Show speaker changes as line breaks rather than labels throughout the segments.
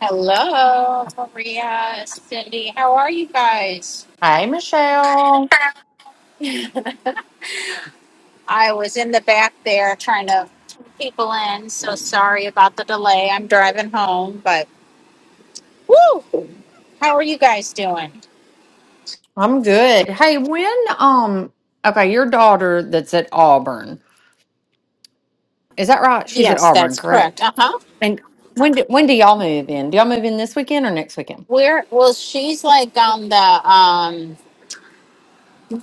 Hello, Maria, Cindy. How are you guys?
Hey, Michelle.
I was in the back there trying to pull people in, so sorry about the delay. I'm driving home, but woo! How are you guys doing?
I'm good. Hey, when um okay, your daughter that's at Auburn. Is that right? She's at
Yes,
Auburn,
that's correct. Uh
correct?
huh.
And when do, when do y'all move in? Do y'all move in this weekend or next weekend?
Where? Well, she's like on the um,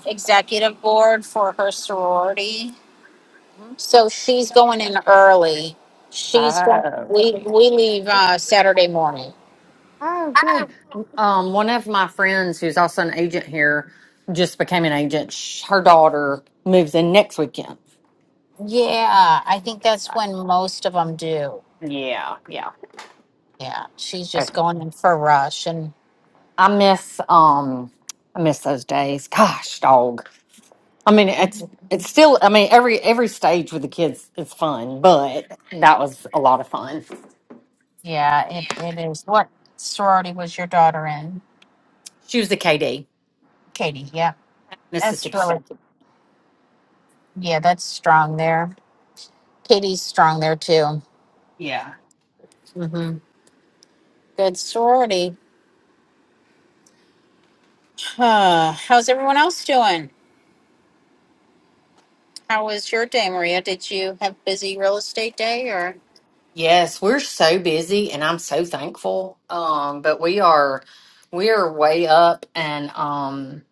executive board for her sorority, so she's going in early. She's going.
Oh.
We we leave uh, Saturday morning.
Oh, good. Um one of my friends who's also an agent here just became an agent. Sh- Her daughter moves in next weekend.
Yeah, I think that's when most of them do.
Yeah, yeah.
Yeah, she's just going
I
in for a rush, and
miss um I miss those days. Gosh, dog. I mean, it's it's still. I mean, every every stage with the kids is fun, but that was a lot of fun.
yeah, it, it is. What sorority was your daughter in,
She was the KD,
Katie? Yeah, that's
Mississippi State.
really yeah, that's strong there. Katie's strong there too.
Yeah.
hmm Good sorority. Huh. How's everyone else doing? How was your day, Maria? Did you have busy real estate day or?
Yes, we're so busy, and I'm so thankful. Um, but we are we are way up, and um,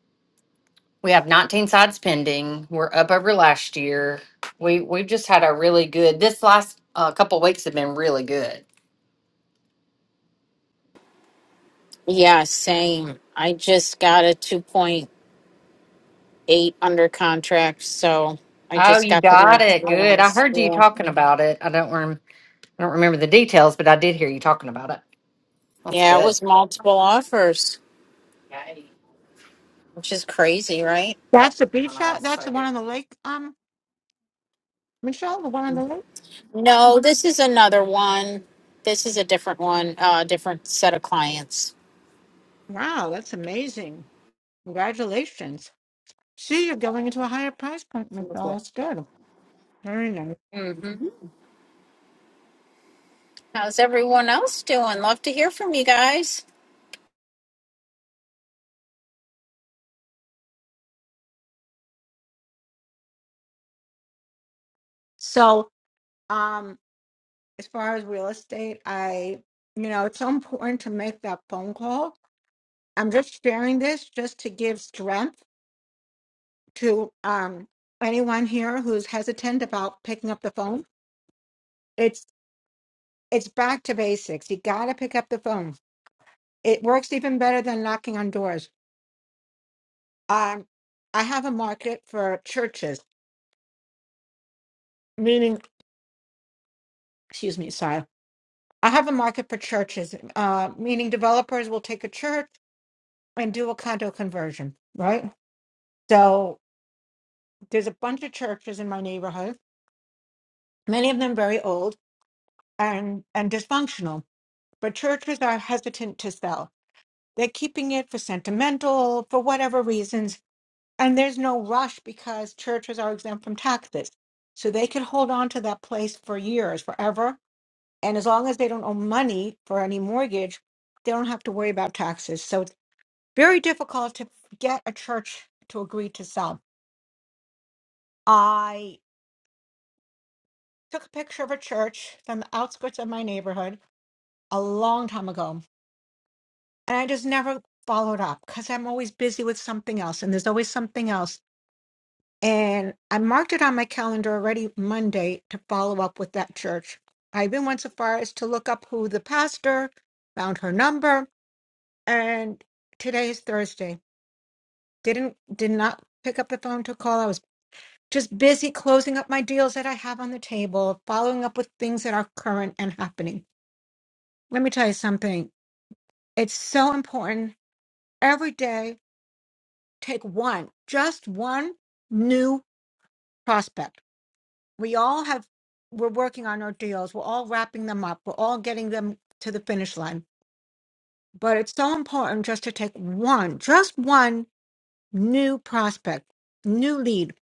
we have 19 sides pending. We're up over last year. We we've just had a really good. This last uh, couple weeks have been really good.
Yeah, same. I just got a two point. eight under contract, so I
Oh,
just
you
got the
got it. Good. I
realize.
heard you
Yeah.
talking about it. I don't remember. I don't remember the details, but I did hear you talking about it. That's
yeah, it
good.
was multiple offers,
Yay.
which is crazy, right?
That's the beach
Uh,
house. That's
so
the one
good.
on the lake. Um, Michelle, the one on the lake.
No, this is another one. This is a different one, a uh, different set of clients.
Wow, that's amazing! Congratulations. See, you're going into a higher price point, Michelle. That's good. Very nice.
hmm How's everyone else doing? Love to hear from you guys.
So, um, as far as real estate, I, you know, it's so important to make that phone call. I'm just sharing this just to give strength to um anyone here who's hesitant about picking up the phone. It's it's back to basics. You got to pick up the phone. It works even better than knocking on doors um, I have a market for churches, meaning, excuse me, sorry. I have a market for churches, uh, meaning developers will take a church and do a condo conversion, right? So there's a bunch of churches in my neighborhood, many of them very old and, and dysfunctional, but churches are hesitant to sell. They're keeping it for sentimental, for whatever reasons, and there's no rush because churches are exempt from taxes. So they could hold on to that place for years, forever, And as long as they don't owe money for any mortgage, they don't have to worry about taxes. So it's very difficult to get a church to agree to sell. I took a picture of a church from the outskirts of my neighborhood a long time ago, and I just never followed up because I'm always busy with something else, and there's always something else. And I marked it on my calendar already Monday to follow up with that church. I even went so far as to look up who the pastor found her number, and today is Thursday. didn't did not pick up the phone to call. I was just busy closing up my deals that I have on the table, following up with things that are current and happening. Let me tell you something. It's so important every day take one, just one new prospect. We all have we're working on our deals. We're all wrapping them up. We're all getting them to the finish line. But it's so important just to take one, just one new prospect, new lead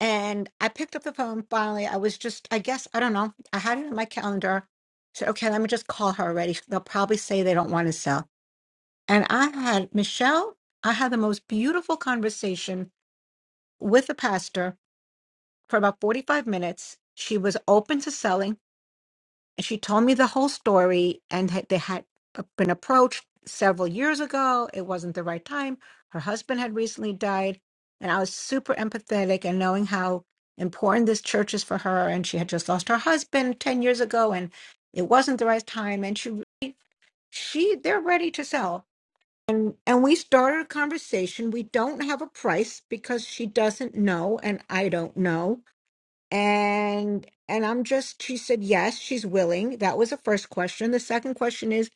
And I picked up the phone finally. I was just, I guess, I don't know. I had it in my calendar. Said, okay, let me just call her already. They'll probably say they don't want to sell. And I had Michelle, I had the most beautiful conversation with the pastor for about 45 minutes. She was open to selling. And she told me the whole story and had, they had been approached several years ago. It wasn't the right time. Her husband had recently died. And I was super empathetic and knowing how important this church is for her. And she had just lost her husband 10 years ago and it wasn't the right time. And she, really- she, they're ready to sell. And, and we started a conversation. We don't have a price because she doesn't know and I don't know and and i'm just she said yes she's willing that was the first question the second question is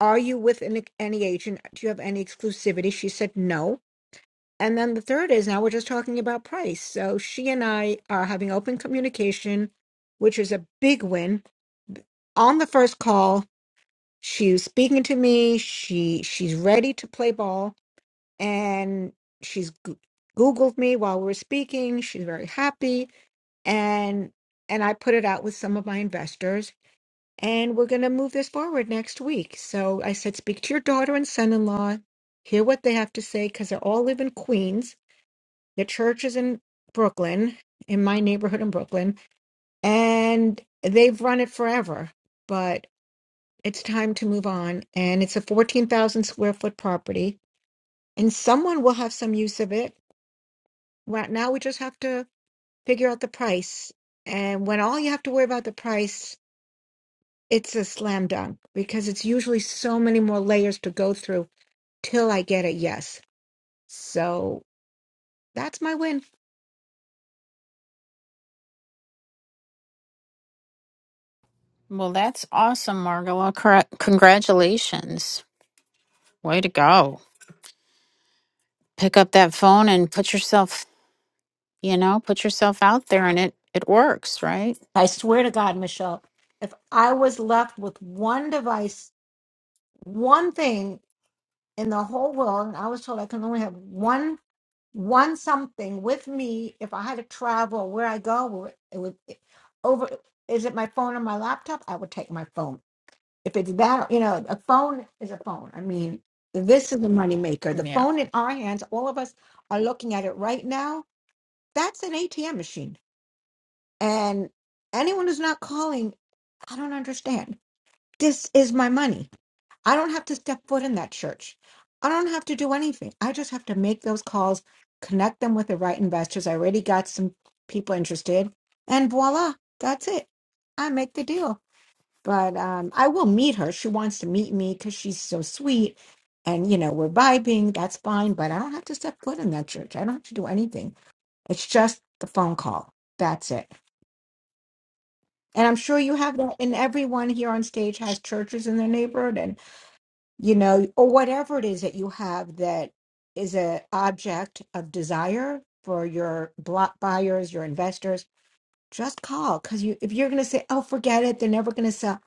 are you with an, any agent do you have any exclusivity she said no and then the third is now we're just talking about price so she and i are having open communication which is a big win on the first call she's speaking to me she she's ready to play ball and she's goo- googled me while we we're speaking she's very happy and and I put it out with some of my investors and we're going to move this forward next week. So I said speak to your daughter and son-in-law, hear what they have to say cuz they all live in Queens. The church is in Brooklyn, in my neighborhood in Brooklyn, and they've run it forever, but it's time to move on and it's a 14,000 square foot property and someone will have some use of it. Right now we just have to figure out the price. And when all you have to worry about the price it's a slam dunk because it's usually so many more layers to go through till I get a yes. So that's my win.
Well, that's awesome, Margola. Cor- Congratulations. Way to go. Pick up that phone and put yourself, you know, put yourself out there and it, it works, right?
I swear to God, Michelle, if I was left with one device, one thing in the whole world, and I was told I can only have one one something with me if I had to travel where I go, where it would it- over is it my phone or my laptop? I would take my phone If it's that, you know, a phone is a phone. I mean, this is a moneymaker. The
Yeah.
phone in our hands, all of us are looking at it right now. That's an ATM machine. And anyone who's not calling, I don't understand. This is my money. I don't have to step foot in that church. I don't have to do anything. I just have to make those calls, connect them with the right investors. I already got some people interested, and voila, that's it. I make the deal but um, I will meet her. She wants to meet me because she's so sweet, and you know we're vibing. That's fine, but I don't have to step foot in that church. I don't have to do anything. It's just the phone call. That's it. And I'm sure you have that. And everyone here on stage has churches in their neighborhood, and you know, or whatever it is that you have that is an object of desire for your block buyers, your investors. Just call because you if you're going to say, "Oh, forget it," they're never going to sell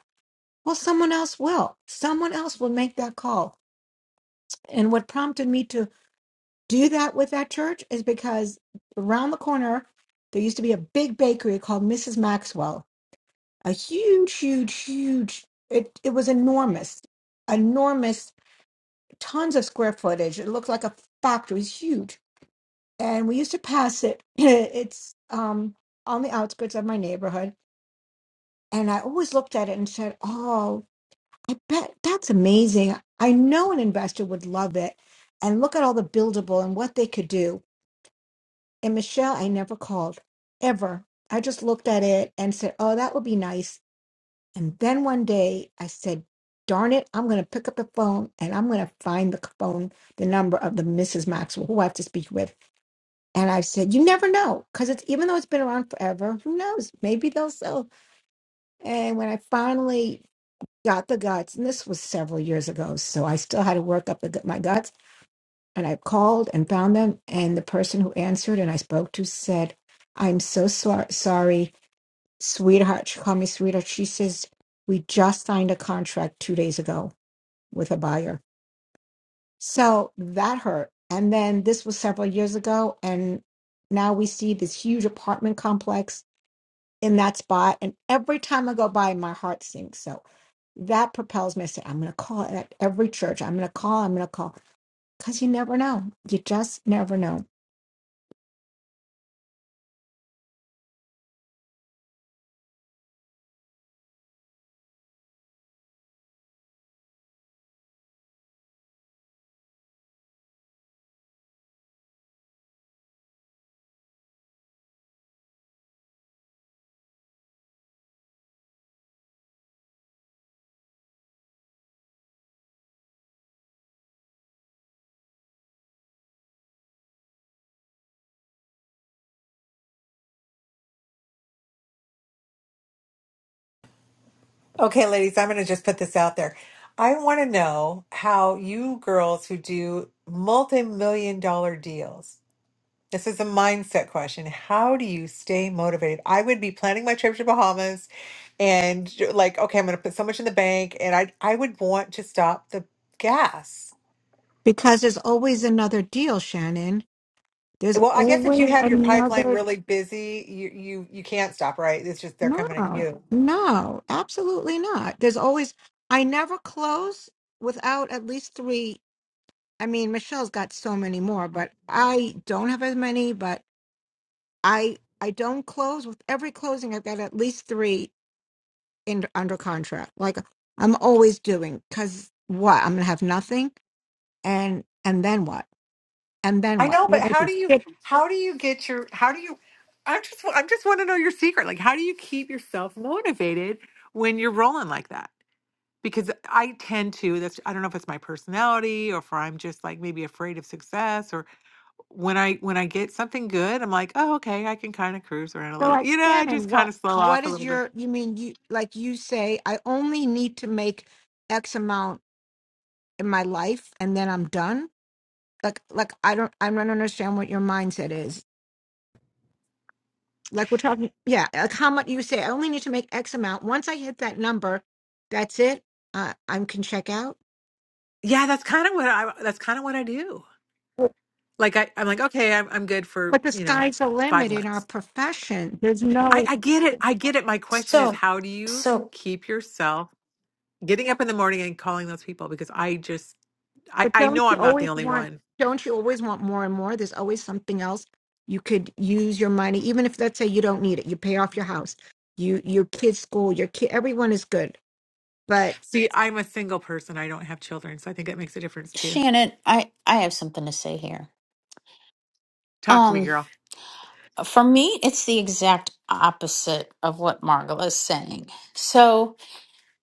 Well, someone else will. Someone else will make that call. And what prompted me to do that with that church is because around the corner, there used to be a big bakery called Mrs. Maxwell, a huge, huge, huge, it, it was enormous, enormous, tons of square footage. It looked like a factory, it was huge. And we used to pass it. It's um, on the outskirts of my neighborhood. And I always looked at it and said, oh. I bet that's amazing. I know an investor would love it. And look at all the buildable and what they could do. And Michelle, I never called ever. I just looked at it and said, oh, that would be nice. And then one day I said, darn it, I'm going to pick up the phone and I'm going to find the phone, the number of the Mrs. Maxwell who I have to speak with. And I said, you never know. Because it's even though it's been around forever, who knows? Maybe they'll sell. And when I finally got the guts, and this was several years ago, so I still had to work up the, gu- my guts. And I called and found them, and the person who answered and I spoke to said, "I'm so sor- sorry, sweetheart." She called me sweetheart. She says, "We just signed a contract two days ago with a buyer." So that hurt. And then this was several years ago, and now we see this huge apartment complex in that spot. And every time I go by, my heart sinks. So. that propels me to say, I'm going to call it at every church. I'm going to call, I'm going to call. Because you never know. You just never know.
Okay, ladies, I'm going to just put this out there. I want to know how you girls who do multi million dollar deals, this is a mindset question. How do you stay motivated? I would be planning my trip to Bahamas and like, okay, I'm going to put so much in the bank and I, I would want to stop the gas.
Because there's always another deal, Shannon. There's
Well, I guess if you
always
have your pipeline
another.
really busy, you, you, you can't stop, right? It's just they're coming at
No,
you.
no, absolutely not. There's always, I never close without at least three. I mean, Michelle's got so many more, but I don't have as many, but I. I don't close with every closing. I've got at least three in, under contract. Like I'm always doing because what? I'm gonna have nothing, and and then what? And then
I
what?
know,
There
but
might
how
be
do you
six.
how do you get your how do you I just wa- I just want to know your secret. Like how do you keep yourself motivated when you're rolling like that? Because I tend to that's I don't know if it's my personality or if I'm just like maybe afraid of success or when I when I get something good, I'm like, "Oh, okay, I can kind of cruise around a
So
little."
like
You know, I just
Shannon,
kind
what?
of slow
What
off a
is
little bit.
your? You mean you like you say? I only need to make X amount in my life, and then I'm done. Like like I don't I don't understand what your mindset is. Like we're talking, yeah. Like how much you say? I only need to make X amount. Once I hit that number, that's it. Uh, I can check out.
Yeah, that's kind of what I that's kind of what I do. Like I, I'm like, okay, I'm I'm good for,
But the
you know,
sky's the
five
limit in our
months.
profession. There's
I,
no,
I get it. I get it. My question is
So,
how do you
so
keep yourself getting up in the morning and calling those people? Because I just I,
but
I
don't
know
you
I'm not the
always
only
want,
one.
don't you always want more and more? There's always something else you could use your money, even if let's say you don't need it, you pay off your house, you your kids' school, your kid, everyone is good. But
See, I'm a single person. I don't have children, so I think that makes a difference too.
Shannon, I I have something to say here.
Talk to me,
Um,
girl.
for me, it's the exact opposite of what Margola is saying. So,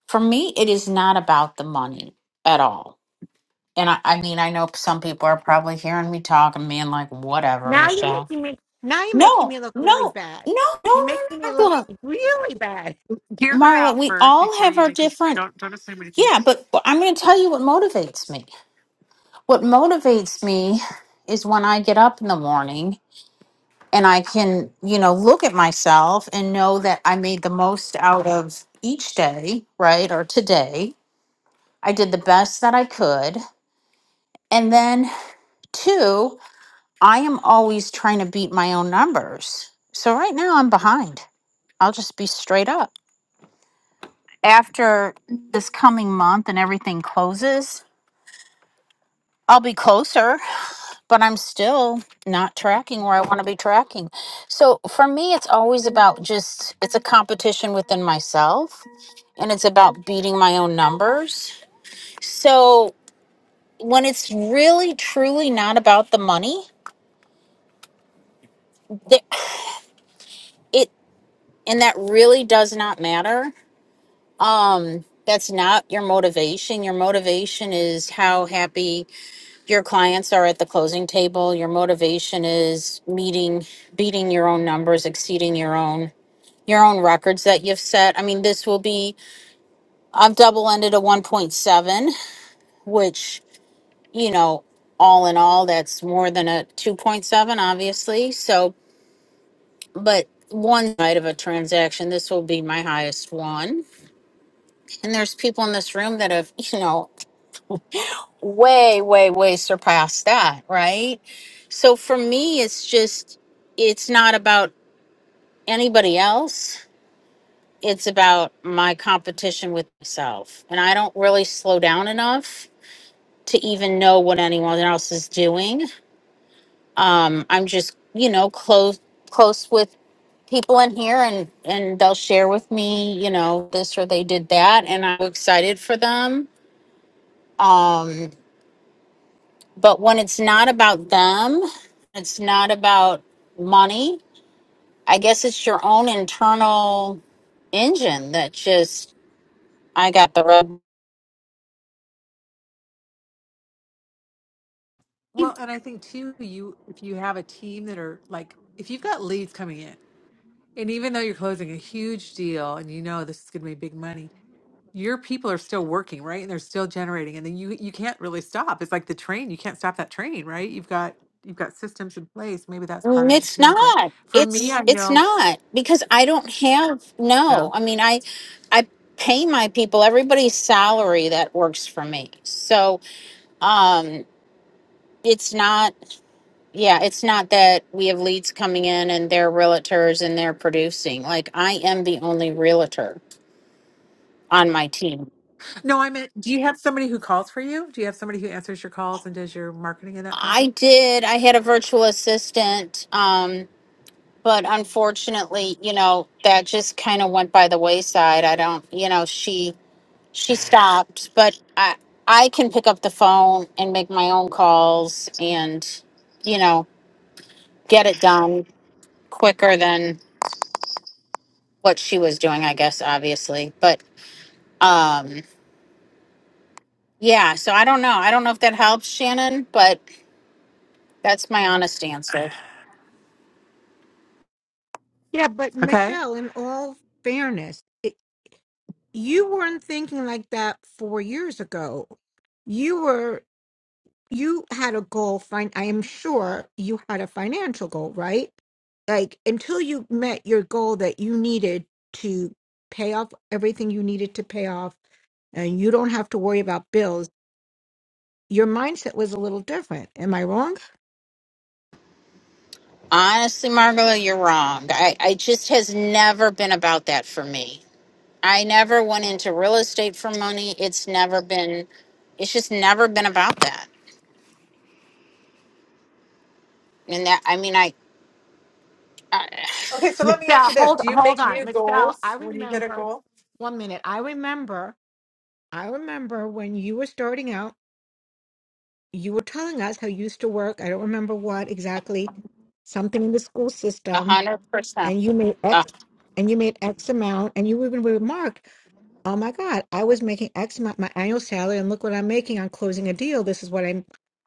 for me, it is not about the money at all. And I, I mean, I know some people are probably hearing me talk and being like, "Whatever,
now you're
Michelle."
making me, now you're making
No,
me look
no,
really
no,
bad.
no,
You're
no, no,
making
no.
me look
Margola.
really bad.
Hear her
Marla,
out
we
first
all
before
have
you
our
make it.
different.
Don't don't assume anything.
Yeah, but I'm going to tell you what motivates me. What motivates me is when I get up in the morning and I can, you know, look at myself and know that I made the most out of each day, right? Or today. I did the best that I could. And then, two, I am always trying to beat my own numbers. So right now I'm behind. I'll just be straight up. After this coming month and everything closes, I'll be closer, but I'm still not tracking where I want to be tracking. So for me, it's always about just, it's a competition within myself and it's about beating my own numbers. So when it's really truly not about the money, that it and that really does not matter. Um that's not your motivation. Your motivation is how happy your clients are at the closing table. Your motivation is meeting beating your own numbers, exceeding your own your own records that you've set. I mean, this will be I've double ended a 1.7, which you know, all in all, that's more than a 2.7, obviously. So, but one night of a transaction, this will be my highest one. And there's people in this room that have, you know, way, way, way surpassed that, right? So for me, it's just, it's not about anybody else. It's about my competition with myself. And I don't really slow down enough to even know what anyone else is doing um i'm just you know close close with people in here and and they'll share with me you know this or they did that and i'm excited for them um but when it's not about them it's not about money i guess it's your own internal engine that just i got the rub
Well, and I think too, you if you have a team that are like if you've got leads coming in, and even though you're closing a huge deal and you know this is going to be big money, your people are still working, right? And they're still generating, and then you you can't really stop. It's like the train; you can't stop that train, right? You've got you've got systems in place. Maybe that's part
Mm,
of it
It's
too. But
not.
for me,
It's
I know.
it's not because I don't have no.
No,
I mean, I I pay my people everybody's salary that works for me. So, um it's not yeah, it's not that we have leads coming in and they're realtors and they're producing. Like I am the only realtor on my team.
no, I meant. Do you have somebody who calls for you? Do you have somebody who answers your calls and does your marketing and that kind of
I
thing?
did. I had a virtual assistant um but unfortunately, you know, that just kind of went by the wayside. I don't, you know, she She stopped, but I I can pick up the phone and make my own calls and you know, get it done quicker than what she was doing, I guess obviously. But um yeah, so I don't know. I don't know if that helps Shannon, but that's my honest answer.
Yeah, but
Okay.
Michelle, in all fairness, it, you weren't thinking like that four years ago. You were. you had a goal fin- i am sure you had a financial goal right like until you met your goal that you needed to pay off everything you needed to pay off and you don't have to worry about bills your mindset was a little different am i wrong
Honestly, Margola, you're wrong. I, I just has never been about that for me. I never went into real estate for money. It's never been it's just never been about that. And that I mean I, I
Okay, so let me ask
michelle
you this:
hold
Do you
hold
make
on
new
michelle
goals
i
when you hit a
remember
goal?
one minute i remember i remember when you were starting out you were telling us how you used to work i don't remember what exactly something in the school
A
system
hundred percent.
and you made
A
X and you made X amount and you even remarked, oh my God, I was making X amount my annual salary and look what I'm making on closing a deal. This is what I'm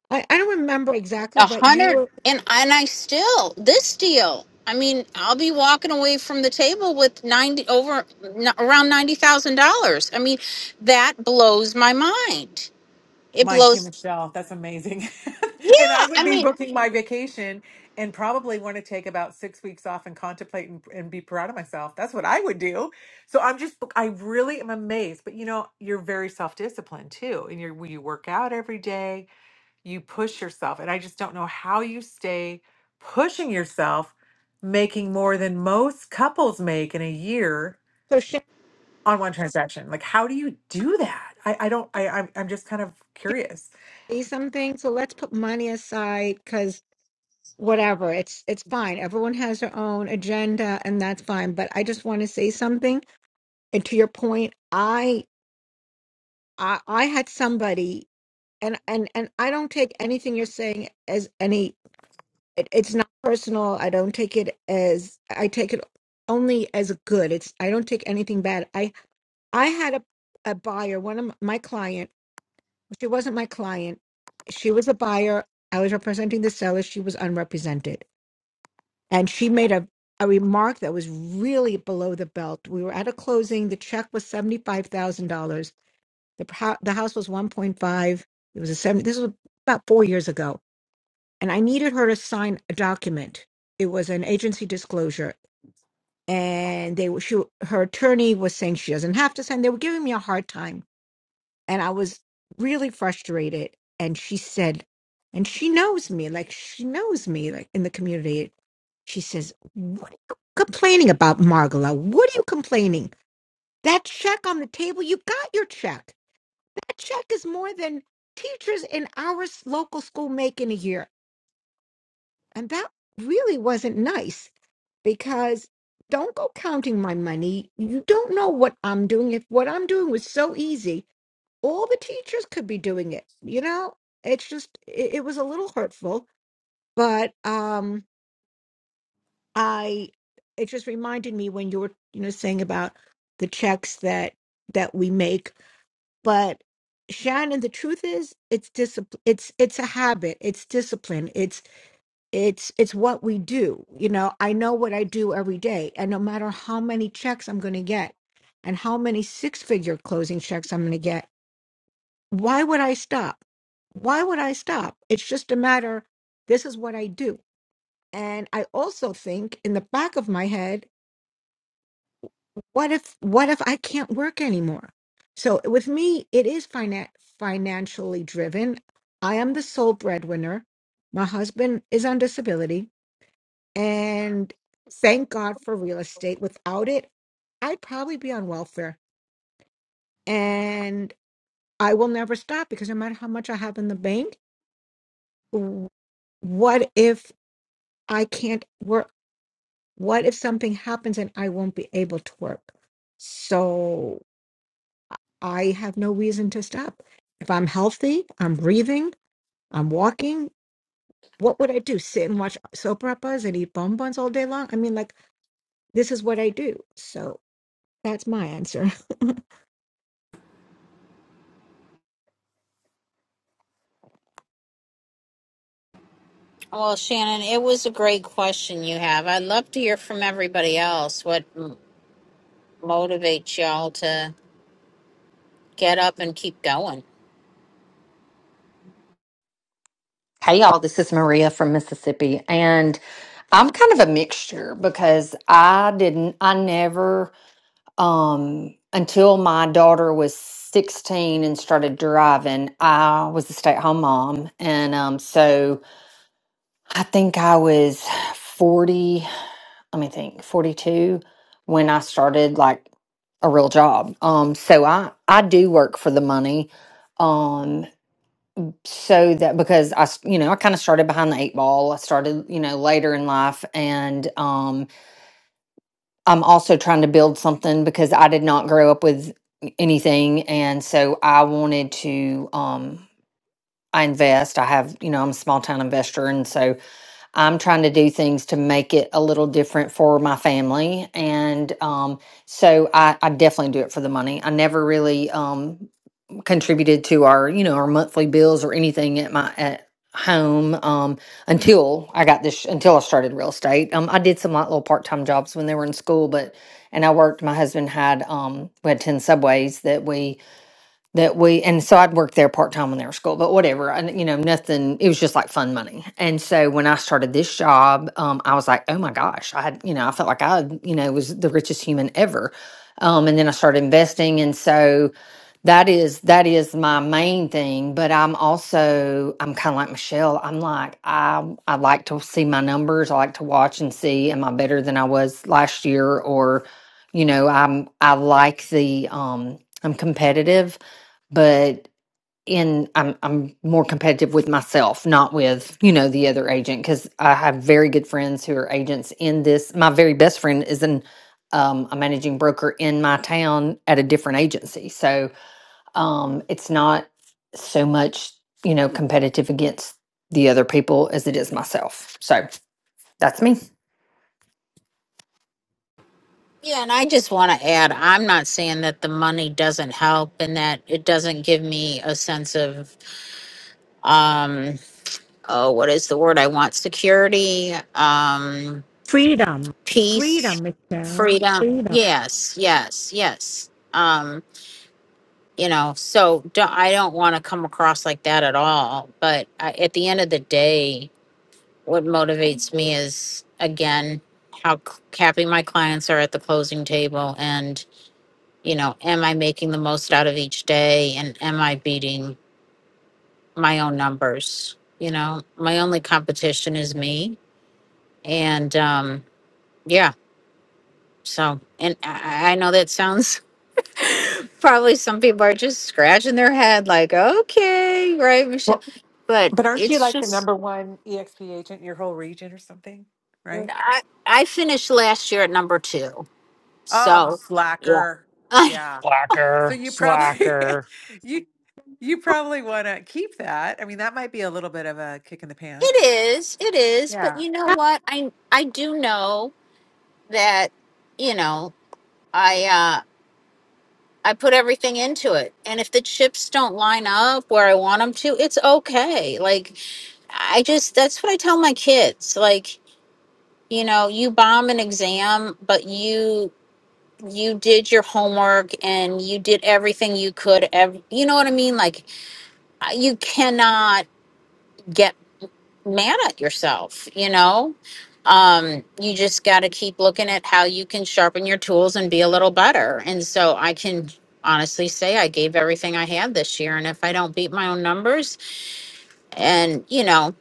I, I don't remember exactly,
a
but you
hundred
were
and and I still this deal. I mean, I'll be walking away from the table with ninety over n- around ninety thousand dollars. I mean, that blows my mind. It
Mine too,
blows.
Michelle. That's amazing. and
Yeah,
I would
I
be
mean,
booking my vacation and probably want to take about six weeks off and contemplate and, and be proud of myself. That's what I would do. So I'm just, I really am amazed. But you know, you're very self disciplined too. And you're, you work out every day, you push yourself. And I just don't know how you stay pushing yourself, making more than most couples make in a year
so Sharon
on one transaction. Like, how do you do that? I, I don't, I, I'm, I'm just kind of
can
curious.
say something. So let's put money aside because whatever, it's it's fine. Everyone has their own agenda and that's fine. But I just want to say something. And to your point, I I, I had somebody and, and and I don't take anything you're saying as any it, it's not personal i don't take it as i take it only as a good it's i don't take anything bad i i had a, a buyer one of m- my client she wasn't my client she was a buyer i was representing the seller she was unrepresented and she made a a remark that was really below the belt we were at a closing the check was $75000 the, pro- the house was 1.5 it was a 70 this was about four years ago and I needed her to sign a document. It was an agency disclosure, and they were- she her attorney was saying she doesn't have to sign. They were giving me a hard time, and I was really frustrated. And she said, and she knows me, like she knows me, like in the community. She says, "What are you complaining about, Margola? What are you complaining? That check on the table, you got your check. That check is more than teachers in our s- local school make in a year." And that really wasn't nice. because don't go counting my money. You don't know what I'm doing. If what I'm doing was so easy, all the teachers could be doing it. You know, it's just it, it was a little hurtful, but um I it just reminded me when you were you know saying about the checks that that we make, but Shannon, the truth is, it's discipline. It's it's a habit. It's discipline. It's it's it's what we do you know i know what i do every day and no matter how many checks i'm going to get and how many six figure closing checks i'm going to get why would i stop why would i stop it's just a matter this is what i do and i also think in the back of my head what if what if i can't work anymore so with me it is finan- financially driven i am the sole breadwinner my husband is on disability And thank God for real estate. Without it, I'd probably be on welfare. And I will never stop because no matter how much I have in the bank, w- what if I can't work? What if something happens and I won't be able to work? So I have no reason to stop. If I'm healthy, I'm breathing, I'm walking, what would I do? Sit and watch soap operas and eat bonbons all day long? I mean, like, this is what I do. So that's my answer.
well, Shannon, it was a great question you have. I'd love to hear from everybody else. What m- motivates y'all to get up and keep going?
Hey, y'all. This is Maria from Mississippi. And I'm kind of a mixture because I didn't, I never, um, until my daughter was 16 and started driving, I was a stay at home mom. And um, so I think I was 40. let me think 42 when i started like a real job um so i i do work for the money um so that because i s- you know i kind of started behind the eight ball i started you know later in life and um i'm also trying to build something because i did not grow up with anything and so i wanted to um i invest i have you know i'm a small town investor and so I'm trying to do things to make it a little different for my family. And um, so I, I definitely do it for the money. I never really um, contributed to our, you know, our monthly bills or anything at my at home um, until I got this, until I started real estate. Um, I did some like little part time jobs when they were in school, but, and I worked, my husband had, um, we had 10 subways that we, that we and so I'd worked there part time when they were school, but whatever. And you know, nothing. It was just like fun money. And so when I started this job, um, I was like, oh my gosh, I had you know, I felt like I you know was the richest human ever. Um, and then I started investing, and so that is that is my main thing. But I'm also I'm kind of like Michelle. I'm like I I like to see my numbers. I like to watch and see am I better than I was last year or you know i'm i like the um i'm competitive but in I'm I'm more competitive with myself, not with you know the other agent because I have very good friends who are agents in this. My very best friend is an um, a managing broker in my town at a different agency, so um, it's not so much you know competitive against the other people as it is myself. So that's me.
Yeah, and I just want to add I'm not saying that the money doesn't help and that it doesn't give me a sense of um oh what is the word I want security um
Freedom.
peace
Freedom, Michelle.
freedom
Freedom.
yes yes yes um you know so do, I don't want to come across like that at all but I, at the end of the day what motivates me is again how c- happy my clients are at the closing table and you know, am I making the most out of each day and am I beating my own numbers? You know, my only competition is me. And um, yeah, so, and I, I know that sounds probably some people are just scratching their head like, okay, right, Michelle. But
But aren't you
it's
like the
just,
number one EXP agent in your whole region or something? Right?
I, I finished last year at number two.
Oh,
So, yeah.
slacker.
it
Yeah. So
Slacker,
you probably
slacker.
you you probably want to keep that. I mean, that might be a little bit of a kick in the pants.
is, it is. But
Yeah.
you know what? I, I do know that, you know, I uh I put everything into it. And if the chips don't line up where I want them to, it's okay. Like I just that's what I tell my kids. Like, you know, you bomb an exam, but you you did your homework and you did everything you could. Ev- you know what I mean? Like I- you cannot get. mad at yourself, you know? Um, you just got to keep looking at how you can sharpen your tools and be a little better. And so I can honestly say I gave everything I had this year. And if I don't beat my own numbers and, you know,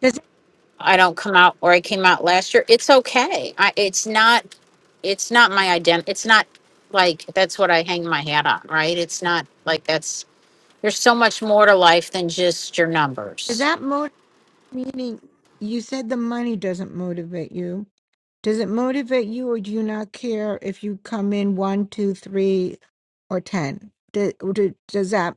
Does
I don't come out where I came out last year, it's okay. I, it's not, it's not my identity. It's not like that's what I hang my hat on, right? It's not like that's, there's so much more to life than just your
does
numbers.
that motivate meaning you said the money doesn't motivate you? Does it motivate you or do you not care if you come in one, two, three, or ten? Does, does that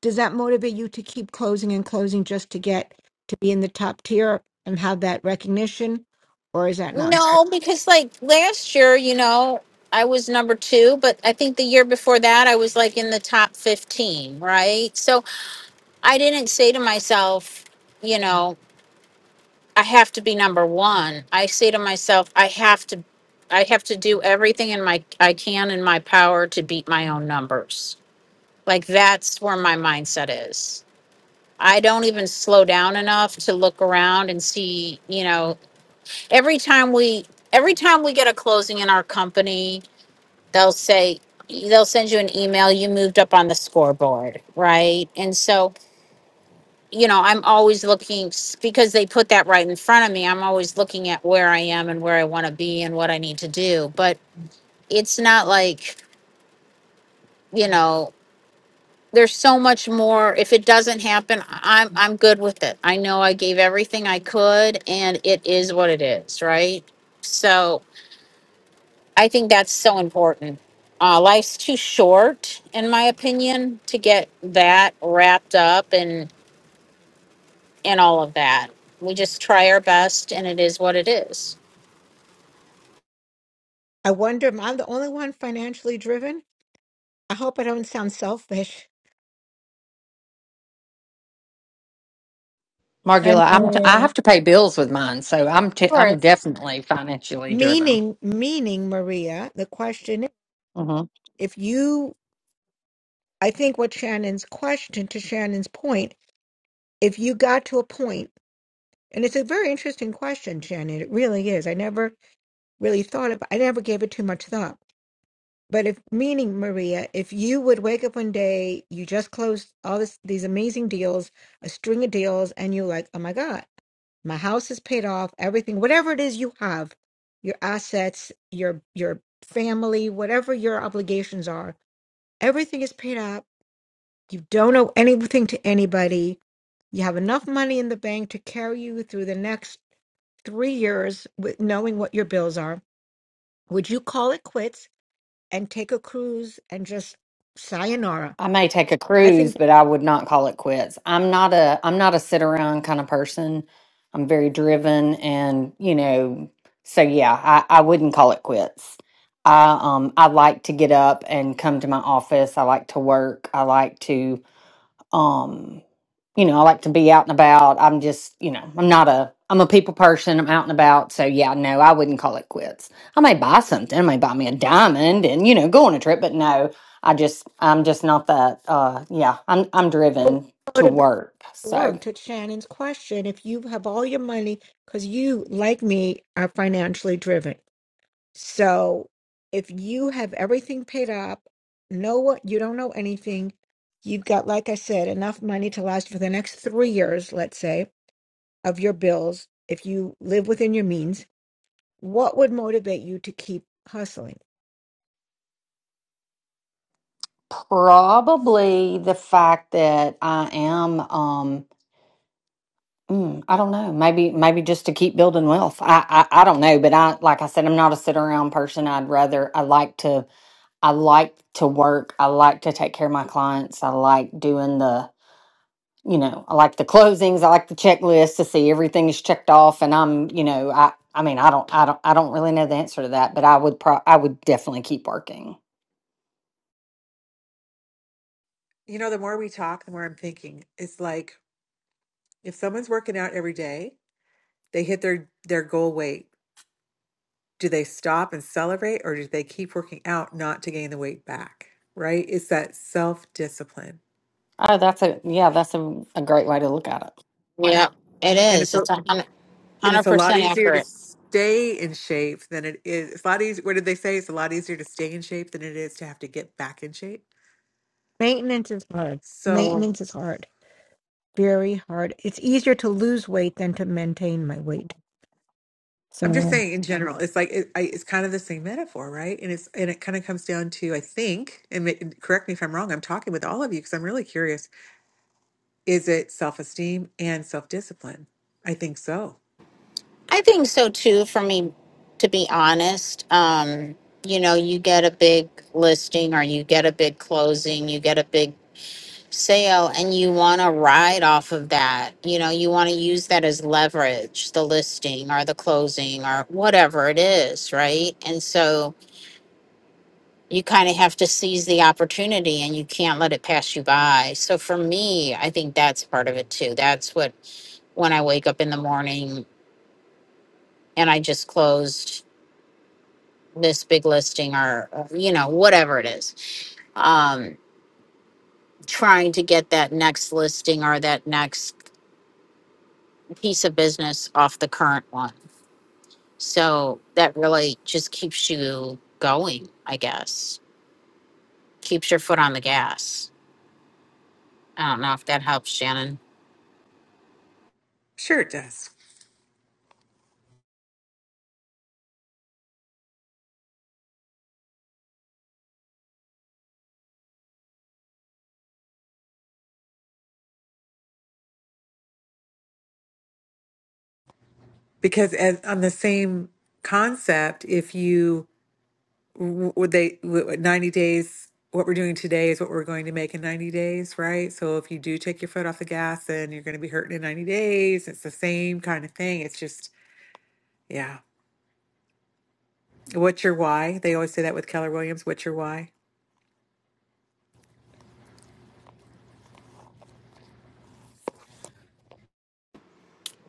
does that motivate you to keep closing and closing just to get to be in the top tier and have that recognition? Or is that not important?
No, because like last year, you know, I was number two, but I think the year before that, I was like in the top 15, right? So I didn't say to myself, you know, I have to be number one. I say to myself, I have to, I have to do everything in my, I can in my power to beat my own numbers. Like that's where my mindset is. I don't even slow down enough to look around and see, you know, every time we every time we get a closing in our company they'll say they'll send you an email you moved up on the scoreboard right and so you know i'm always looking because they put that right in front of me i'm always looking at where i am and where i want to be and what i need to do but it's not like you know there's so much more if it doesn't happen i'm i'm good with it i know i gave everything i could and it is what it is right so I think that's so important. Uh, life's too short, in my opinion, to get that wrapped up and and all of that. We just try our best, and it is what it is.
I wonder if I'm the only one financially driven. I hope I don't sound selfish.
I
Margula, I'm t- I
mean, of
have to pay bills with mine, so I'm t- I'm
course.
definitely financially driven.
Meaning, meaning, Maria, the question
Mm-hmm.
if you, I think what Shannon's question to Shannon's point, if you got to a point, and it's a very interesting question, Shannon, it really is. I never really thought of, I never gave it too much thought. But if, meaning, Maria, if you would wake up one day, you just closed all this, these amazing deals, a string of deals, and you're like, oh my God. my house is paid off everything whatever it is you have your assets your your family whatever your obligations are everything is paid up you don't owe anything to anybody you have enough money in the bank to carry you through the next three years with knowing what your bills are would you call it quits and take a cruise and just sayonara
I may take a
i
cruise,
think
but I would not call it quits. I'm not a I'm not a sit around kind of person. I'm very driven and, you know, so yeah, I, I wouldn't call it quits. I um I like to get up and come to my office. I like to work. I like to um you know i like to be out and about i'm just you know i'm not a i'm a people person i'm out and about so yeah no i wouldn't call it quits i may buy something i may buy me a diamond and you know go on a trip but no i just i'm just not that uh yeah i'm i'm
that's
driven
the
to
motivation
work
to
so
work to shannon's question if you have all your money because you like me are financially driven So if you have everything paid up, know what you don't know anything, you've got, like I said, enough money to last for the next three years, let's say, of your bills. If you live within your means, what would motivate you to keep hustling?
probably the fact that i am um Mm, I don't know. Maybe, maybe just to keep building wealth. I, I, I don't know. But I, like I said, I'm not a sit around person. I'd rather, I like to I like to work. I like to take care of my clients. I like doing the, you know, I like the closings. I like the checklist to see everything is checked off. And I'm, you know, I, I mean, I don't, I don't, I don't really know the answer to that, but I would pro, I would definitely keep working.
You know, the more we talk, the more I'm thinking. It's like if someone's working out every day, they hit their their goal weight. Do they stop and celebrate or do they keep working out not to gain the weight back? Right? It's that self-discipline.
Oh, that's a, yeah, that's a, a great way to look at it.
Yeah, it
And
is.
it's a
It's a hundred
And
hundred
it's a lot
percent
easier to
accurate.
stay in shape than it is. It's a lot easier. What did they say? It's a lot easier to stay in shape than it is to have to get back in shape.
Maintenance is hard.
So
Maintenance is hard, very hard. It's easier to lose weight than to maintain my weight.
I'm just
So,
saying, in general, it's like it, I, it's kind of the same metaphor, right? And it's and it kind of comes down to I think, and ma- correct me if I'm wrong. I'm talking with all of you because I'm really curious. Is it self esteem and self discipline? I think so.
I think so too. For me, to be honest, um, you know, you get a big listing, or you get a big closing, you get a big sale and you want to ride off of that, you know, you want to use that as leverage, the listing or the closing or whatever it is, right? And so you kind of have to seize the opportunity and you can't let it pass you by. So for me, I think that's part of it too. That's what when I wake up in the morning and I just closed this big listing or, or, you know, whatever it is. Um trying to get that next listing or that next piece of business off the current one So that really just keeps you going, I guess. Keeps your foot on the gas. I don't know if that helps, Shannon.
Sure, it does. Because as on the same concept, if you w- would they w- 90 days what we're doing today is what we're going to make in 90 days right so if you do take your foot off the gas then you're going to be hurting in 90 days it's the same kind of thing it's just yeah what's your why they always say that with keller williams what's your why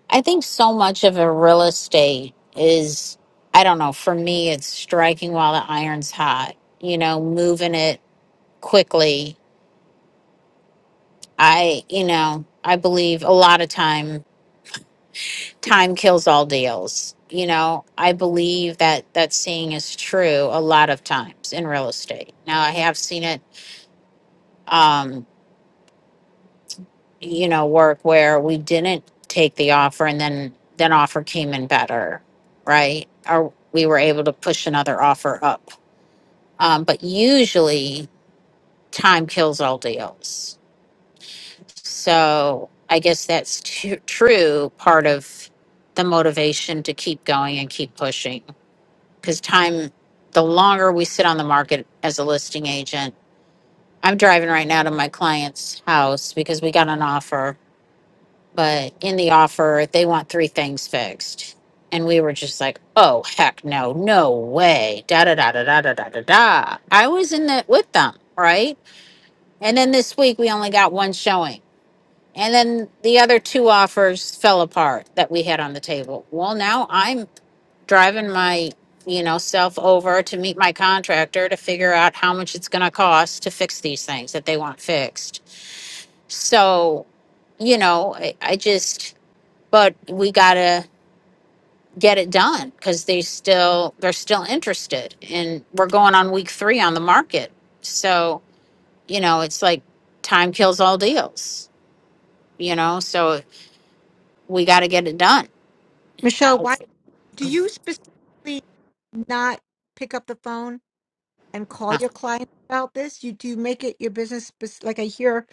I think so much of a real estate is, I don't know, for me, it's striking while the iron's hot, you know, moving it quickly. I, you know, I believe a lot of time, time kills all deals. You know, I believe that that saying is true a lot of times in real estate. Now, I have seen it um, you know, work where we didn't take the offer and then then offer came in better, right? Or we were able to push another offer up. Um, but usually time kills all deals. So I guess that's tru- true part of the motivation to keep going and keep pushing because time, the longer we sit on the market as a listing agent, I'm driving right now to my client's house because we got an offer but in the offer they want three things fixed and we were just like oh heck no no way da da da da da da da da da i was in it with them right and then this week we only got one showing and then the other two offers fell apart that we had on the table well now i'm driving my you know self over to meet my contractor to figure out how much it's going to cost to fix these things that they want fixed so you know i, I just but we gotta get it done because they still they're still interested and we're going on week three on the market so you know it's like time kills all deals you know so we got to get it done
Michelle,
I,
why do you specifically not pick up the phone? and call your clients about this? You do make it your business? spec- Like I hear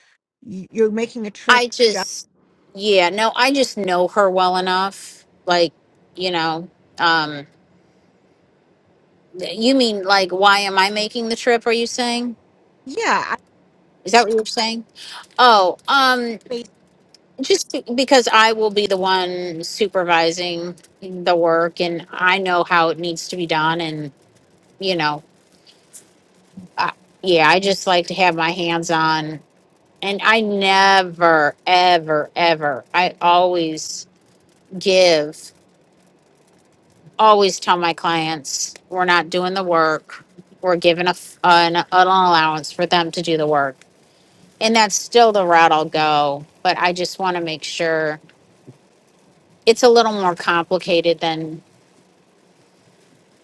y- you're making a trip.
I
ju-
just yeah no i just know her well enough like you know um you mean like why am i making the trip are you saying
Yeah, I
is that what you're saying oh um.
bas-
just be- because I will be the one supervising the work and I know how it needs to be done and you know I, yeah I just like to have my hands on and I never ever ever I always give always tell my clients we're not doing the work we're giving a f- an, an allowance for them to do the work and that's still the route I'll go but I just want to make sure it's a little more complicated than.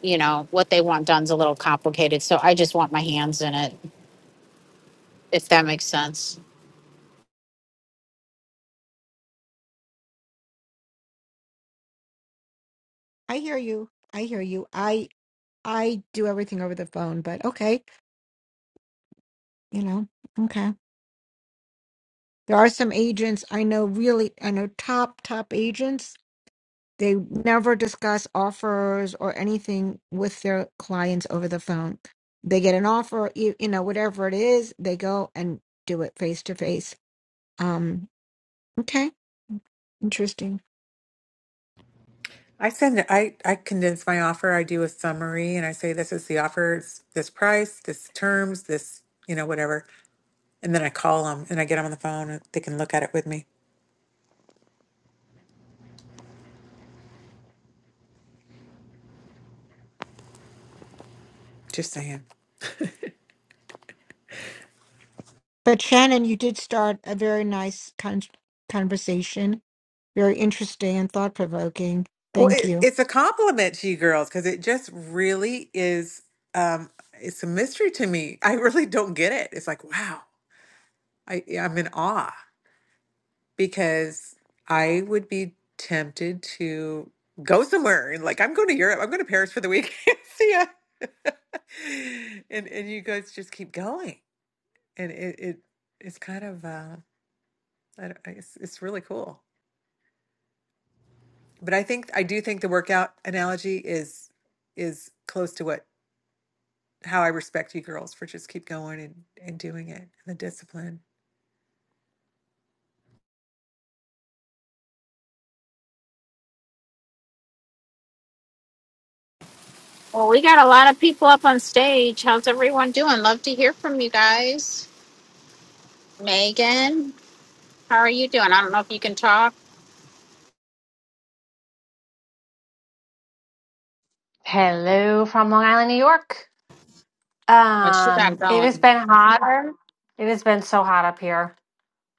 you know, what they want done's a little complicated. So I just want my hands in it, if that makes sense.
I hear you. I hear you. I I do everything over the phone, but okay, you know, okay. There are some agents I know really I know top top agents. They never discuss offers or anything with their clients over the phone. They get an offer, you, you know, whatever it is, they go and do it face to face. Um, okay, interesting.
i send it i i condense my offer i do a summary and i say this is the offer it's this price this terms this you know whatever and then i call them and i get them on the phone and they can look at it with me just saying
But Shannon, you did start a very nice con- conversation, very interesting and thought provoking.
Well,
Thank
it,
you.
it's a compliment to you girls because it just really is. Um, it's a mystery to me. I really don't get it. It's like, wow, I, yeah, I'm in awe because I would be tempted to go somewhere and like, I'm going to Europe. I'm going to Paris for the week. See ya. and and you guys just keep going, and it, it it's kind of uh, I don't, it's it's really cool. But I think I do think the workout analogy is is close to what how I respect you girls for just keep going and, and doing it and the discipline.
Well, we got a lot of people up on stage. How's everyone doing? Love to hear from you guys. Megan, how are you doing? I don't know if you can talk.
Hello from Long Island, New York.
What you got
Um, it has
going?
been hotter. It has been so hot up here,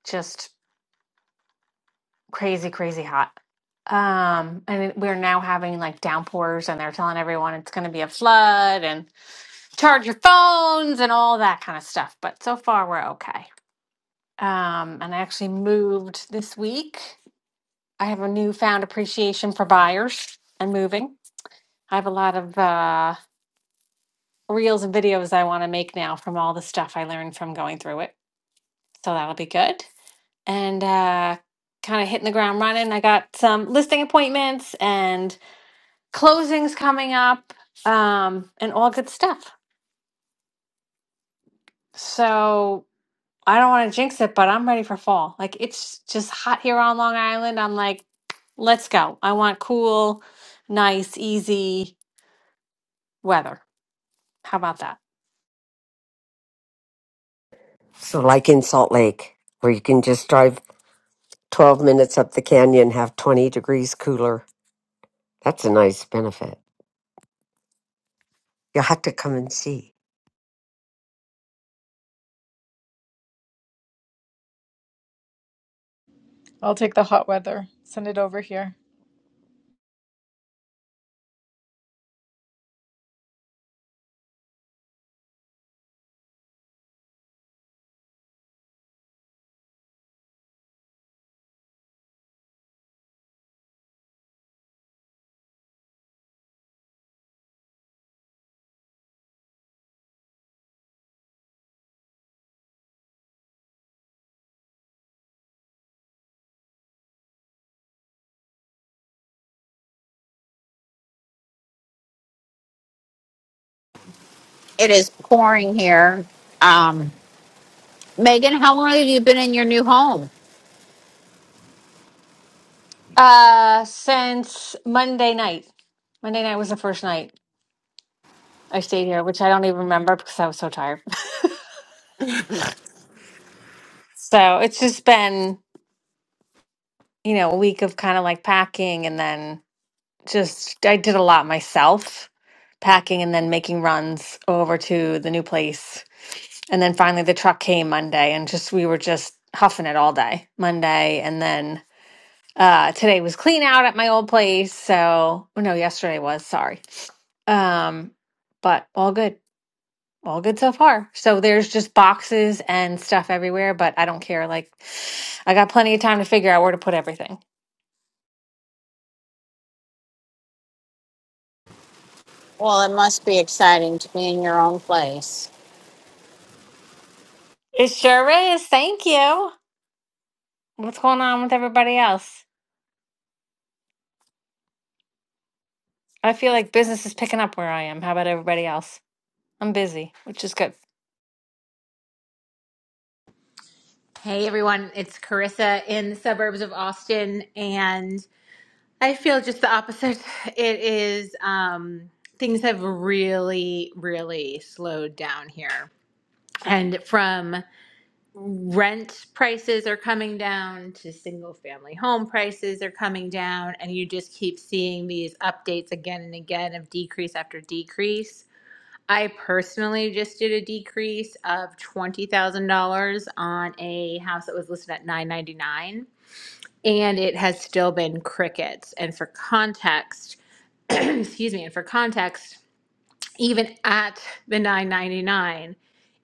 just crazy, crazy hot. Um, and it- we're now having like downpours, and they're telling everyone it's going to be a flood and charge your phones and all that kind of stuff. But so far, we're okay. Um, and I actually moved this week. I have a newfound appreciation for buyers and moving. I have a lot of uh, reels and videos I want to make now from all the stuff I learned from going through it. So that'll be good. And uh, kind of hitting the ground running. I got some listing appointments and closings coming up um, and all good stuff. So I don't want to jinx it, but I'm ready for fall. Like it's just hot here on Long Island. I'm like, let's go. I want cool, nice, easy weather. How about that?
So, like in Salt Lake, where you can just drive 12 minutes up the canyon, have 20 degrees cooler. That's a nice benefit. You'll have to come and see.
I'll take the hot weather. Send it over here.
It is pouring here. Um, Megan, how long have you been in your new home?
Uh, since Monday night, Monday night was the first night. I stayed here, which I don't even remember because I was so tired. So it's just been, you know, a week of kind of like packing and then just I did a lot myself, packing and then making runs over to the new place. And then finally the truck came Monday and just we were just huffing it all day Monday. And then uh today was clean out at my old place. So, oh no, yesterday was, sorry. Um, but all good. All good so far. So there's just boxes and stuff everywhere, but I don't care. Like, I got plenty of time to figure out where to put everything.
Well, it must be exciting to be in your own place.
It sure is. Thank you. What's going on with everybody else? I feel like business is picking up where I am. How about everybody else? I'm busy, which is good.
Hey everyone, it's Carissa in the suburbs of Austin, and I feel just the opposite. It is, um, things have really, really slowed down here. And from rent prices are coming down to single family home prices are coming down, and you just keep seeing these updates again and again of decrease after decrease I personally just did a decrease of twenty thousand dollars on a house that was listed at nine ninety nine, and it has still been crickets. And for context, excuse me, and for context, even at the 999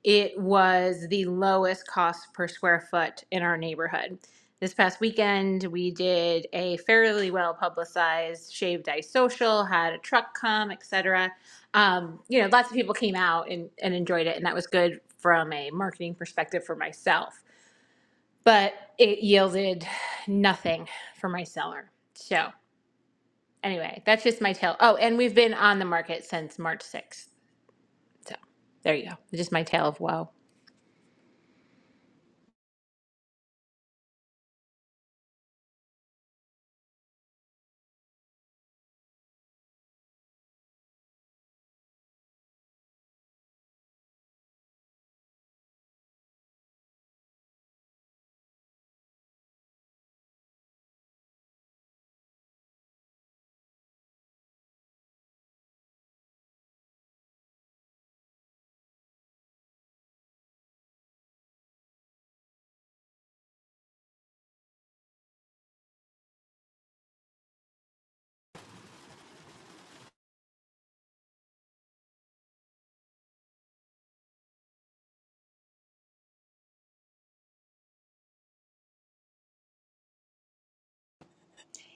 it was the lowest cost per square foot in our neighborhood this past weekend we did a fairly well publicized shaved ice social had a truck come etc um, you know lots of people came out and, and enjoyed it and that was good from a marketing perspective for myself but it yielded nothing for my seller so anyway that's just my tale oh and we've been on the market since march 6th so there you go. Just my tale of woe.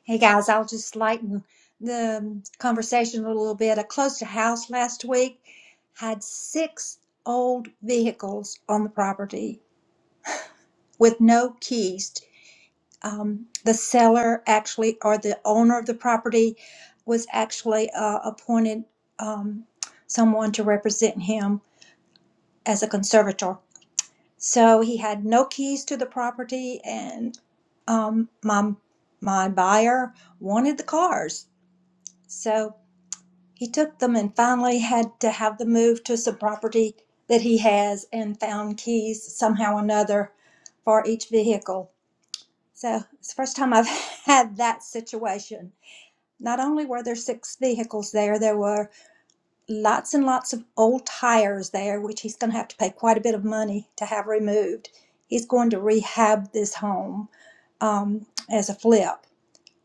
Hey guys, I'll just lighten the um, conversation a little bit. I closed a house last week, had six old vehicles on the property with no keys. Um, the seller actually, or the owner of the property, was actually uh, appointed um, someone to represent him as a conservator. So he had no keys to the property, and um, my my buyer wanted the cars. So He took them and finally had to have them moved to some property that he has and found keys somehow or another for each vehicle. So it's the first time I've had that situation. Not only were there six vehicles there, there were lots and lots of old tires there, which he's going to have to pay quite a bit of money to have removed. He's going to rehab this home um, as a flip,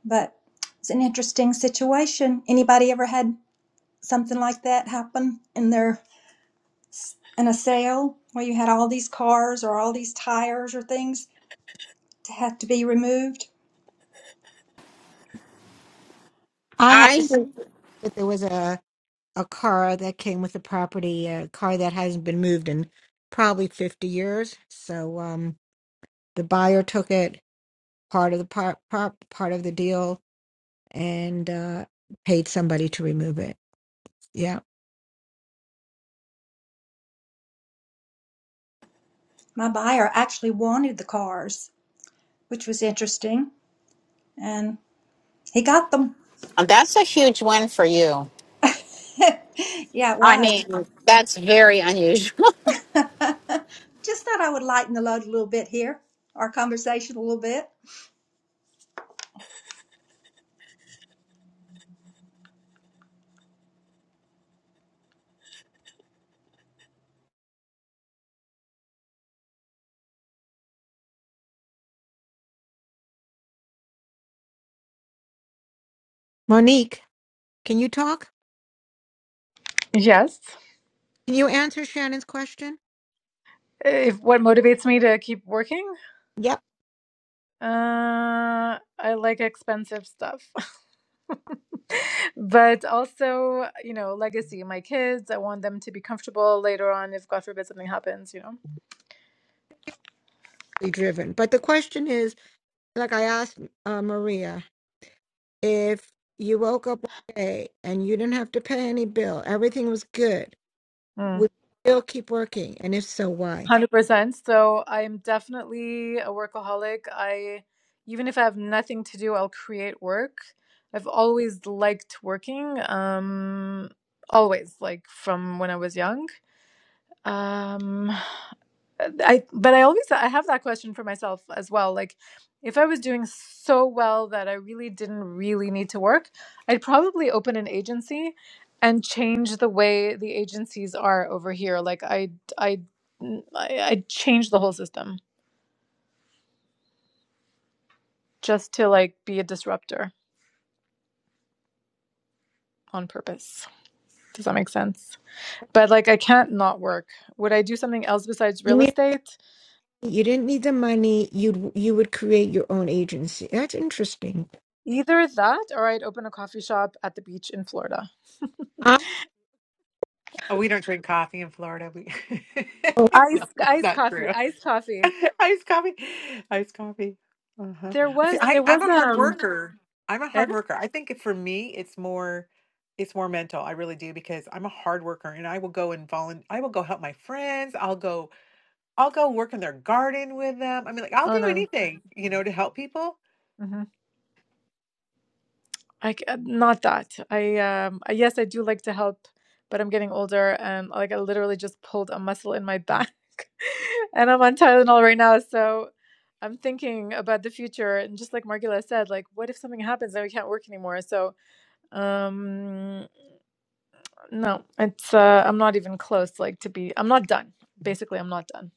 but it's an interesting situation. Anybody ever had something like that happen in their in a sale where you had all these cars or all these tires or things to have to be removed.
I had to
I
say that there was a, a car that came with the property, a car that hasn't been moved in probably 50 years. So um, the buyer took it, part of the par- par- part of the deal, and uh, paid somebody to remove it. Yeah.
My buyer actually wanted the cars, which was interesting, and he got them.
that's a huge win for you.
yeah, it
I
was.
mean, that's very unusual.
Just thought I would lighten the load a little bit here, our conversation a little bit.
Monique, can you talk?
Yes.
Can you answer Shannon's question?
If what motivates me to keep working?
Yep.
Uh, I like expensive stuff. but also, you know, legacy. My kids, I want them to be comfortable later on if God forbid something happens, you know.
Driven. But the question is, like I asked uh, Maria, if you woke up one day and you didn't have to pay any bill, everything was good, would you still keep working? And if so, why?
100%. So I'm definitely a workaholic. I even if I have nothing to do, I'll create work. I've always liked working. Um always like from when I was young. Um uh, I but I always I have that question for myself as well. Like if I was doing so well that I really didn't really need to work, I'd probably open an agency and change the way the agencies are over here. Like I I I I'd change the whole system just to like be a disruptor on purpose. Does that make sense? But like I can't not work. Would I do something else besides
You
real
mean
estate?
you didn't need the money? You'd you would create your own agency. That's interesting.
Either that or I'd open a coffee shop at the beach in Florida.
Um,
Oh, we don't drink coffee in Florida. We
oh,
no,
Iced
that's
iced
not
coffee,
true.
iced coffee.
Iced coffee, iced coffee. Uh-huh.
There
See,
was
I,
there was
I'm a hard
um
worker. I'm a
eh?
hard worker. I think for me, it's more, it's more mental. I really do because I'm a hard worker, and I will go and volunteer. I will go help my friends. I'll go. I'll go work in their garden with them. I mean, like I'll
oh
do
no.
anything, you know, to help people.
hmm I c- uh, not that. I um I- yes, I do like to help, but I'm getting older and like I literally just pulled a muscle in my back. and I'm on Tylenol right now, so I'm thinking about the future and just like Margula said, like what if something happens and we can't work anymore? So, um no, it's uh I'm not even close like to be I'm not done. Basically, I'm not done.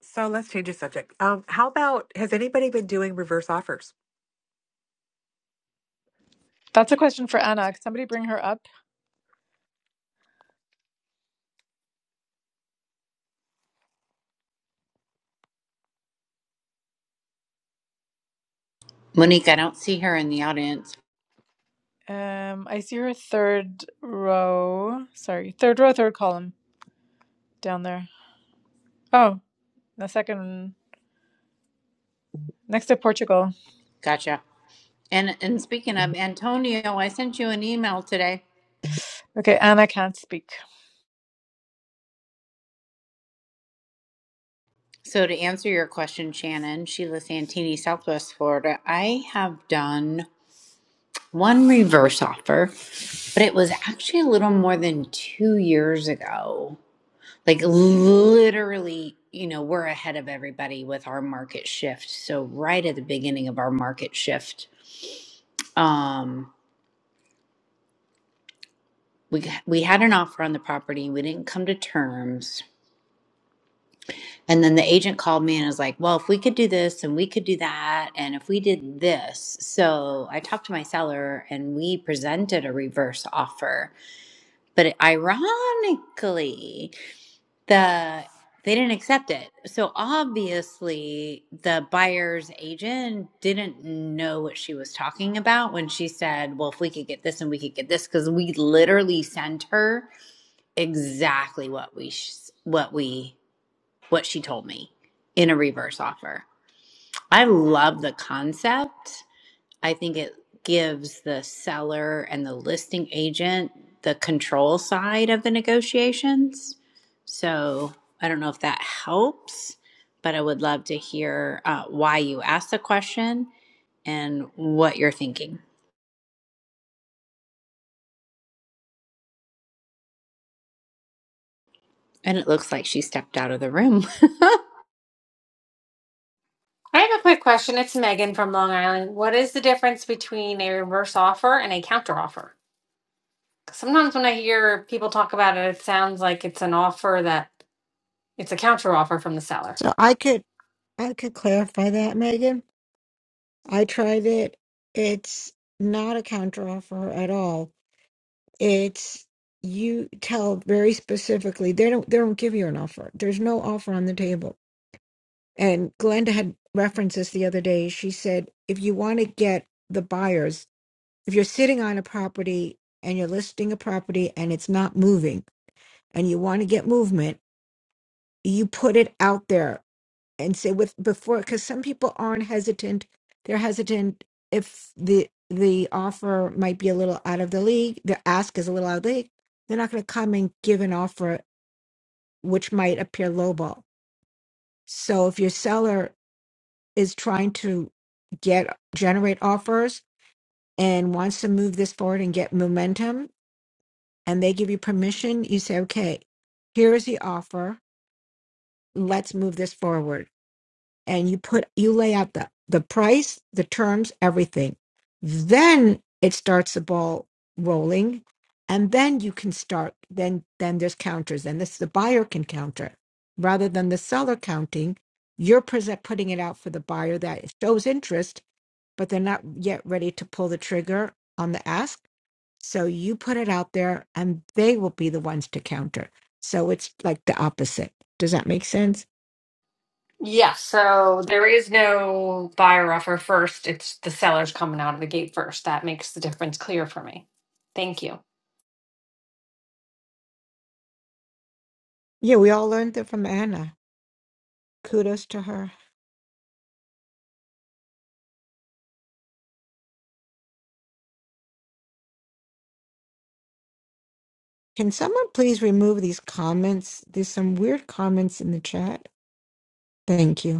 So let's change the subject. Um, how about has anybody been doing reverse offers?
That's a question for Anna. Could somebody bring her up?
Monique, I don't see her in the audience.
Um, I see your third row. Sorry, third row, third column down there. Oh, the second, next to Portugal.
Gotcha. And and speaking of Antonio, I sent you an email today.
Okay, and I can't speak.
So to answer your question, Shannon, Sheila Santini, Southwest Florida, I have done one reverse offer, but it was actually a little more than two years ago. Like literally, you know, we're ahead of everybody with our market shift. So right at the beginning of our market shift, um, we we had an offer on the property. We didn't come to terms And then the agent called me and was like, well, if we could do this and we could do that, and if we did this. So I talked to my seller and we presented a reverse offer. But ironically, the they didn't accept it. So obviously, the buyer's agent didn't know what she was talking about when she said, Well, if we could get this and we could get this, because we literally sent her exactly what we, what we what she told me in a reverse offer. I love the concept. I think it gives the seller and the listing agent the control side of the negotiations. So I don't know if that helps, but I would love to hear uh, why you asked the question and what you're thinking. And it looks like she stepped out of the room.
I have a quick question. It's Megan from Long Island. What is the difference between a reverse offer and a counter offer? Sometimes when I hear people talk about it, it sounds like it's an offer that it's a counter offer from the seller.
so I could I could clarify that, Megan. I tried it. It's not a counteroffer at all. It's you tell very specifically they don't they don't give you an offer. There's no offer on the table And Glenda had referenced this the other day. She said, if you want to get the buyers, if you're sitting on a property and you're listing a property and it's not moving and you want to get movement, you put it out there and say with before, because some people aren't hesitant. They're hesitant if the the offer might be a little out of the league, the ask is a little out of the league. They're not going to come and give an offer which might appear lowball. So if your seller is trying to get generate offers and wants to move this forward and get momentum and they give you permission you say okay here is the offer let's move this forward and you put you lay out the the price the terms everything then it starts the ball rolling and then you can start then then there's counters and this the buyer can counter rather than the seller counting you're present putting it out for the buyer that shows interest but they're not yet ready to pull the trigger on the ask. So you put it out there and they will be the ones to counter. So it's like the opposite. Does that make sense?
Yeah, so there is no buyer offer first. It's the seller's coming out of the gate first. That makes the difference clear for me. Thank you.
Yeah, we all learned that from Anna. Kudos to her. Can someone please remove these comments? There's some weird comments in the chat. Thank you.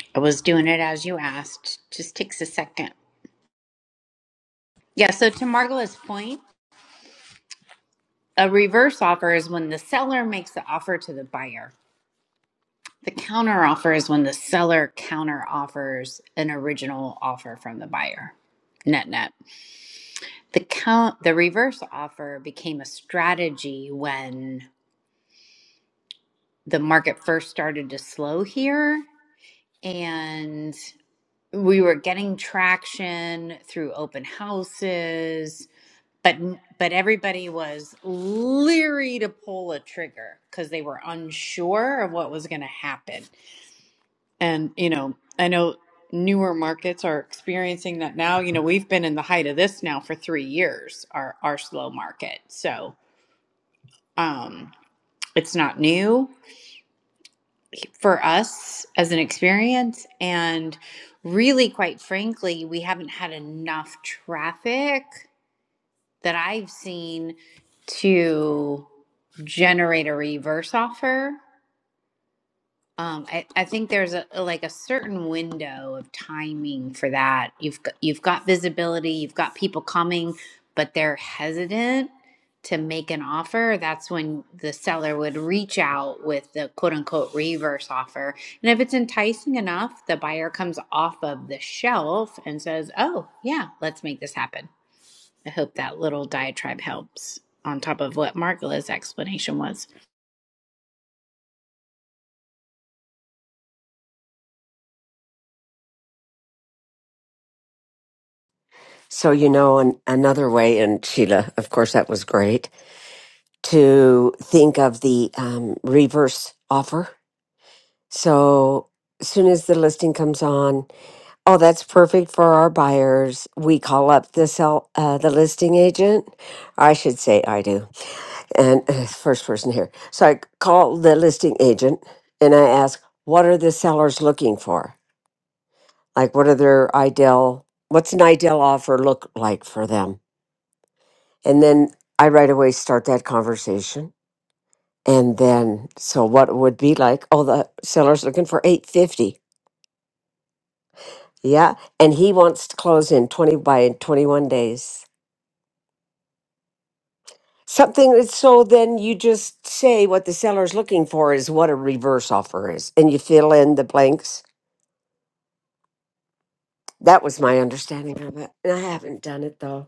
I was doing it as you asked. Just takes a second. Yeah, so to Margola's point, A reverse offer is when the seller makes the offer to the buyer. The counter offer is when the seller counter offers an original offer from the buyer. Net net. The count the reverse offer became a strategy when the market first started to slow here and we were getting traction through open houses but but everybody was leery to pull a trigger because they were unsure of what was going to happen and you know i know newer markets are experiencing that now you know we've been in the height of this now for three years our our slow market so um it's not new for us as an experience and really quite frankly we haven't had enough traffic that I've seen to generate a reverse offer. Um, I, I think there's a like a certain window of timing for that. You've got, you've got visibility, you've got people coming, but they're hesitant to make an offer. That's when the seller would reach out with the quote unquote reverse offer. And if it's enticing enough, the buyer comes off of the shelf and says, "Oh yeah, let's make this happen." I hope that little diatribe helps on top of what Margola's explanation was.
So, you know, an, another way, and Sheila, of course, that was great to think of the um, reverse offer. So, as soon as the listing comes on, oh, that's perfect for our buyers. We call up the sell, uh, the listing agent. I should say I do and first person here. So I called the listing agent and I asked, what are the sellers looking for? Like, what are their ideal, what's an ideal offer look like for them? And then I right away start that conversation. And then, so what it would be like, oh, the seller's looking for 850. Yeah. And he wants to close in 20 by 21 days. Something that's so then you just say what the seller's looking for is what a reverse offer is and you fill in the blanks That was my understanding of it. And I haven't done it though.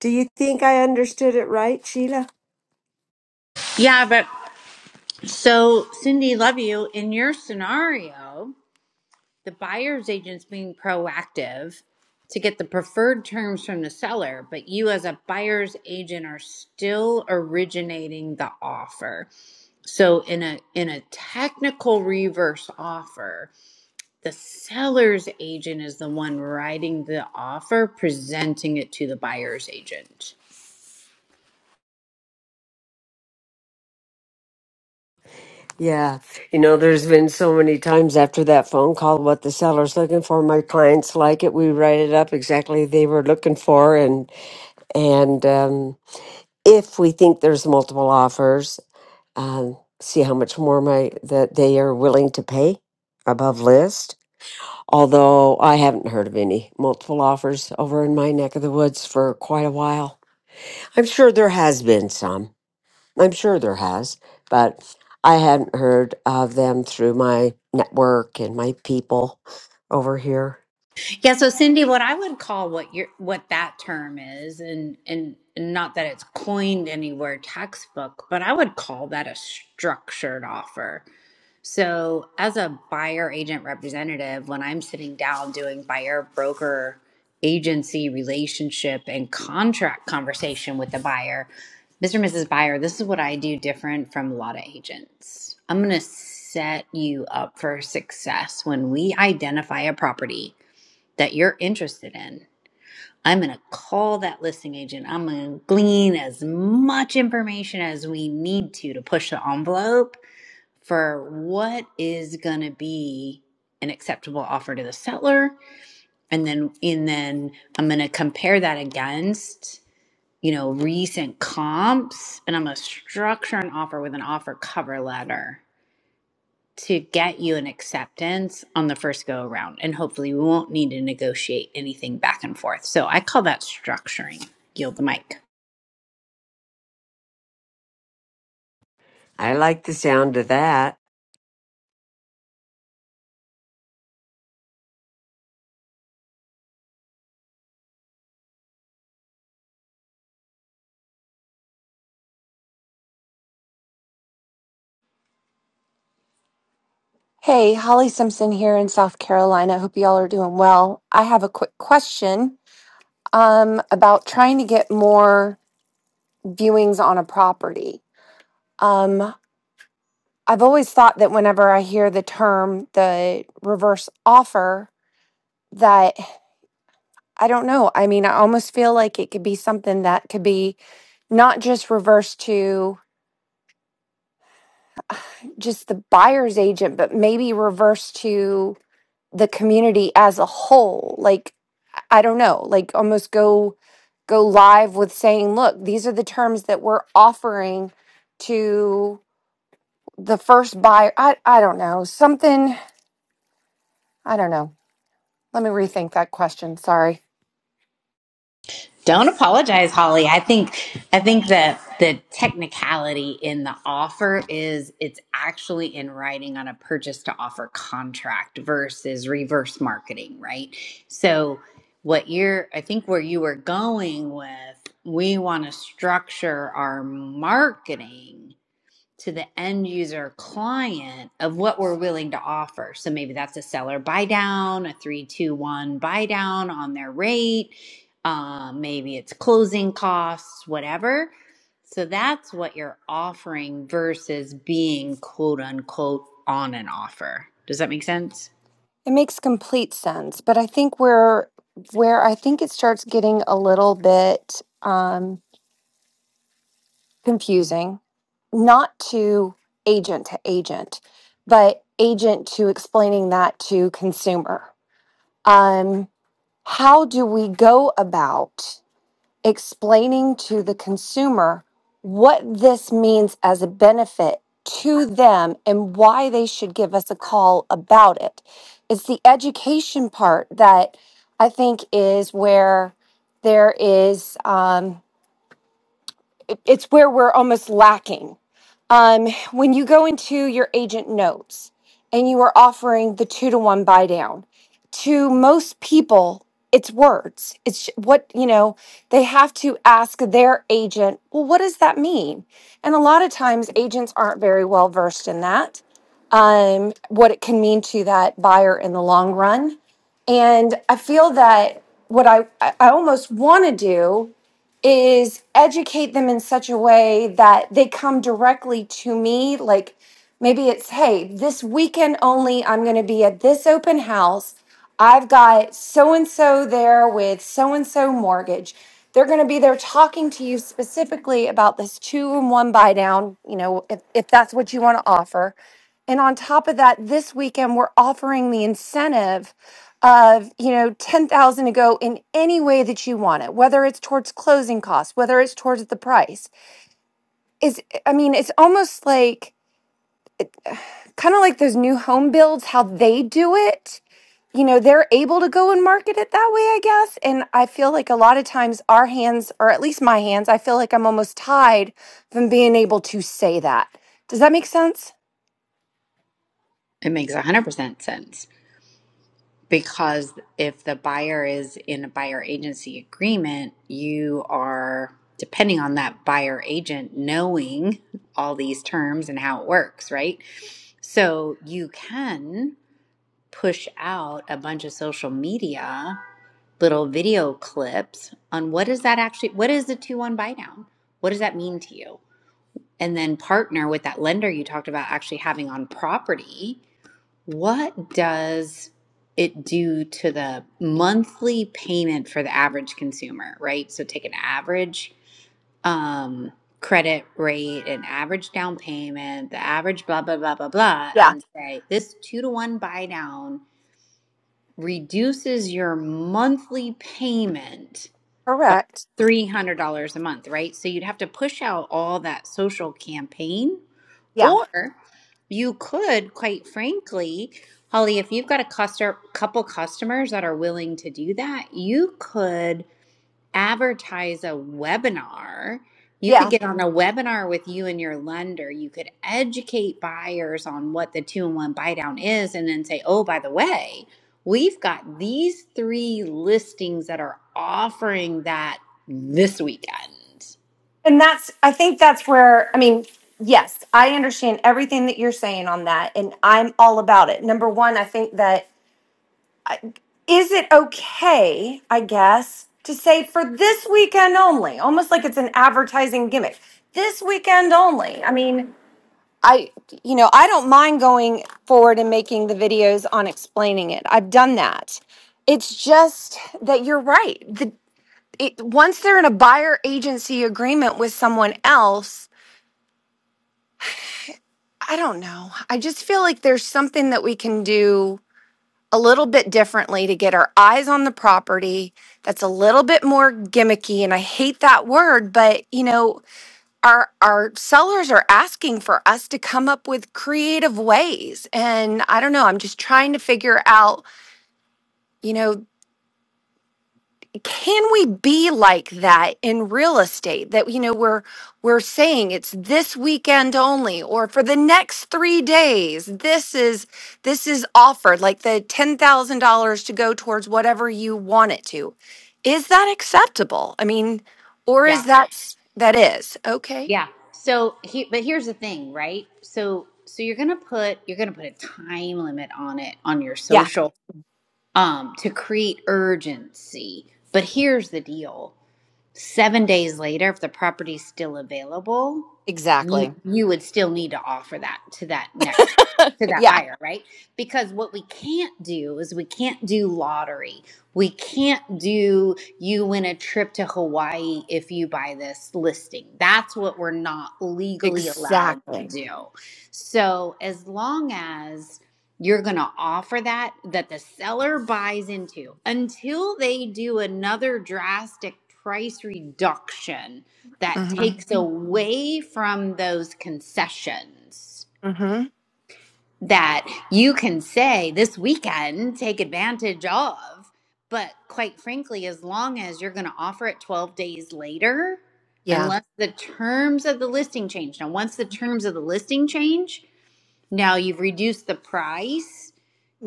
Do you think I understood it right, Sheila?
Yeah, but so Cindy, love you. In your scenario, the buyer's agent's being proactive to get the preferred terms from the seller, but you as a buyer's agent are still originating the offer. So in a in a technical reverse offer, the seller's agent is the one writing the offer, presenting it to the buyer's agent.
Yeah. You know, there's been so many times after that phone call what the seller's looking for. My clients like it. We write it up exactly they were looking for and and um if we think there's multiple offers, um, see how much more my that they are willing to pay above list. Although I haven't heard of any multiple offers over in my neck of the woods for quite a while. I'm sure there has been some. I'm sure there has, but I hadn't heard of them through my network and my people over here.
Yeah, so Cindy, what I would call what your what that term is, and and not that it's coined anywhere textbook, but I would call that a structured offer. So as a buyer agent representative, when I'm sitting down doing buyer broker agency relationship and contract conversation with the buyer, Mr. and Mrs. Buyer, this is what I do different from a lot of agents. I'm gonna set you up for success when we identify a property that you're interested in, I'm going to call that listing agent. I'm going to glean as much information as we need to to push the envelope for what is going to be an acceptable offer to the seller and then and then I'm going to compare that against you know recent comps and I'm going to structure an offer with an offer cover letter to get you an acceptance on the first go around. And hopefully, we won't need to negotiate anything back and forth. So I call that structuring. Yield the mic.
I like the sound of that.
Hey, Holly Simpson here in South Carolina. Hope y'all are doing well. I have a quick question um, about trying to get more viewings on a property. Um, I've always thought that whenever I hear the term the reverse offer, that I don't know. I mean, I almost feel like it could be something that could be not just reverse to just the buyer's agent, but maybe reverse to the community as a whole. Like, I don't know, like almost go go live with saying, look, these are the terms that we're offering to the first buyer. I I don't know. Something, I don't know. Let me rethink that question. Sorry.
Don't apologize, Holly. I think I think that the technicality in the offer is it's actually in writing on a purchase to offer contract versus reverse marketing, right? So what you're I think where you were going with we want to structure our marketing to the end user client of what we're willing to offer. So maybe that's a seller buy down, a three, two, one buy down on their rate. Uh, maybe it's closing costs, whatever. So that's what you're offering versus being quote unquote on an offer. Does that make sense?
It makes complete sense, but I think where where I think it starts getting a little bit um confusing, not to agent to agent, but agent to explaining that to consumer. Um how do we go about explaining to the consumer what this means as a benefit to them and why they should give us a call about it? It's the education part that I think is where there is. Um, it's where we're almost lacking. Um, when you go into your agent notes and you are offering the two to one buy down, to most people, it's words. It's what, you know, they have to ask their agent, well, what does that mean? And a lot of times agents aren't very well versed in that, um, what it can mean to that buyer in the long run. And I feel that what I I almost want to do is educate them in such a way that they come directly to me. Like maybe it's, hey, this weekend only, I'm going to be at this open house. I've got so and so there with so and so mortgage. They're going to be there talking to you specifically about this two and one buy down, you know, if, if that's what you want to offer. And on top of that, this weekend we're offering the incentive of, you know, 10,000 to go in any way that you want it, whether it's towards closing costs, whether it's towards the price. Is I mean, it's almost like kind of like those new home builds how they do it. You know, they're able to go and market it that way, I guess. And I feel like a lot of times our hands, or at least my hands, I feel like I'm almost tied from being able to say that. Does that make sense?
It makes 100% sense. because if the buyer is in a buyer agency agreement, you are depending on that buyer agent knowing all these terms and how it works, right? So you can push out a bunch of social media little video clips on what is that actually what is the 2-1 buy down? What does that mean to you? And then partner with that lender you talked about actually having on property what does it do to the monthly payment for the average consumer, right? So take an average um, credit rate, an average down payment, the average blah, blah, blah, blah, blah,
Yeah.
and say this two to one buy down reduces your monthly payment by
Correct.
$300 a month, right? So you'd have to push out all that social campaign
Yeah.
or you could, quite frankly, Holly, if you've got a customer, couple customers that are willing to do that, you could advertise a webinar. You
Yeah.
could get on a webinar with you and your lender. You could educate buyers on what the two in one buy down is and then say, oh, by the way, we've got these three listings that are offering that this weekend.
And that's, I think that's where, I mean, yes, I understand everything that you're saying on that, and I'm all about it. Number one, I think that is it okay, I guess, to say for this weekend only, almost like it's an advertising gimmick. This weekend only. I mean, I, you know, I don't mind going forward and making the videos on explaining it. I've done that. It's just that you're right. The, it, once they're in a buyer agency agreement with someone else, I don't know. I just feel like there's something that we can do a little bit differently to get our eyes on the property that's a little bit more gimmicky and I hate that word but you know our our sellers are asking for us to come up with creative ways and I don't know I'm just trying to figure out you know can we be like that in real estate that you know we're we're saying it's this weekend only or for the next 3 days this is this is offered like the $10,000 to go towards whatever you want it to is that acceptable i mean or
Yeah.
is that that is okay
Yeah. So he, but here's the thing, right? So so you're gonna put you're gonna put a time limit on it on your
yeah
social um to create urgency. But here's the deal seven days later if the property's still available you
exactly
you would still need to offer that to that next to that
yeah
buyer right because what we can't do is we can't do lottery we can't do you win a trip to hawaii if you buy this listing that's what we're not legally allowed to
exactly
do so as long as you're going to offer that that the seller buys into until they do another drastic price reduction that
mhm
takes away from those concessions
mhm
that you can say this weekend take advantage of. But quite frankly, as long as you're going to offer it 12 days later,
yeah
unless the terms of the listing change. Now, once the terms of the listing change, now you've reduced the price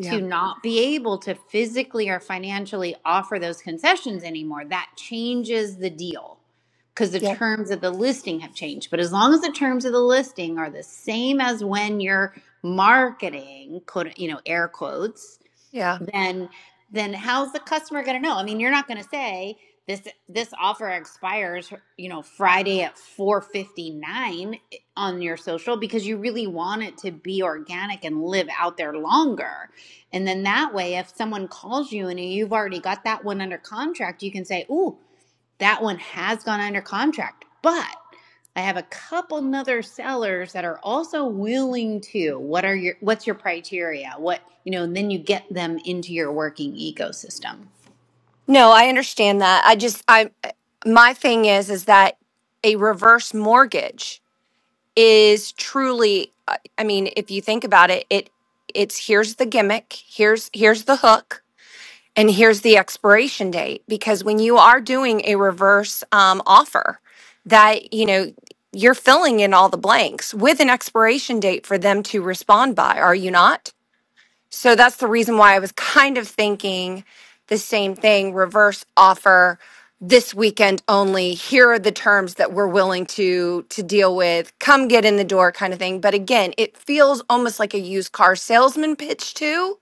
to not be able to physically or financially offer those concessions anymore. That changes the deal because the
yeah
terms of the listing have changed. But as long as the terms of the listing are the same as when you're marketing, quote, you know, air quotes,
yeah.
then then how's the customer going to know? I mean, you're not going to say this this offer expires, you know, Friday at 4:59 on your social because you really want it to be organic and live out there longer. And then that way if someone calls you and you've already got that one under contract, you can say, "Ooh, that one has gone under contract, but I have a couple other sellers that are also willing to. What are your what's your criteria? What you know, and then you get them into your working ecosystem.
No, I understand that. I just I my thing is is that a reverse mortgage is truly I I mean, if you think about it, it it's here's the gimmick, here's here's the hook, and here's the expiration date because when you are doing a reverse um offer that, you know, you're filling in all the blanks with an expiration date for them to respond by, are you not? So that's the reason why I was kind of thinking the same thing reverse offer this weekend only. Here are the terms that we're willing to to deal with. Come get in the door kind of thing. But again, it feels almost like a used car salesman pitch too.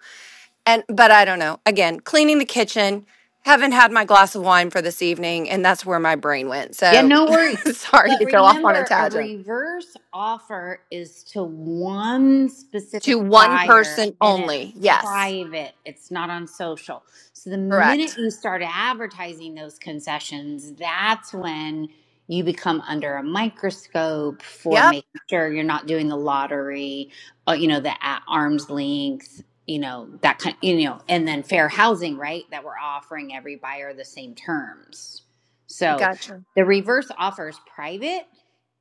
And but I don't know. Again, cleaning the kitchen, haven't had my glass of wine for this evening and that's where my brain went.
Yeah,
So
no worries.
sorry
But
to go off on a
remember, a
tangent.
reverse offer is to one specific
To one
buyer
person
and it's
only. Yes.
private, it's not on social. So the minute
Correct.
you start advertising those concessions, that's when you become under a microscope for
Yep.
making sure you're not doing the lottery, uh, you know, the at arm's length. You know, that kind, you know, and then fair housing, right? That we're offering every buyer the same terms. So,
Gotcha.
the reverse offer is private.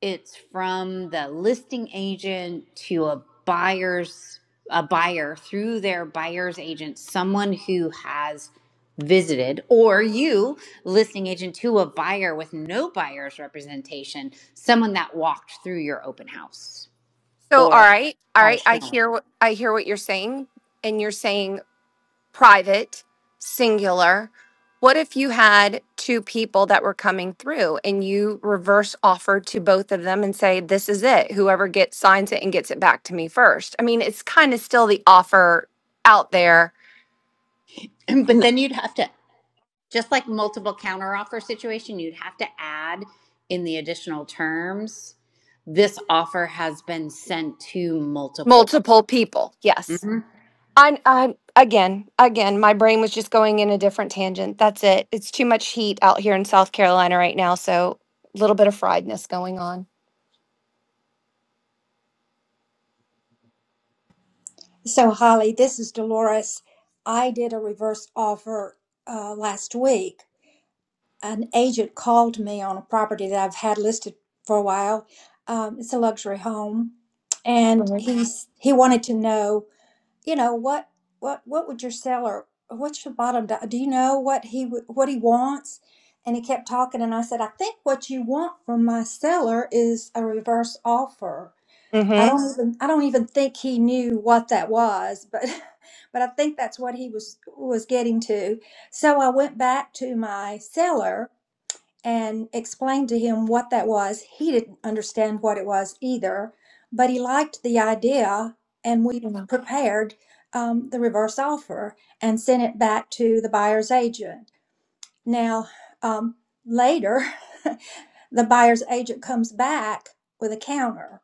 It's from the listing agent to a buyer's a buyer through their buyer's agent, someone who has visited or you listing agent to a buyer with no buyer's representation, someone that walked through your open house
So, all
or
right, all
had a
right. I
showing.
hear what I hear what you're saying, and you're saying private, singular. What if you had two people that were coming through and you reverse offered to both of them and say, "This is it. Whoever gets signs it and gets it back to me first." I mean, it's kind of still the offer out there.
But then you'd have to just like multiple counteroffer situation, you'd have to add in the additional terms. This offer has been sent to multiple. buyers.
Multiple people, yes.
Mhm.
I, I, again, again, my brain was just going in a different tangent. That's it. It's too much heat out here in South Carolina right now, so a little bit of friedness going on.
So, Holly, this is Dolores. I did a reverse offer uh, last week an agent called me on a property that I've had listed for a while. Um, it's a luxury home, and
Mm-hmm.
he's he wanted to know, you know, what what what would your seller, what's your bottom? Do do you know what he would- what he wants? And he kept talking, and I said, I think what you want from my seller is a reverse offer. I
Mm-hmm.
don't even I don't even think he knew what that was, but but I think that's what he was was getting to. So I went back to my seller and explained to him what that was. He didn't understand what it was either, but he liked the idea, and we
Yeah.
prepared um, the reverse offer and sent it back to the buyer's agent. Now, um, later, the buyer's agent comes back with a counter.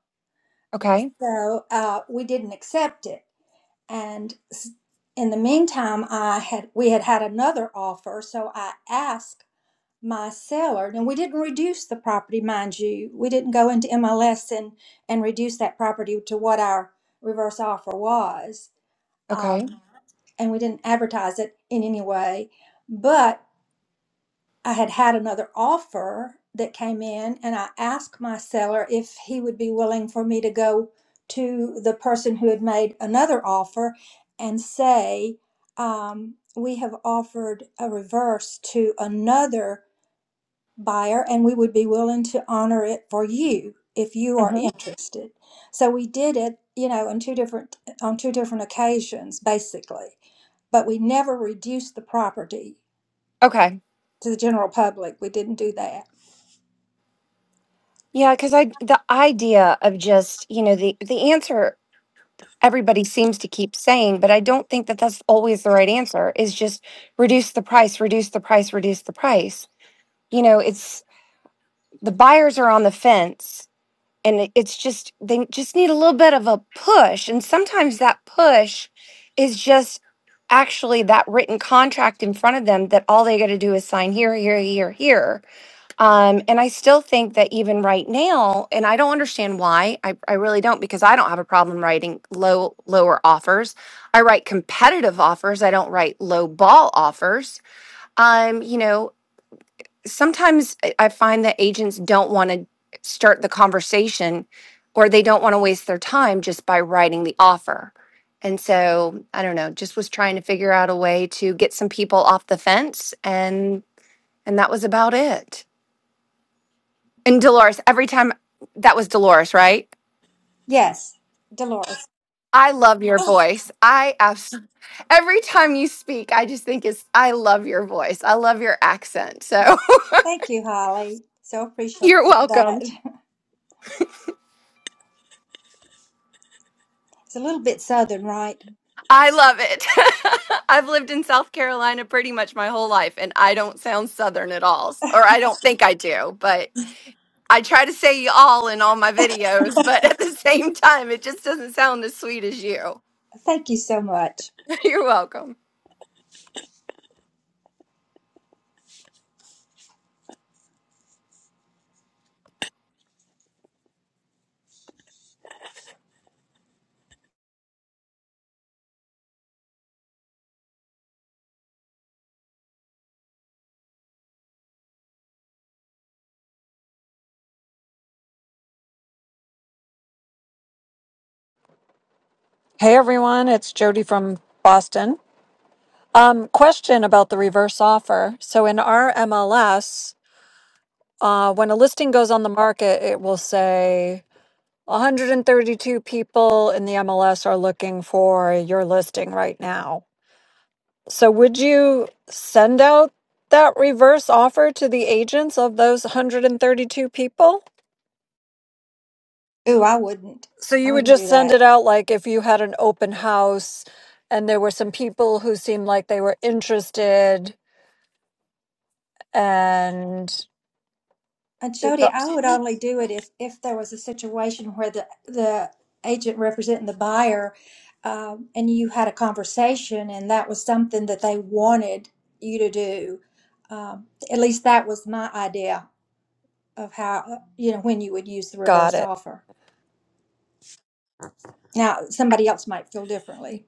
Okay.
So uh, we didn't accept it. And s- in the meantime, I had we had had another offer, so I asked my seller. Now, we didn't reduce the property, mind you. We didn't go into MLS and, and reduce that property to what our reverse offer was.
Okay.
Um, and we didn't advertise it in any way. But I had had another offer that came in, and I asked my seller if he would be willing for me to go to the person who had made another offer and say, um, We have offered a reverse to another buyer and we would be willing to honor it for you if you are
Mm-hmm.
interested so we did it you know on two different on two different occasions basically but we never reduced the property
Okay.
to the general public we didn't do that
Yeah, because I the idea of just you know the the answer everybody seems to keep saying, but I don't think that that's always the right answer. Is just reduce the price, reduce the price, reduce the price. You know, it's the buyers are on the fence and it- it's just they just need a little bit of a push and sometimes that push is just actually that written contract in front of them that all they got to do is sign here here here here um, and i still think that even right now and i don't understand why I, I really don't because i don't have a problem writing low lower offers i write competitive offers i don't write low ball offers um, you know sometimes I find that agents don't want to start the conversation or they don't want to waste their time just by writing the offer. And so, I don't know, just was trying to figure out a way to get some people off the fence and and that was about it. And Dolores, every time that was Dolores, right?
yes dolores
I love your
oh
voice. I absolutely every time you speak, I just think it's I love your voice. I love your accent. So,
thank you holly so appreciate
you're welcome.
that it's a little bit southern right
I love it. I've lived in South Carolina pretty much my whole life, and I don't sound Southern at all, or I don't think I do, but I try to say y'all in all my videos, but at the same time, it just doesn't sound as sweet as you.
thank you so much
You're welcome.
Hey everyone, it's Jody from Boston. Um, question about the reverse offer. So in our MLS, uh, when a listing goes on the market, it will say 132 people in the MLS are looking for your listing right now. So would you send out that reverse offer to the agents of those 132 people?
ooh i wouldn't
So
i
you would
wouldn't
just
do
send
that
it out like if you had an open house and there were some people who seemed like they were interested and
And Jody, I would only do it if, if there was a situation where the, the agent representing the buyer, um, and you had a conversation and that was something that they wanted you to do. Um, at least that was my idea of how, you know, when you would use the
got
reverse
it.
offer. Now, somebody else might feel differently.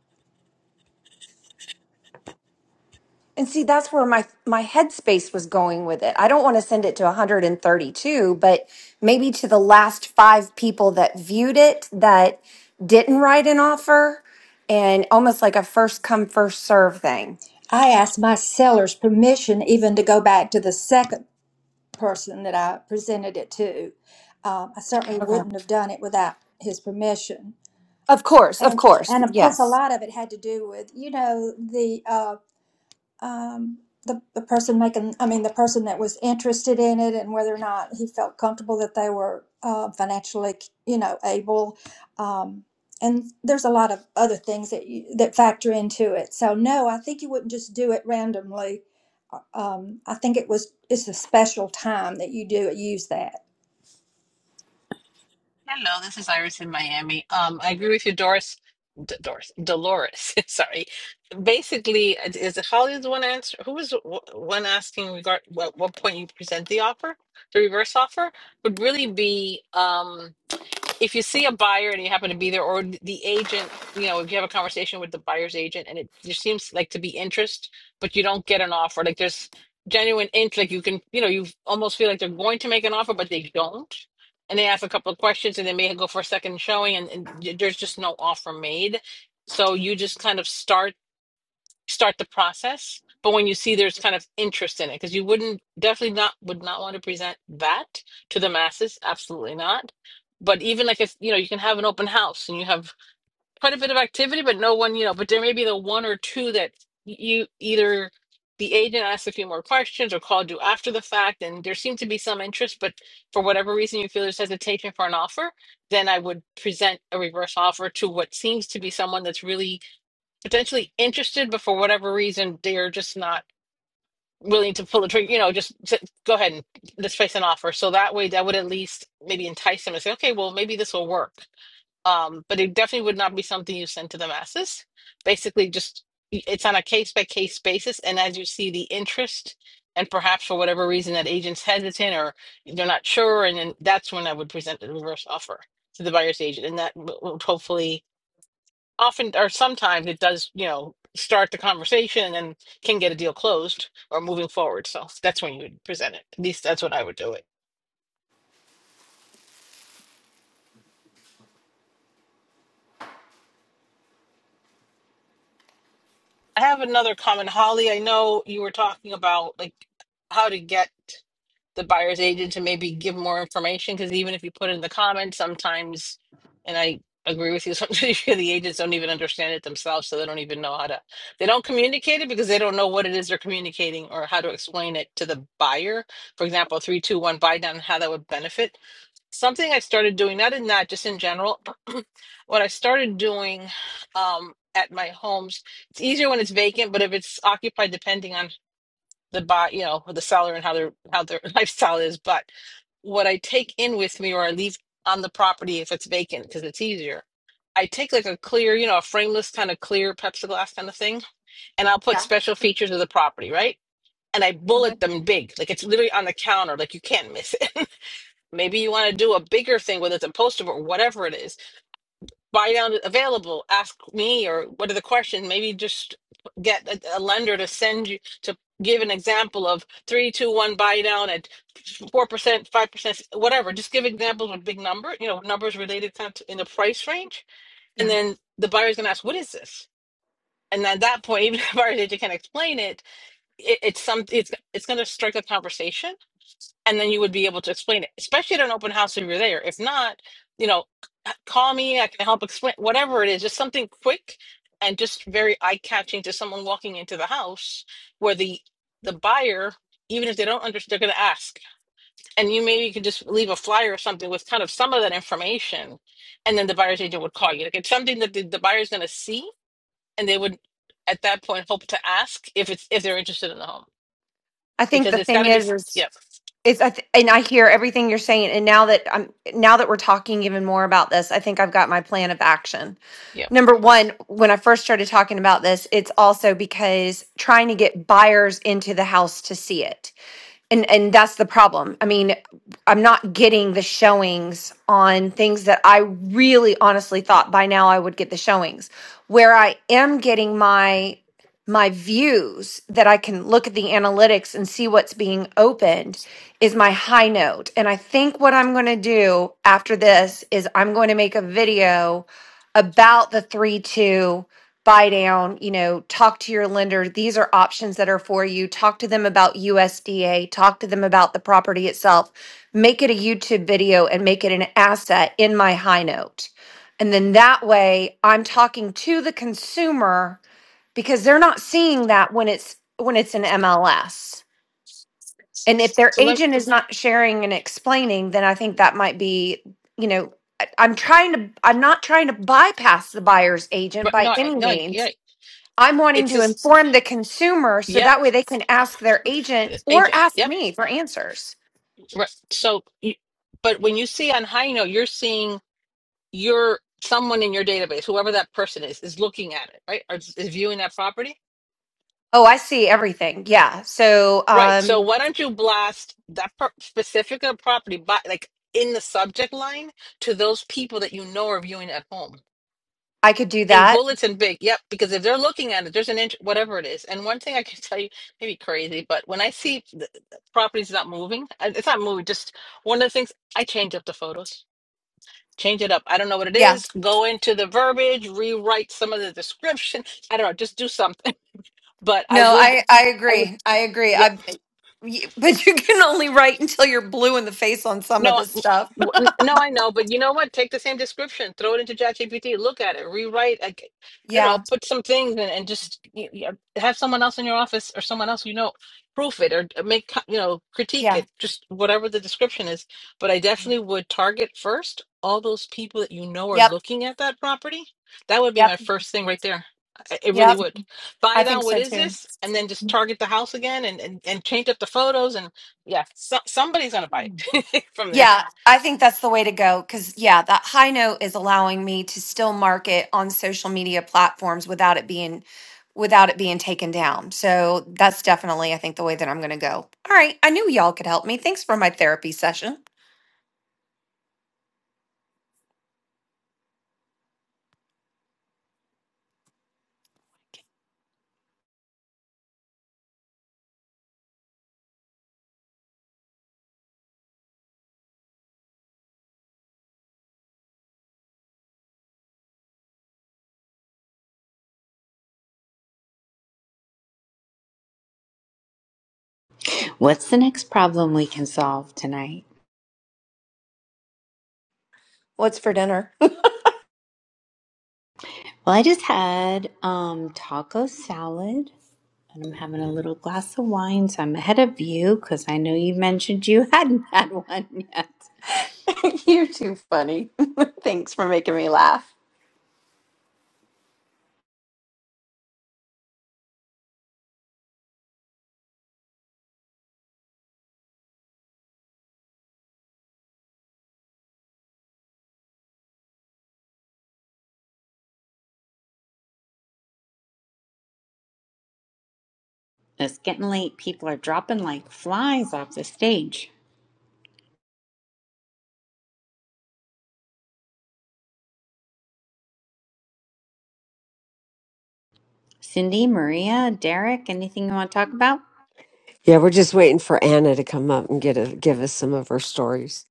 And see, that's where my my headspace was going with it. I don't want to send it to 132, but maybe to the last five people that viewed it that didn't write an offer, and almost like a first come first serve thing.
I asked my seller's permission even to go back to the second person that I presented it to. Um, I certainly
Okay.
wouldn't have done it without his permission.
Of course, of
and
course,
and of course a
yes.
lot of it had to do with you know the uh, um, the the person making I mean the person that was interested in it and whether or not he felt comfortable that they were uh, financially you know able um, and there's a lot of other things that you, that factor into it so no I think you wouldn't just do it randomly Uh, um, I think it was it's a special time that you do use that
Hello, this is Iris in Miami. Um, I agree with you, Doris. D Doris, Dolores. Sorry. Basically, is it Holly the one answer? Who was wh- one asking regard what what point you present the offer, the reverse offer would really be. Um, if you see a buyer and you happen to be there or the agent you know if you have a conversation with the buyer's agent and it just seems like to be interest but you don't get an offer like there's genuine int like you can you know you almost feel like they're going to make an offer but they don't and they ask a couple of questions and they may go for a second showing and, and there's just no offer made so you just kind of start start the process but when you see there's kind of interest in it because you wouldn't definitely not would not want to present that to the masses absolutely not but even like if you know you can have an open house and you have quite a bit of activity but no one you know but there may be the one or two that you either the agent asks a few more questions or called you after the fact and there seemed to be some interest but for whatever reason you feel there's hesitation for an offer then i would present a reverse offer to what seems to be someone that's really potentially interested, but for whatever reason, they're just not willing to pull the trigger, you know, just s- go ahead and let's face an offer. So that way, that would at least maybe entice them to say, okay, well, maybe this will work. Um, but it definitely would not be something you send to the masses. Basically, just y- it's on a case by case basis. And as you see the interest, and perhaps for whatever reason that agent's hesitant or they're not sure, and then that's when I would present the reverse offer to the buyer's agent. And that w- would hopefully often or sometimes it does, you know, start the conversation and then can get a deal closed or moving forward. So that's when you would present it. At least that's what I would do it. I have another comment, Holly. I know you were talking about like how to get the buyer's agent to maybe give more information because even if you put in the comments sometimes and i agree with you sometimes the agents don't even understand it themselves so they don't even know how to they don't communicate it because they don't know what it is they're communicating or how to explain it to the buyer for example 321 buy down how that would benefit something i started doing not in that just in general what i started doing um at my homes it's easier when it's vacant but if it's occupied depending on the buy, you know, the seller and how their how their lifestyle is, but what I take in with me or I leave on the property if it's vacant because it's easier. I take like a clear, you know, a frameless kind of clear Pepsi glass kind of thing, and I'll put
Yeah.
special features of the property, right? And I
Mhm.
bullet them big, like it's literally on the counter, like you can't miss it. Maybe you want to do a bigger thing, whether it's a poster board or whatever it is buy down available ask me or what are the questions maybe just get a, a lender to send you to give an example of three two one buy down at four percent five percent whatever just give examples with big number you know numbers related to in the price range and
Yeah,
then the buyer's gonna ask what is this and at that point even if buyer's agent can't explain it, it it's some it's it's gonna strike a conversation and then you would be able to explain it, especially at an open house if you're there. If not, you know, c- call me, I can help explain whatever it is, just something quick and just very eye-catching to someone walking into the house where the the buyer, even if they don't understand, they're gonna ask. And you maybe could just leave a flyer or something with kind of some of that information, and then the buyer's agent would call you. Like it's something that the, the buyer's gonna see and they would at that point hope to ask if it's if they're interested in the home.
I think
Because
the
it's
thing
gotta be
is, is,
Yep,
is I th- and I hear everything you're saying, and now that I'm now that we're talking even more about this, I think I've got my plan of action.
yep.
Number one, when I first started talking about this, it's also because trying to get buyers into the house to see it. and and that's the problem i mean i'm not getting the showings on things that i really honestly thought by now i would get the showings where i am getting my my views that i can look at the analytics and see what's being opened is my high note and i think what i'm going to do after this is i'm going to make a video about the 3-2 buy down, you know, talk to your lender. These are options that are for you. Talk to them about USDA, talk to them about the property itself. Make it a YouTube video and make it an asset in my high note. And then that way I'm talking to the consumer because they're not seeing that when it's when it's an MLS. And if their
So let
agent is not sharing and explaining, then I think that might be, you know, I- am trying to I'm not trying to bypass the buyer's agent
But
by
no, I-
any
no, I-
means
yeah,
I'm wanting
it's
to
just
inform the consumer so
Yep,
that way they can ask their agent
the
or
agent.
ask
Yep.
me for answers.
Right. So, you- but when you see on high note, you're seeing your someone in your database, whoever that person is, is looking at it, right? Or is is viewing that property,
Oh, I see everything. Yeah. So
right? So
um
why don't you blast that per- specific property, by, like in the subject line, to those people that you know are viewing at home?
I could do
in
that.
bullets and big yep because if they're looking at it there's an inch whatever it is and one thing i can tell you maybe crazy but when i see the the properties not moving uh, it's not moving just one of the things i change up the photos change it up i don't know what it
Yeah.
is go into the verbiage rewrite some of the description i don't know just do something but i
No,
would
I I
i would
agree. I agree.
yeah,
I but you can only write until you're blue in the face on some of
No,
this
I-
stuff.
w- n- no, I know, but you know what? Take the same description, throw it into ChatGPT, look at it, rewrite. I, g- I don't know,
Yeah.
put some things in, and just y- y- uh, have someone else in your office or someone else you know proof it or make co- you know critique
Yeah.
it, just whatever the description is. But I definitely would target first all those people that you know are
Yep.
looking at that property. That would be
Yep.
my first thing right there. I- It really
Yep.
would.
I
Buy
think
down. What
so
is
too.
this? And then just target the house again, and and, and change up the photos and yeah, so, somebody's gonna buy it from there.
Yeah, I think that's the way to go because, yeah, that high note is allowing me to still market on social media platforms without it being without it being taken down. So that's definitely, I think, the way that I'm going to go. All right, I knew y'all could help me. Thanks for my therapy session.
What's the next problem we can solve tonight?
What's
Well, I just had um, taco salad and I'm having a little glass of wine, so I'm ahead of you because I know you mentioned you hadn't had one yet.
you're too funny. Thanks for making me laugh.
It's getting late. People are dropping like flies off the stage. Cindy, Maria, Derek, anything you want to talk about?
Yeah, we're just waiting for Anna to come up and get a, give us some of her stories.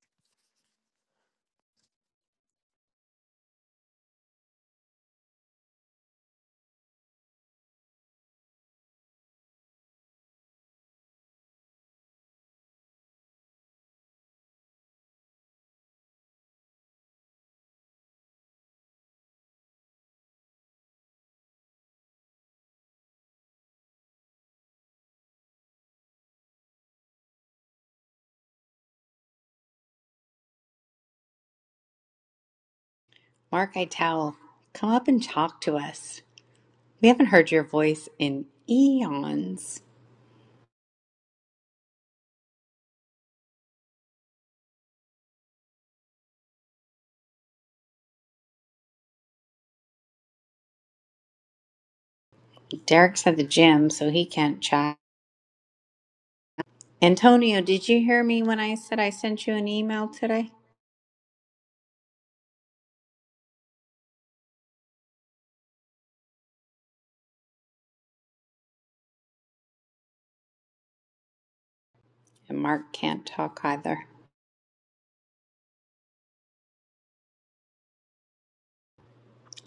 Mark Eitel, come up and talk to us. We haven't heard your voice in eons. Derek's at the gym, so he can't chat. Antonio, did you hear me when I said I sent you an email today? And Mark can't talk either.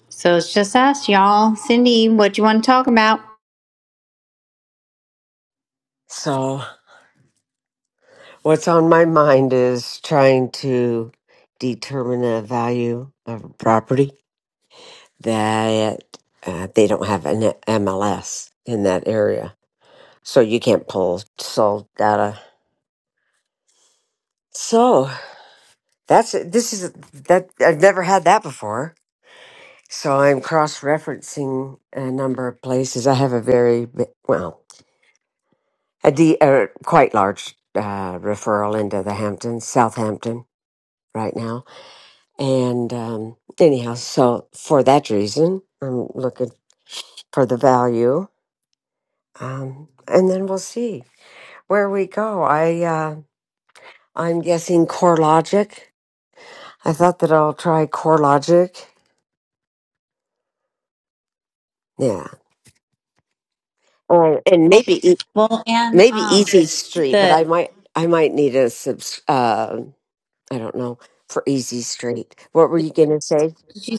So it's just us, y'all. Cindy, what do you want to talk about?
So, what's on my mind is trying to determine the value of a property that uh, they don't have an MLS in that area. So, you can't pull sold data So that's this is that I've never had that before. So I'm cross referencing a number of places. I have a very bi- well a de- uh, quite large uh, referral into the Hamptons, Southampton right now, and um, anyhow, so for that reason, I'm looking for the value, um, and then we'll see where we go. I uh, I'm guessing CoreLogic. I thought that I'll try CoreLogic. Yeah. Or and maybe
Well, and
maybe
um,
Easy Street, but I
the
might I might need a subs. Uh, I don't know for Easy Street. What were you gonna say?
did you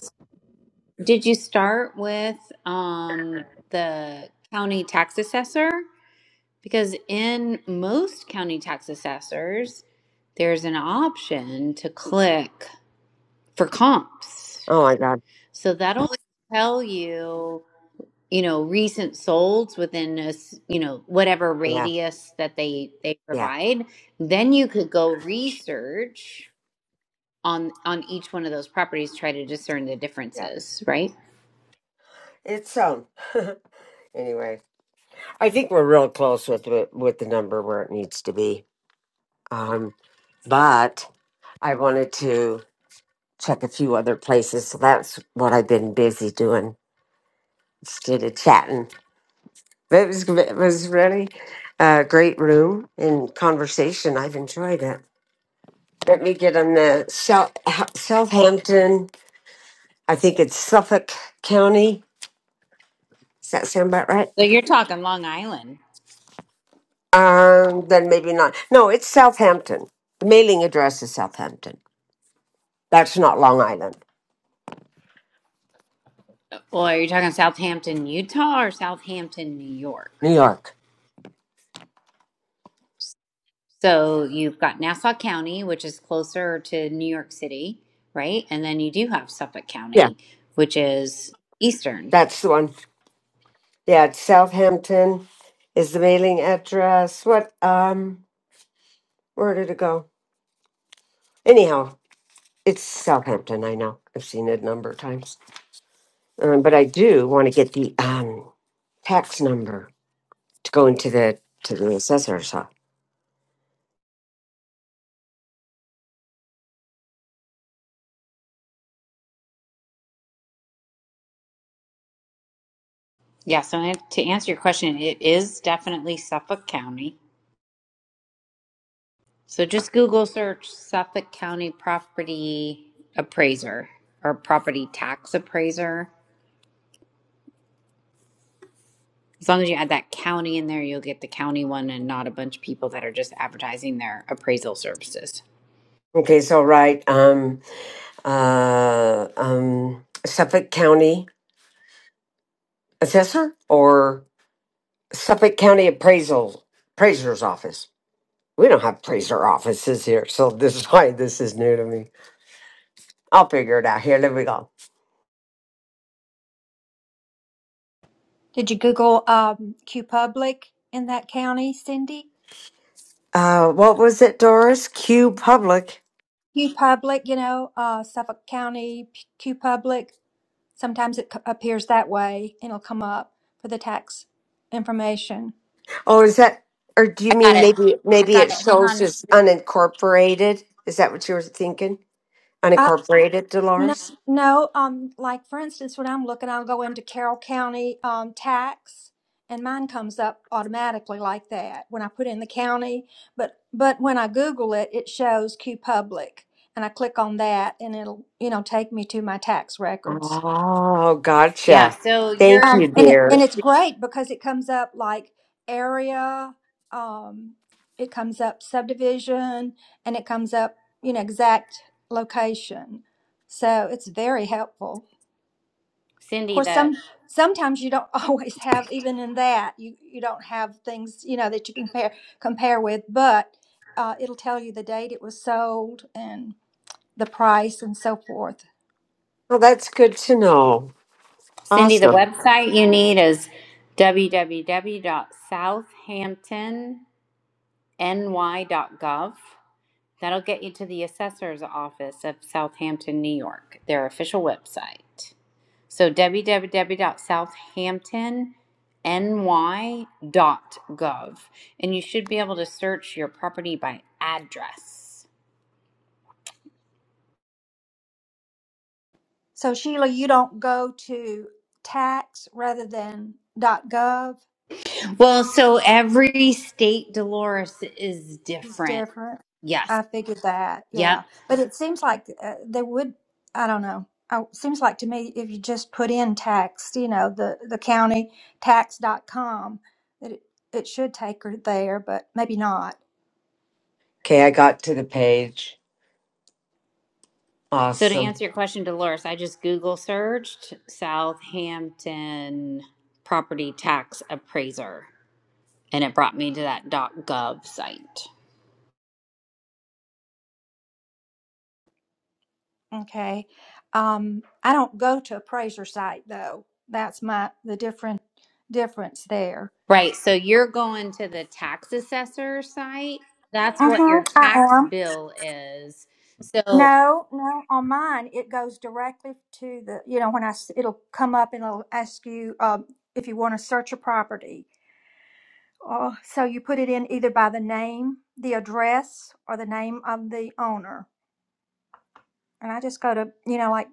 did you start with um the county tax assessor? Because in most county tax assessors, there's an option to click for comps.
Oh my God!
So that'll tell you, you know, recent solds within a, s- you know, whatever
Yeah,
radius that they they
yeah,
provide. Then you could go research on on each one of those properties, try to discern the
yeah.
differences, right?
It's so. anyway, I think we're real close with the- with the number where it needs to be. Um, but I wanted to check a few other places, so that's what I've been busy doing instead of chatting. But it was it was really a great room and conversation. I've enjoyed it. Let me get on the South, Southampton. I think it's Suffolk County. Does that sound about right?
So you're talking Long Island,
Um, then maybe not. No, it's Southampton. The mailing address is Southampton. That's not Long Island,
or you're talking Southampton, Utah, or Southampton, New York.
New York.
So you've got Nassau County, which is closer to New York City, right? And then you do have Suffolk
Yeah,
County, which is eastern.
that's the one. Yeah, it's Southampton is the mailing address. What? Um, where did it go? Anyhow, it's Southampton. I know. I've seen it a number of times, um, but I do want to get the um tax number to go into the to the assessor's office.
Yeah, so I- to answer your question, it is definitely Suffolk County. So just Google search Suffolk County property appraiser or property tax appraiser. As long as you add that county in there, you'll get the county one and not a bunch of people that are just advertising their appraisal services.
Okay, so right, um, uh, um, Suffolk County assessor or Suffolk County appraisal appraiser's office. We don't have appraiser offices here, so this is why this is new to me. I'll figure it out. Here, there we go.
did you Google um, Q Public in that county Cindy
Uh, what was it, Doris? Q Public.
Q Public, you know, uh, Suffolk County, P- Q Public. Sometimes it c- appears that way and it'll come up for the tax information.
Oh, is that? Or do you mean
Got it.
maybe maybe it shows
Um,
as unincorporated? Is that what you were thinking?
Uh,
Unincorporated,
no,
Dolores?
no, um, like for instance, when I'm looking, I'll go into Carroll County, um, tax and mine comes up automatically like that when I put in the county. But, but when I Google it, it shows Q Public and I click on that and it'll, you know, take me to my tax records.
Oh,
yeah,
gotcha.
so
Thank
you're
you,
Um, and it, and
dear.
it's great because it comes up like area, um, it comes up subdivision, and it comes up you know exact location. So it's very helpful. Of
Cindy,
course,
the
some sometimes you don't always have even in that you you don't have things you know that you compare compare with, but uh, it'll tell you the date it was sold and the price and so forth.
Well, that's good to know.
Cindy, the
Awesome.
website you need is www.southamptonny.gov. That'll get you to the assessor's office of Southampton, New York, their official website. So www.southamptonny.gov. And you should be able to search your property by address.
So Sheila, you don't go to tax rather than .gov
Well, so every state, Dolores, is
is
different.
different.
Yes.
I figured that,
Yep.
yeah. But it seems like uh, they would. I don't know. Uh, seems like to me if you just put in tax, you know, the the county tax.com, that it, it should take her there, but maybe not.
Okay, I got to the page.
So to
Awesome.
answer your question, Dolores, I just Google searched Southampton property tax appraiser and it brought me to that .gov site.
Okay. Um, I don't go to appraiser site though. That's my the different difference there.
Right, so you're going to the tax assessor site. That's what your
Uh-huh, I
tax
am.
bill is. So
No, no, on mine it goes directly to the, you know, when I, s- it'll come up and it'll ask you um, if you want to search a property. Oh, so you put it in either by the name, the address, or the name of the owner. And I just go to, you know, like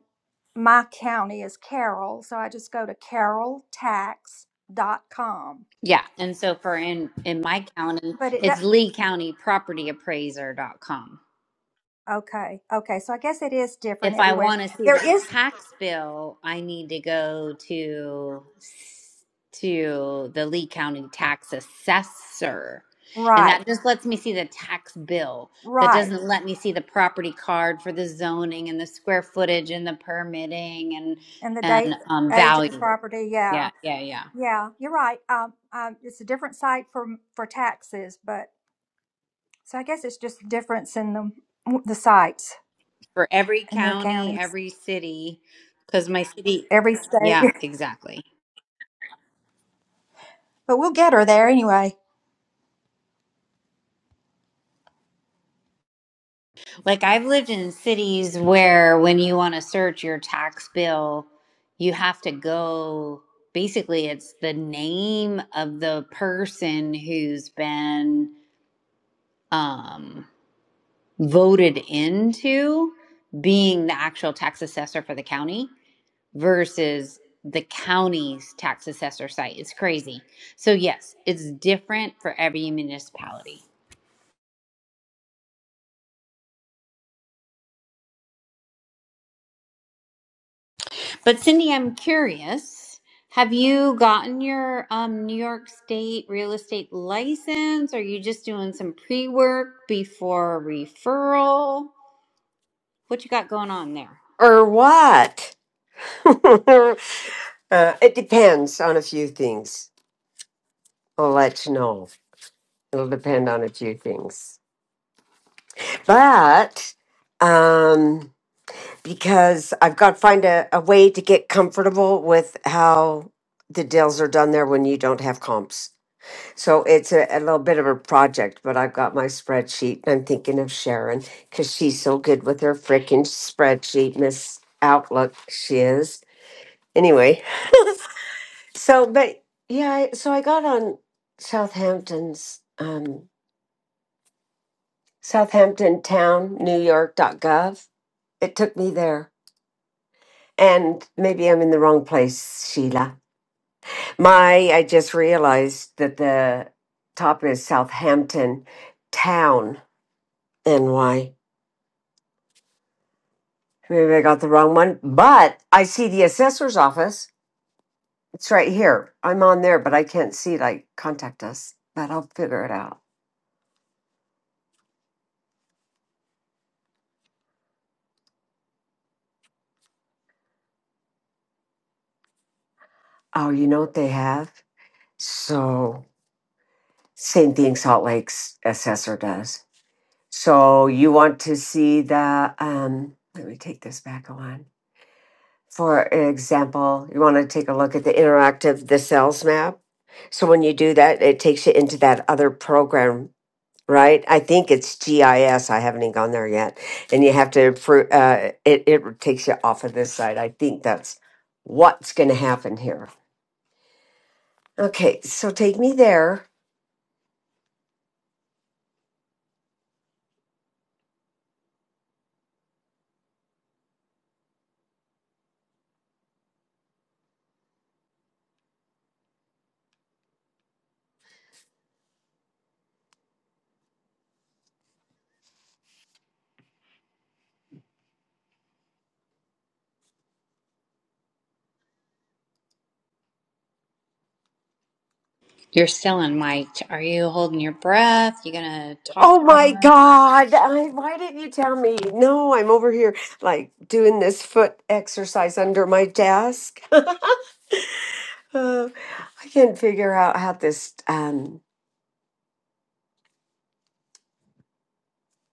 my county is Carroll, so I just go to carroll tax dot com.
yeah, and so for in in my county,
But it does.
it's Lee County Property Appraiser dot .com.
Okay. Okay. So I guess it is different
if I
everywhere.
want to see the
There is,
tax bill, I need to go to to the Lee County tax assessor. And
right,
that just lets me see the tax bill. That
right.
doesn't let me see the property card for the zoning and the square footage and the permitting and
And the date,
and um,
age of the
value.
property. Yeah.
Yeah, yeah, yeah.
Yeah. You're right. Um, um, it's a different site for, for taxes, but so I guess it's just a difference in the, the sites
For every
in your
county,
counties,
every city, because my city.
every state.
Yeah, exactly.
But we'll get her there anyway.
Like I've lived in cities where when you want to search your tax bill, you have to go basically it's the name of the person who's been um voted into being the actual tax assessor for the county versus the county's tax assessor site. It's crazy. So yes, it's different for every municipality. But Cindy, I'm curious. Have you gotten your um, New York State real estate license? Are you just doing some pre-work before referral? What you got going on there?
Or what? uh, it depends on a few things. I'll let you know. It'll depend on a few things. But um, because I've got to find a, a way to get comfortable with how the deals are done there when you don't have comps. So it's a, a little bit of a project, but I've got my spreadsheet. I'm thinking of Sharon because she's so good with her freaking spreadsheet, Miss Outlook, she is. Anyway, so, but yeah, I- so I got on Southampton's, um, Southampton Town, New York.gov. It took me there. And maybe I'm in the wrong place, Sheila. My, I just realized that the top is Southampton Town, NY. Maybe I got the wrong one, but I see the assessor's office. It's right here. I'm on there, but I can't see it. I contact us, but I'll figure it out. Oh, you know what they have? So, same thing Salt Lake's assessor does. So, you want to see the, um, let me take this back one. For example, you want to take a look at the interactive, the sales map. So, when you do that, it takes you into that other program right? I think it's GIS. I S. I haven't even gone there yet. And you have to approve, uh, it, it takes you off of this side. I think that's what's going to happen here. Okay, so take me there.
You're still on mic. Are you holding your breath? You gonna talk
Oh my
more?
God. I, why didn't you tell me? No, I'm over here like doing this foot exercise under my desk. I can't figure out how this, um,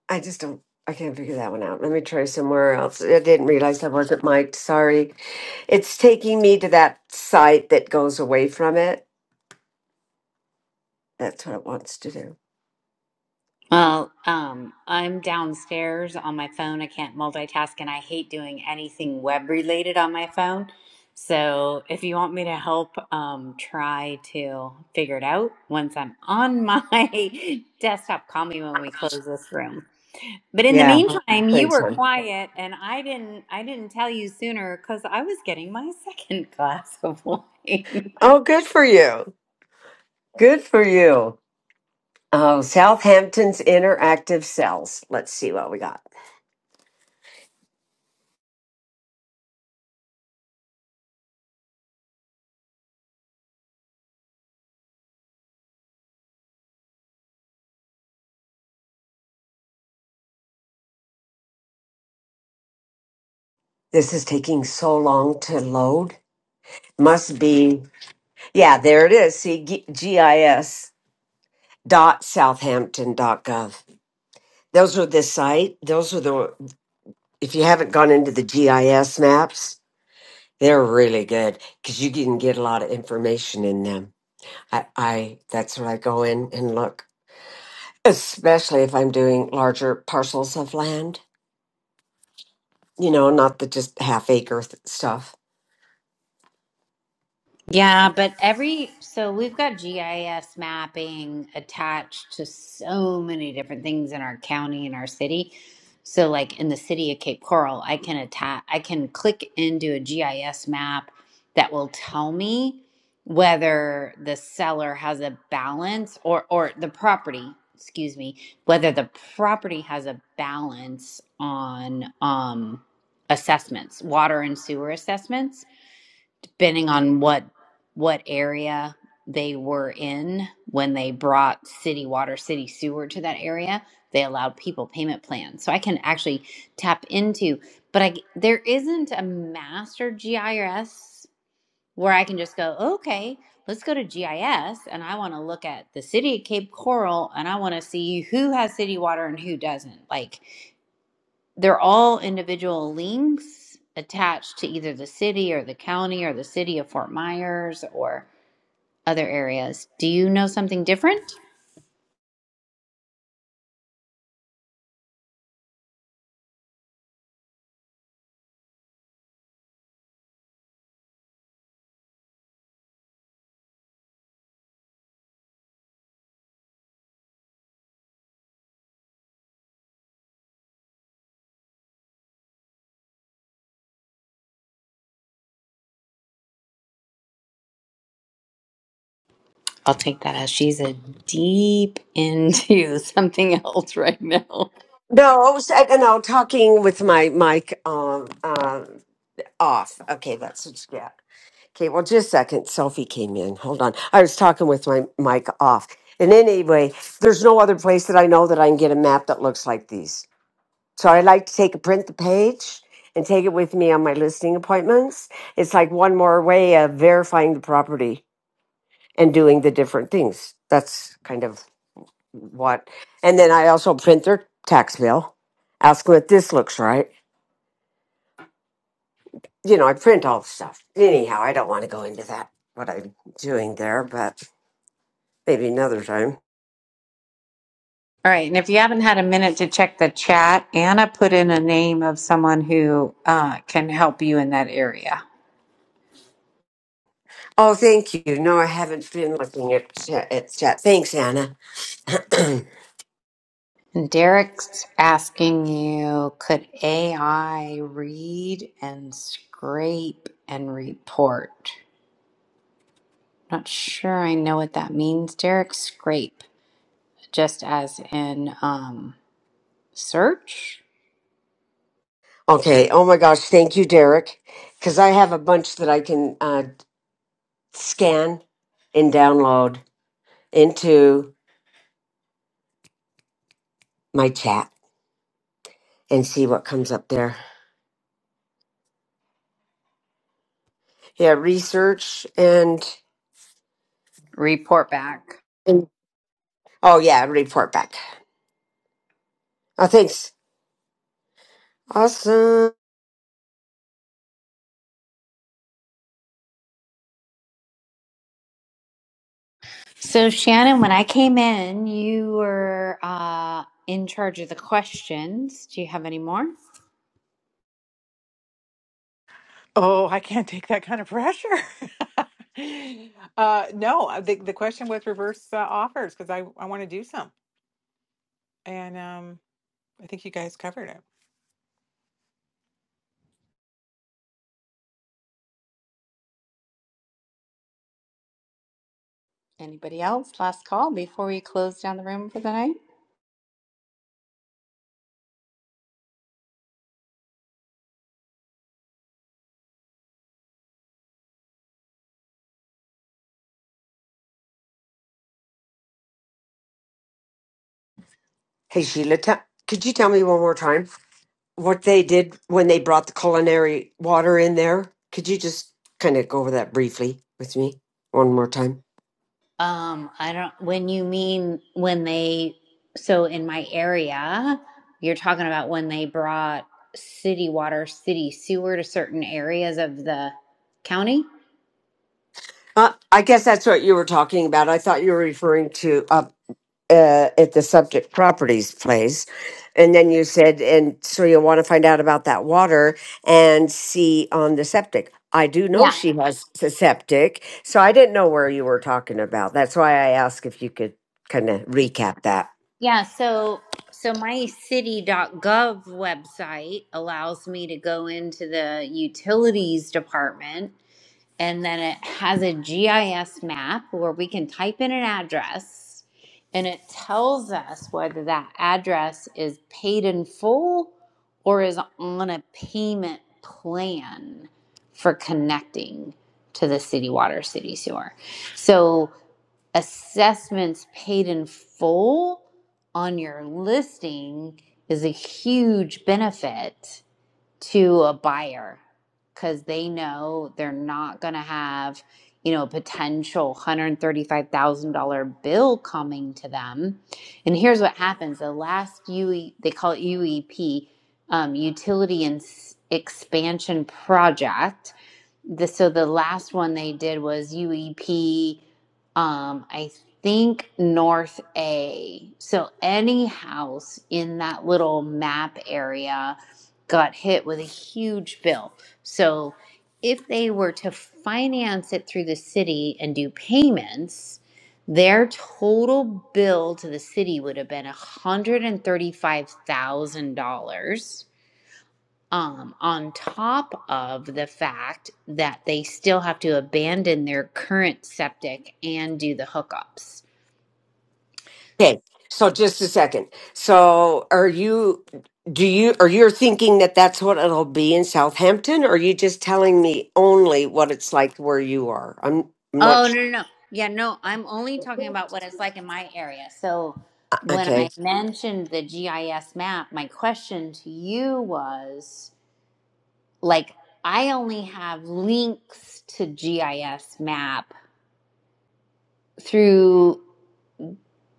I just don't, I can't figure that one out. Let me try somewhere else. I didn't realize I wasn't mic'd. Sorry. It's taking me to that site that goes away from it. That's what it wants to do.
Uh, um, I'm downstairs on my phone. I can't multitask and I hate doing anything web related on my phone. So if you want me to help, um, try to figure it out once I'm on my desktop, call me when we close this room. But in the
Yeah,
meantime, you
thanks,
were
hon.
quiet and I didn't, I didn't tell you sooner because I was getting my second glass of wine.
Oh, good for you. Good for you. Oh, Southampton's interactive cells. Let's see what we got. This is taking so long to load. Must be. Yeah, there it is. See, G- GIS dot southampton dot gov. Those are the site. Those are the. If you haven't gone into the GIS maps, They're really good because you can get a lot of information in them. I, I that's where I go in and look, especially if I'm doing larger parcels of land. You know, not the just half acre th- stuff.
Yeah, but every so we've got GIS mapping attached to so many different things in our county and our city. So like in the city of Cape Coral, I can attach I can click into a GIS map that will tell me whether the seller has a balance or or the property, excuse me, whether the property has a balance on um assessments, water and sewer assessments depending on what what area they were in when they brought city water city sewer to that area they allowed people payment plans so i can actually tap into but i there isn't a master gis where i can just go okay let's go to gis and i want to look at the city of cape coral and i want to see who has city water and who doesn't like they're all individual links attached to either the city or the county or the city of Fort Myers or other areas. Do you know something different? I'll take that as she's a deep into something else right now.
No, s- uh, no, talking with my mic um, um, off. Okay, that's what you get. Okay, well, just a second. Sophie came in. Hold on. I was talking with my mic off. And anyway, there's no other place that I know that I can get a map that looks like these. So I like to take a print the page and take it with me on my listing appointments. It's like one more way of verifying the property and doing the different things. That's kind of what. And then I also print their tax bill, ask them if this looks right. You know, I print all the stuff. Anyhow, I don't want to go into that, what I'm doing there, but maybe another time.
All right, and if you haven't had a minute to check the chat, Anna put in a name of someone who uh, can help you in that area.
Oh, thank you. No, I haven't been looking at chat. At chat. Thanks, Anna.
And Derek's asking you, could AI read and scrape and report? Not sure I know what that means, Derek. Scrape, just as in um, search,
Okay. Oh my gosh. Thank you, Derek. Because I have a bunch that I can uh, scan and download into my chat and see what comes up there. Yeah, research and,
report back.
and oh yeah, report back. Oh, thanks. Awesome.
So, Shannon, when I came in, you were uh, in charge of the questions. Do you have any more?
Oh, I can't take that kind of pressure. uh, no, the the question was reverse uh, offers because I, I want to do some. And um, I think you guys covered it.
Anybody else? Last call before we close down the room for the night?
Hey Sheila, t- could you tell me one more time what they did when they brought the culinary water in there? Could you just kind of go over that briefly with me one more time?
Um, I don't, when you mean when they, so in my area, you're talking about when they brought city water, city sewer to certain areas of the county?
Uh, I guess that's what you were talking about. I thought you were referring to. uh, uh, at the subject properties place. And then you said, and so you'll want to find out about that water and see on the septic. I do know
Yeah.
she has a septic, so I didn't know where you were talking about. That's why I asked if you could kind of recap that.
Yeah. So, so my city dot gov website allows me to go into the utilities department and then it has a GIS map where we can type in an address and it tells us whether that address is paid in full or is on a payment plan for connecting to the city water, city sewer. So assessments paid in full on your listing is a huge benefit to a buyer because they know they're not going to have, you know, a potential $135,000 bill coming to them. And here's what happens the last UE, they call it UEP, um, Utility and Expansion Project the, so the last one they did was UEP, um, I think North A. So any house in that little map area got hit with a huge bill. So if they were to finance it through the city and do payments, their total bill to the city would have been $135,000 um, on top of the fact that they still have to abandon their current septic and do the hookups.
Okay, so just a second. So are you, do you, are you thinking that that's what it'll be in Southampton? Or are you just telling me only what it's like where you are? I'm, I'm not
Oh, no,
sure.
no, no. Yeah, no, I'm only talking about what it's like in my area. So when
Okay.
I mentioned the GIS map, my question to you was like, I only have links to GIS map through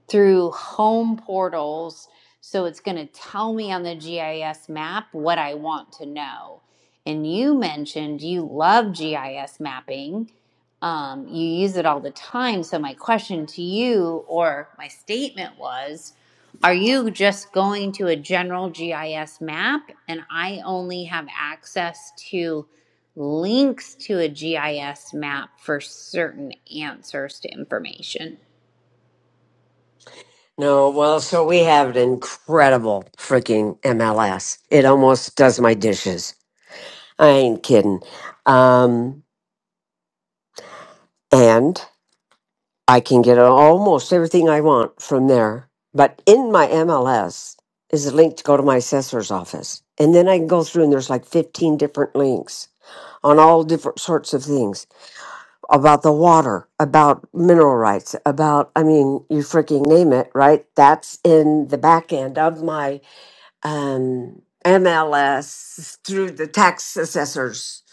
through home portals. So it's going to tell me on the GIS map what I want to know. And you mentioned you love GIS mapping, um, you use it all the time. So, my question to you, or my statement was, are you just going to a general GIS map and I only have access to links to a GIS map for certain answers to information?
No, well, so we have an incredible freaking MLS. It almost does my dishes. I ain't kidding. Um, and I can get almost everything I want from there. But in my MLS is a link to go to my assessor's office. And then I can go through and there's like 15 different links on all different sorts of things about the water, about mineral rights, about, I mean, you freaking name it, right? That's in the back end of my um, MLS through the tax assessor's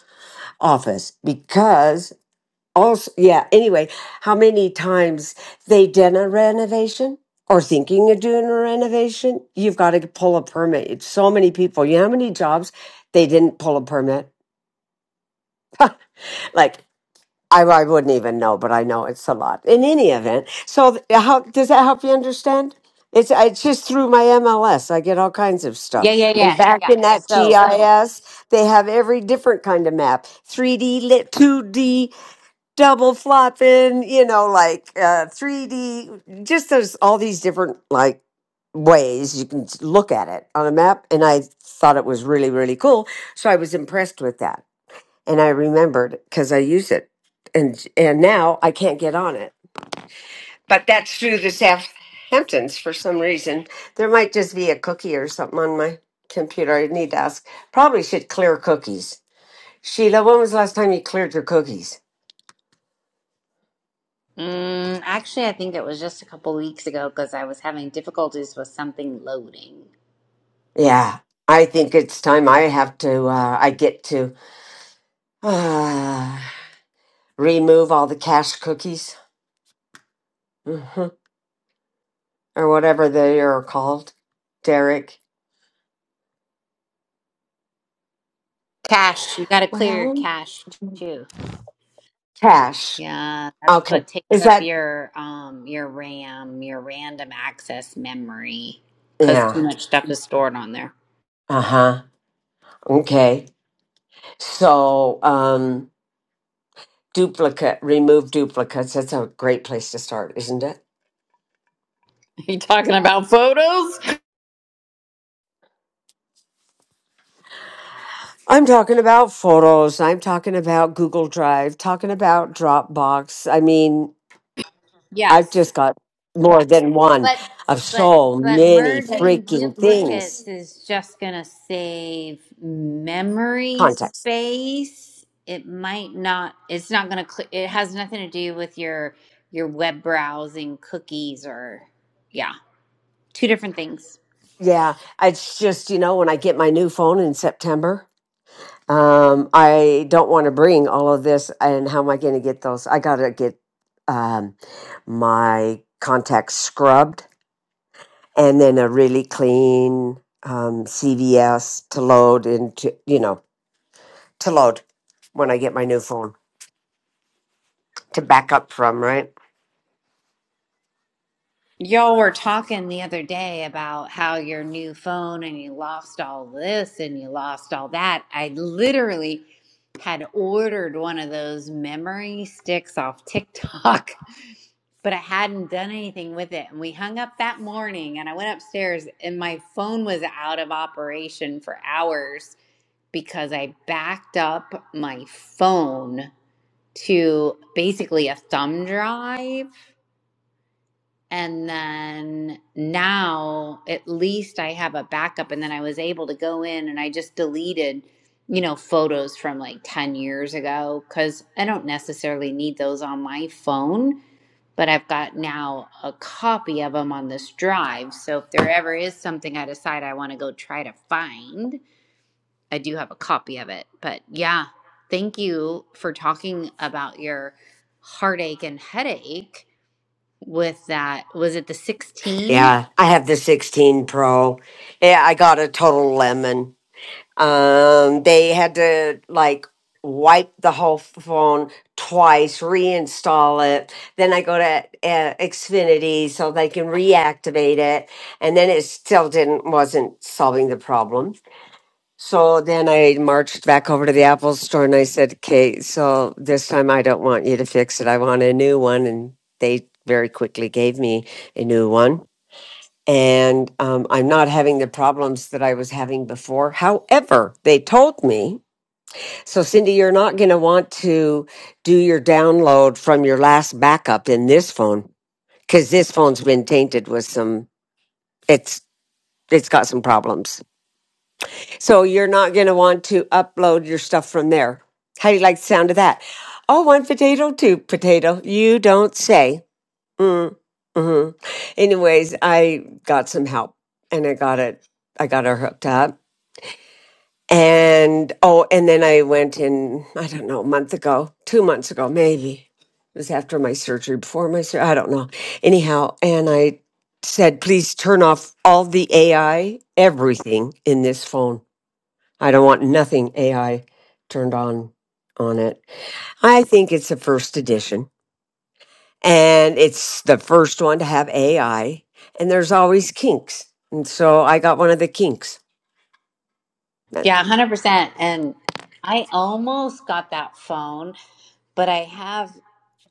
office because also, yeah, anyway, how many times they done a renovation or thinking of doing a renovation, you've got to pull a permit. It's so many people. You know how many jobs they didn't pull a permit? Like I, I wouldn't even know, but I know it's a lot. In any event, so th- how does that help you understand? It's it's just through my MLS. I get all kinds of stuff.
Yeah, yeah,
And
yeah,
back
yeah.
in that
So,
GIS, they have every different kind of map: three D, lit, two D, double flopping. You know, like uh, three D. Just there's all these different like ways you can look at it on a map. And I thought it was really really cool, so I was impressed with that and I remembered because I used it, and and now I can't get on it. But that's through the Southamptons for some reason. There might just be a cookie or something on my computer. I need to ask. Probably should clear cookies. Sheila, when was the last time you cleared your cookies?
mm, actually, I think it was just a couple weeks ago because I was having difficulties with something loading.
Yeah, I think it's time I have to. Uh, I get to uh, remove all the cache cookies hmm or whatever they are called. Derek.
Cache, you got to clear your
Well,
cache too.
cache.
Yeah, that's
Okay.
what takes
Is
up
that
your um your RAM, your random access memory, because
Yeah.
too much stuff is stored on there.
Uh-huh. Okay. So, um duplicate, remove duplicates. That's a great place to start, isn't it?
Are you talking about photos?
I'm talking about photos. I'm talking about Google Drive, talking about Dropbox. I mean, I've
Yes,
just got more than one
But
of
but
so
but
many
merging
freaking things.
duplicates is just going to save memory
Contacts.
space. It might not it's not going to cl- it has nothing to do with your your web browsing cookies or yeah, two different things.
Yeah. It's just, you know, when I get my new phone in September, Um, I don't want to bring all of this. And how am I going to get those? I got to get um, my contacts scrubbed and then a really clean um, CVS to load into, you know, to load when I get my new phone to back up from, right?
Y'all were talking the other day about how your new phone and you lost all this and you lost all that. I literally had ordered one of those memory sticks off TikTok but I hadn't done anything with it. And we hung up that morning and I went upstairs and my phone was out of operation for hours because I backed up my phone to basically a thumb drive. And then now at least I have a backup. And then I was able to go in and I just deleted, you know, photos from like 10 years ago because I don't necessarily need those on my phone but I've got now a copy of them on this drive. So if there ever is something I decide I want to go try to find, I do have a copy of it. But yeah, thank you for talking about your heartache and headache with that. Was it the 16?
Yeah. I have the 16 Pro. Yeah. I got a total lemon. Um, they had to like wipe the whole phone twice, reinstall it. Then I go to uh, Xfinity so they can reactivate it, and then it still didn't wasn't solving the problem. So then I marched back over to the Apple store and I said, "Okay, so this time I don't want you to fix it. I want a new one." And they very quickly gave me a new one and um, I'm not having the problems that I was having before. However, they told me, so Cindy, you're not going to want to do your download from your last backup in this phone because this phone's been tainted with some, it's, it's got some problems. So you're not going to want to upload your stuff from there. How do you like the sound of that? Oh, one potato, two potato. You don't say. Mm, hmm Anyways, I got some help and I got it. I got her hooked up. And oh, and then I went in, I don't know, a month ago, two months ago, maybe. It was after my surgery, before my surgery, I don't know. Anyhow, and I said, please turn off all the AI, everything in this phone. I don't want nothing AI turned on on it. I think it's a first edition and it's the first one to have AI, and there's always kinks. And so I got one of the kinks.
Yeah, 100%. And I almost got that phone, but I have.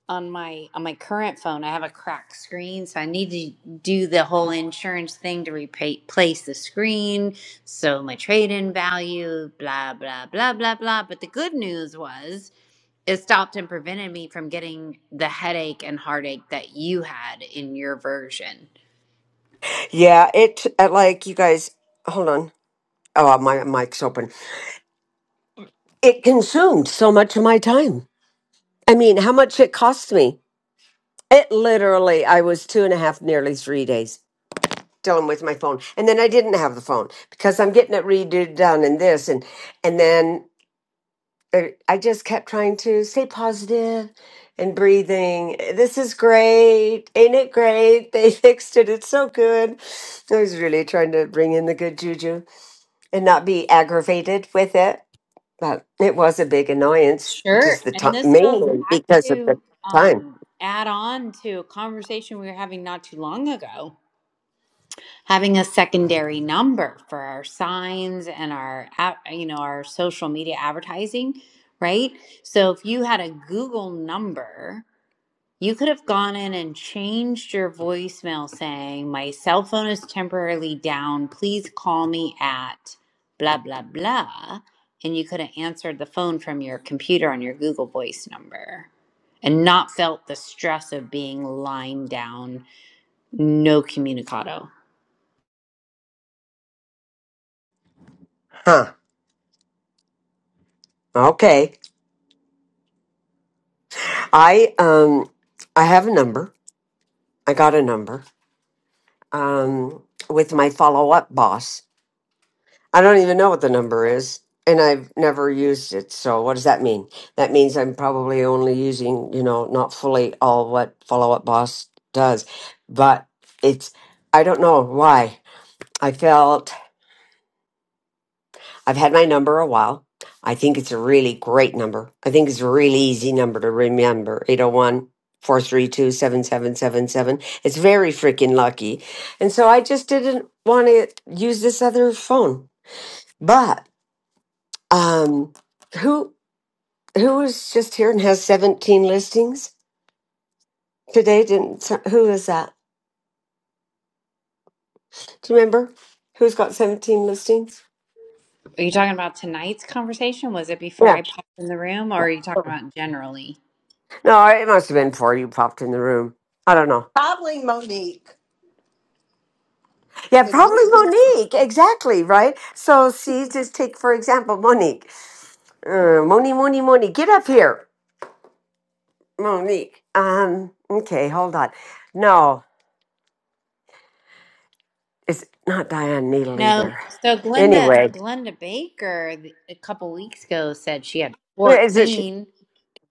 on my on my current phone i have a cracked screen so i need to do the whole insurance thing to repay- replace the screen so my trade-in value blah blah blah blah blah but the good news was it stopped and prevented me from getting the headache and heartache that you had in your version
Yeah, it uh, like you guys. Hold on. Oh, my mic's open. It consumed so much of my time. I mean, how much it cost me? It literally, I was two and a half, nearly three days dealing with my phone, and then I didn't have the phone because I'm getting it redone and this, and and then there I just kept trying to stay positive and breathing. This is great. Ain't it great? They fixed it. It's so good. I was really trying to bring in the good juju and not be aggravated with it. But it was a big annoyance,
sure
just the
and
time,
this goes
mainly
back
because of the
to
time.
um add on to a conversation we were having not too long ago having a secondary number for our signs and our you know our social media advertising right so if you had a google number you could have gone in and changed your voicemail saying my cell phone is temporarily down please call me at blah blah blah and you could have answered the phone from your computer on your google voice number and not felt the stress of being lying down no communicado
Huh. Okay. I um I have a number. I got a number um with my follow-up boss I don't even know what the number is, and I've never used it. So what does that mean? That means I'm probably only using, you know, not fully all what Follow Up Boss does. But it's I don't know why. I felt I've had my number a while. I think it's a really great number. I think it's a really easy number to remember. 801 432 7777. It's very freaking lucky. And so I just didn't want to use this other phone. But Um, who who was just here and has seventeen listings today? Didn't so- who is that? Do you remember who's got seventeen listings?
Are you talking about tonight's conversation? Was it before
Yeah,
I popped in the room, or are you talking about generally?
no, it must have been before you popped in the room. I don't know.
Probably Monique.
Yeah,
'Cause
probably
you-
Monique. Exactly right. So see, just take for example Monique. Uh, Moni, Moni, Moni, get up here, Monique. Um, okay, hold on. No, it's not Diane Needle
No.
either.
So Glenda,
Anyway,
Glenda Baker, th- a couple weeks ago, said she had
yeah, it's
fourteen.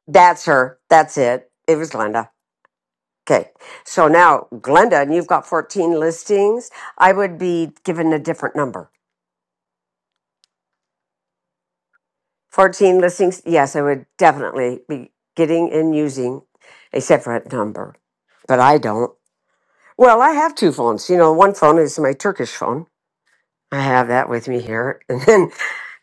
That's her. That's it. It was Glenda. Okay. So now, Glenda, and you've got 14 listings. I would be given a different number. 14 listings. Yes, I would definitely be getting and using a separate number, but I don't. Well, I have two phones. You know, one phone is my Turkish phone. I have that with me here, and then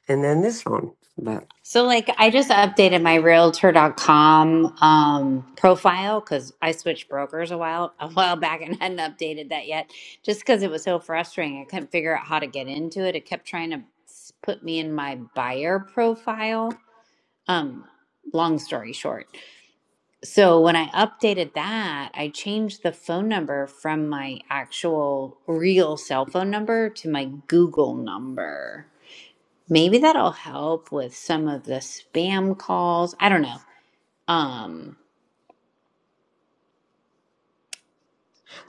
and then this phone. But
So like, I just updated my Realtor Realtor.com um, profile because I switched brokers a while a while back and hadn't updated that yet, just because it was so frustrating. I couldn't figure out how to get into it. It kept trying to s- put me in my buyer profile. Um, long story short. So when I updated that, I changed the phone number from my actual real cell phone number to my Google number. Maybe that'll help with some of the spam calls. I don't know. Um,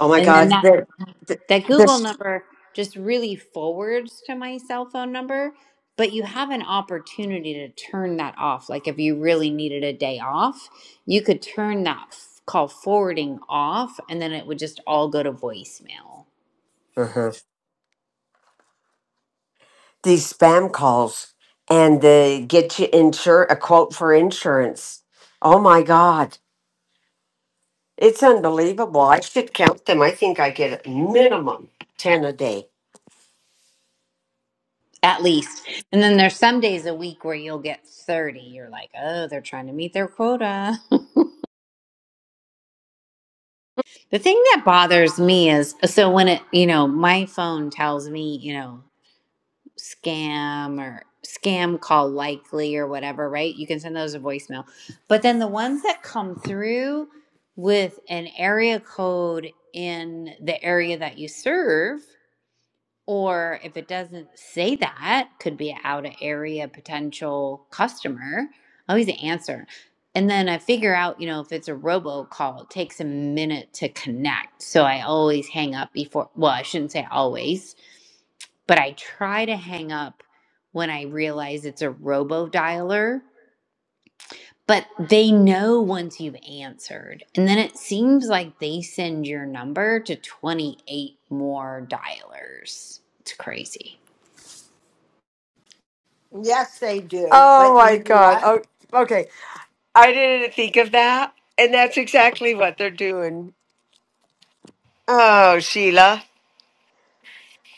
oh my
and
God,
then that
the, the,
that Google
this.
number just really forwards to my cell phone number, but you have an opportunity to turn that off. Like if you really needed a day off, you could turn that f- call forwarding off and then it would just all go to voicemail.
uh-huh. these spam calls and they get you insure a quote for insurance. Oh my God. It's unbelievable. I should count them. I think I get a minimum 10 a day.
at least. And then there's some days a week where you'll get 30. You're like, oh, they're trying to meet their quota. the thing that bothers me is so when it, you know, my phone tells me, you know, scam or scam call likely or whatever, right? You can send those a voicemail. But then the ones that come through with an area code in the area that you serve Or if it doesn't say that, could be an out of area potential customer. always answer. And then I figure out, you know, if it's a robocall, it takes a minute to connect. So I always hang up before, well, I shouldn't say always, but I try to hang up when I realize it's a robo dialer. But they know once you've answered. And then it seems like they send your number to 28 more dialers. It's crazy.
Yes, they do.
Oh
But you
my
know
God.
what?
Oh, okay. I didn't think of that. And that's exactly what they're doing. Oh, Sheila.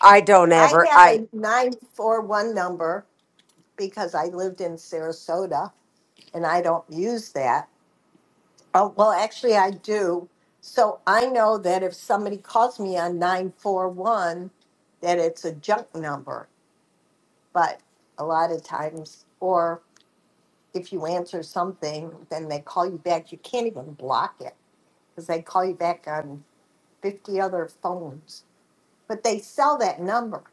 I don't
I
ever.
have
I
a 941 number because I lived in Sarasota and I don't use that. Oh, well, actually, I do. So I know that if somebody calls me on 941, that it's a junk number. But a lot of times, or if you answer something, then they call you back. You can't even block it because they call you back on 50 other phones. but they sell that number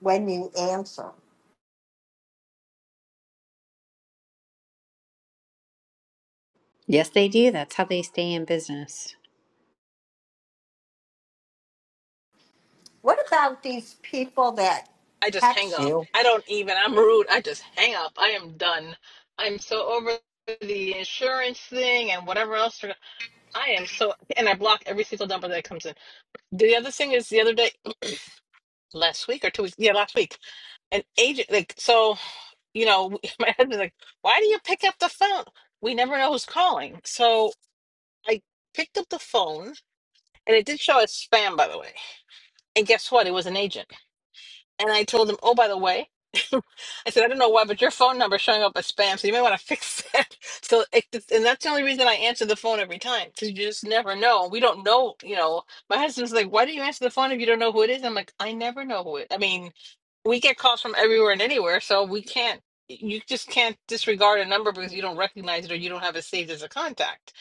when you answer.
Yes, they do. That's how they stay in business.
What about these people that
I just hang
text
up.
you?
I don't even. I'm rude. I just hang up. I am done. I'm so over the insurance thing and whatever else. they're- I am so, and I block every single number that comes in. The other thing is the other day, last week or two weeks, yeah, last week, an agent like so you know my husband's like why do you pick up the phone we never know who's calling so i picked up the phone and it did show as spam by the way and guess what it was an agent And I told him, oh, by the way, I said, I don't know why, but your phone number is showing up as spam, so you may want to fix that. So, it, and that's the only reason I answer the phone every time, because you just never know. We don't know, you know. My husband's like, why do you answer the phone if you don't know who it is? I'm like, I never know who it. I mean, we get calls from everywhere and anywhere, so we can't. You just can't disregard a number because you don't recognize it or you don't have it saved as a contact.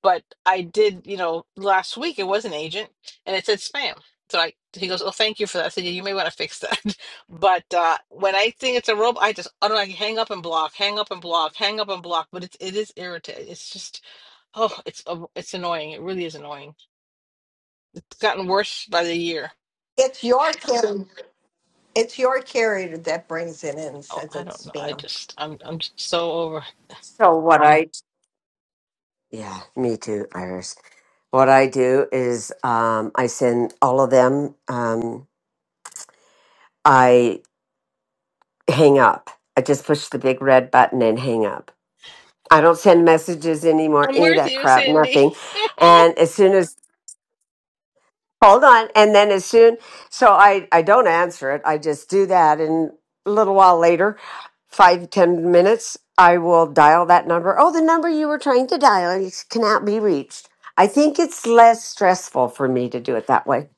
But I did, you know, last week it was an agent and it said spam. So I, he goes, "Oh, thank you for that." I said, "Yeah, "You may want to fix that." But uh, when I think it's a robot, I just I don't know, I hang up and block, hang up and block, hang up and block. But it's it is irritating. It's just oh, it's a- it's annoying. It really is annoying. It's gotten worse by the year.
It's your carrier. It's your carrier that brings it in and
Oh,
says
I don't
it's
know. I
spam.
just I'm I'm just so over.
so what I Yeah, me too, Iris. What I do is um I send all of them. Um I. hang up. I just push the big red button and hang up. I don't send messages anymore,
I'm
any of
with
that
you,
crap,
Cindy.
nothing. And as soon as hold on, and then as soon so I I don't answer it. I just do that, and a little while later, five ten minutes, I will dial that number. Oh, the number you were trying to dial is- cannot be reached. I think it's less stressful for me to do it that way.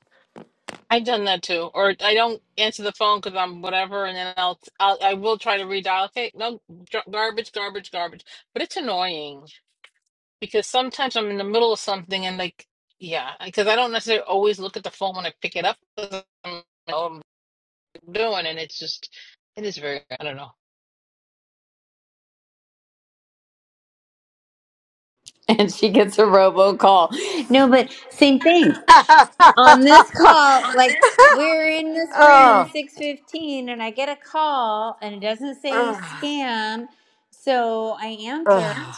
I've done that too, or I don't answer the phone because I'm whatever, and then I'll, I'll I will try to redial. Okay, no dr- garbage, garbage, garbage, but it's annoying. because sometimes I'm in the middle of something and like, yeah, because I don't necessarily always look at the phone when I pick it up. 'cause I'm, I'm doing, and it's just, it is very, I don't know.
and she gets a robocall. No, but same thing. On this call, like we're in this room
oh,
615 and I get a call and it doesn't say
ugh,
scam. So I answer
ugh,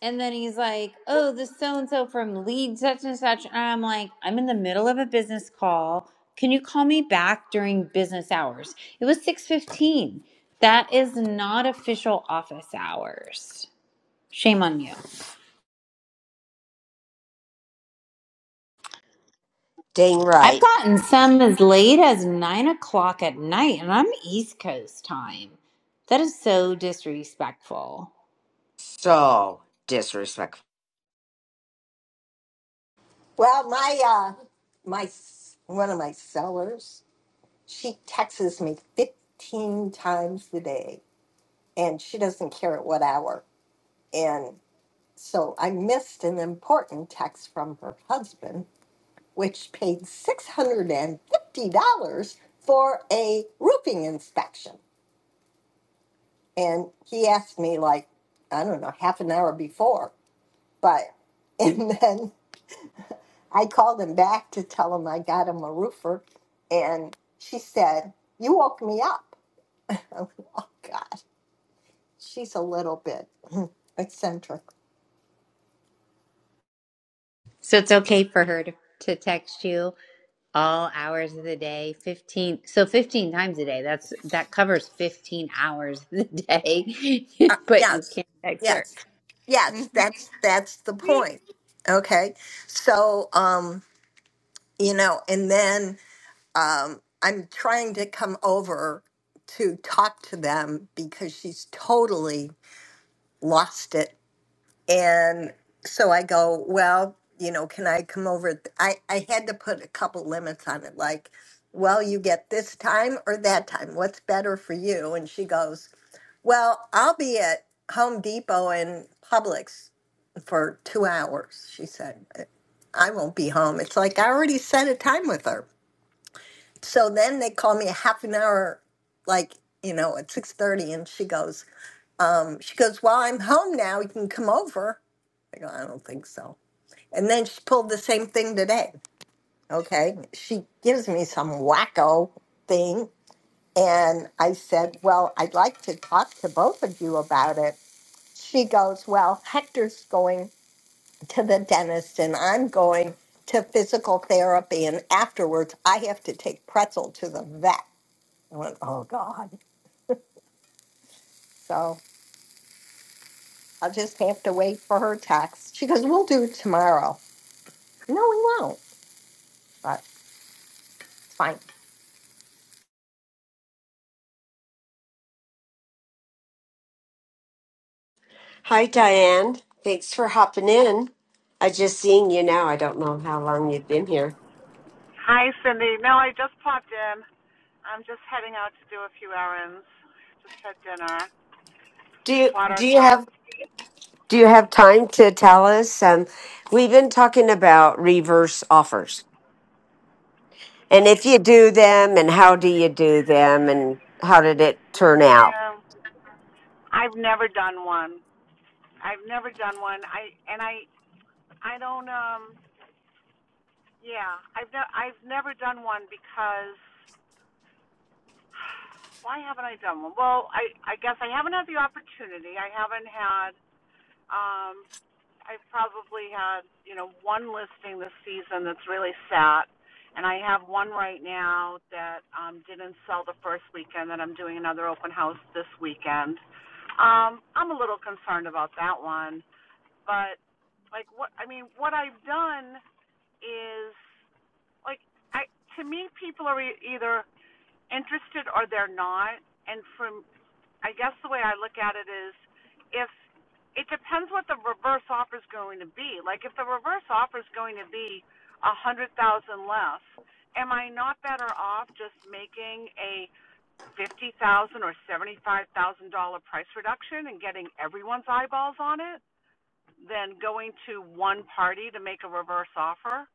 and then he's like, "Oh, this so and so from lead such and such." And I'm like, "I'm in the middle of a business call. Can you call me back during business hours?" It was 615. That is not official office hours. Shame on you.
dang
I've
right.
gotten some as late as nine o'clock at night, and I'm East Coast time. That is so disrespectful.
So disrespectful.
Well, my uh, my s- one of my sellers, she texts me fifteen times a day, and she doesn't care at what hour. And so I missed an important text from her husband which paid $650 for a roofing inspection. And he asked me, like, I don't know, half an hour before. But, and then I called him back to tell him I got him a roofer. And she said, You woke me up. I'm like, Oh, God. She's a little bit eccentric.
So it's okay for her to, to text you all hours of the day, 15. So 15 times a day. That's that covers 15 hours of the day.
Uh,
but you
yes,
can't text her.
yes, yes. That's that's the point. Okay, so um, you know, and then um, I'm trying to come over to talk to them because she's totally lost it. And so I go, well, you know, can I come over? I, I had to put a couple limits on it, like, well, you get this time or that time. What's better for you? And she goes, well, I'll be at Home Depot and Publix for two hours, she said. I won't be home. It's like I already set a time with her so then they call me a half an hour like you know at 6.30 and she goes um, she goes well i'm home now you can come over i go i don't think so and then she pulled the same thing today okay she gives me some wacko thing and i said well i'd like to talk to both of you about it she goes well hector's going to the dentist and i'm going to physical therapy and afterwards i have to take pretzel to the vet I went, oh God. So I'll just have to wait for her text. She goes, we'll do it tomorrow. No, we won't, but it's fine.
Hi, Diane. Thanks for hopping in. I just seen you now. I don't know how long you've been here.
Hi, Cindy. No, I just popped in. I'm just heading out to do a few errands. Just had dinner.
Do you
Bought
do you
ourselves.
have do you have time to tell us? Um, we've been talking about reverse offers, and if you do them, and how do you do them, and how did it turn out?
Yeah. I've never done one. I've never done one. I and I I don't um yeah, I've never I've never done one because why haven't I done one? Well, I I guess I haven't had the opportunity. I haven't had um I've probably had, you know, one listing this season that's really sat. And I have one right now that um, didn't sell the first weekend that I'm doing another open house this weekend. Um, I'm a little concerned about that one. But, like, what I mean, what I've done is, like, I to me, people are e- either interested or they're not. And for I guess the way I look at it is if it depends what the reverse offer is going to be. Like if the reverse offer is going to be a hundred thousand less, am I not better off just making a fifty thousand or seventy five thousand dollar price reduction and getting everyone's eyeballs on it than going to one party to make a reverse offer?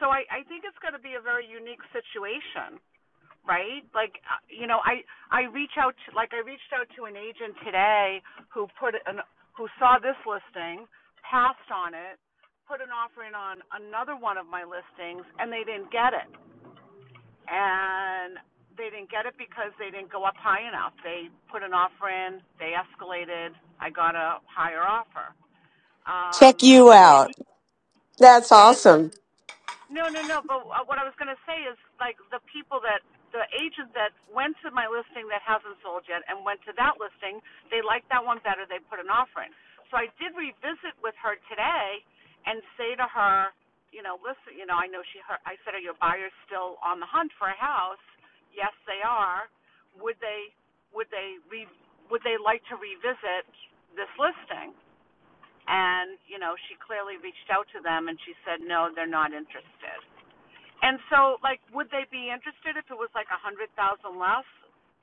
So I, I think it's going to be a very unique situation right like uh, you know i i reach out to, like i reached out to an agent today who put an who saw this listing passed on it put an offer in on another one of my listings and they didn't get it and they didn't get it because they didn't go up high enough they put an offer in they escalated i got a higher offer
Check
um
you
So
out. That's
and
awesome.
No, no, no. But uh, what I was going to say is, like, the people that the agent that went to my listing that hasn't sold yet and went to that listing, they liked that one better. They put an offer in. So I did revisit with her today and say to her, you know, listen, you know, I know she. Her, I said, are your buyers still on the hunt for a house? Yes, they are. Would they? Would they? Re, would they like to revisit this listing? And you know, she clearly reached out to them, and she said, no, they're not interested. And so, like, would they be interested if it was like a hundred thousand less?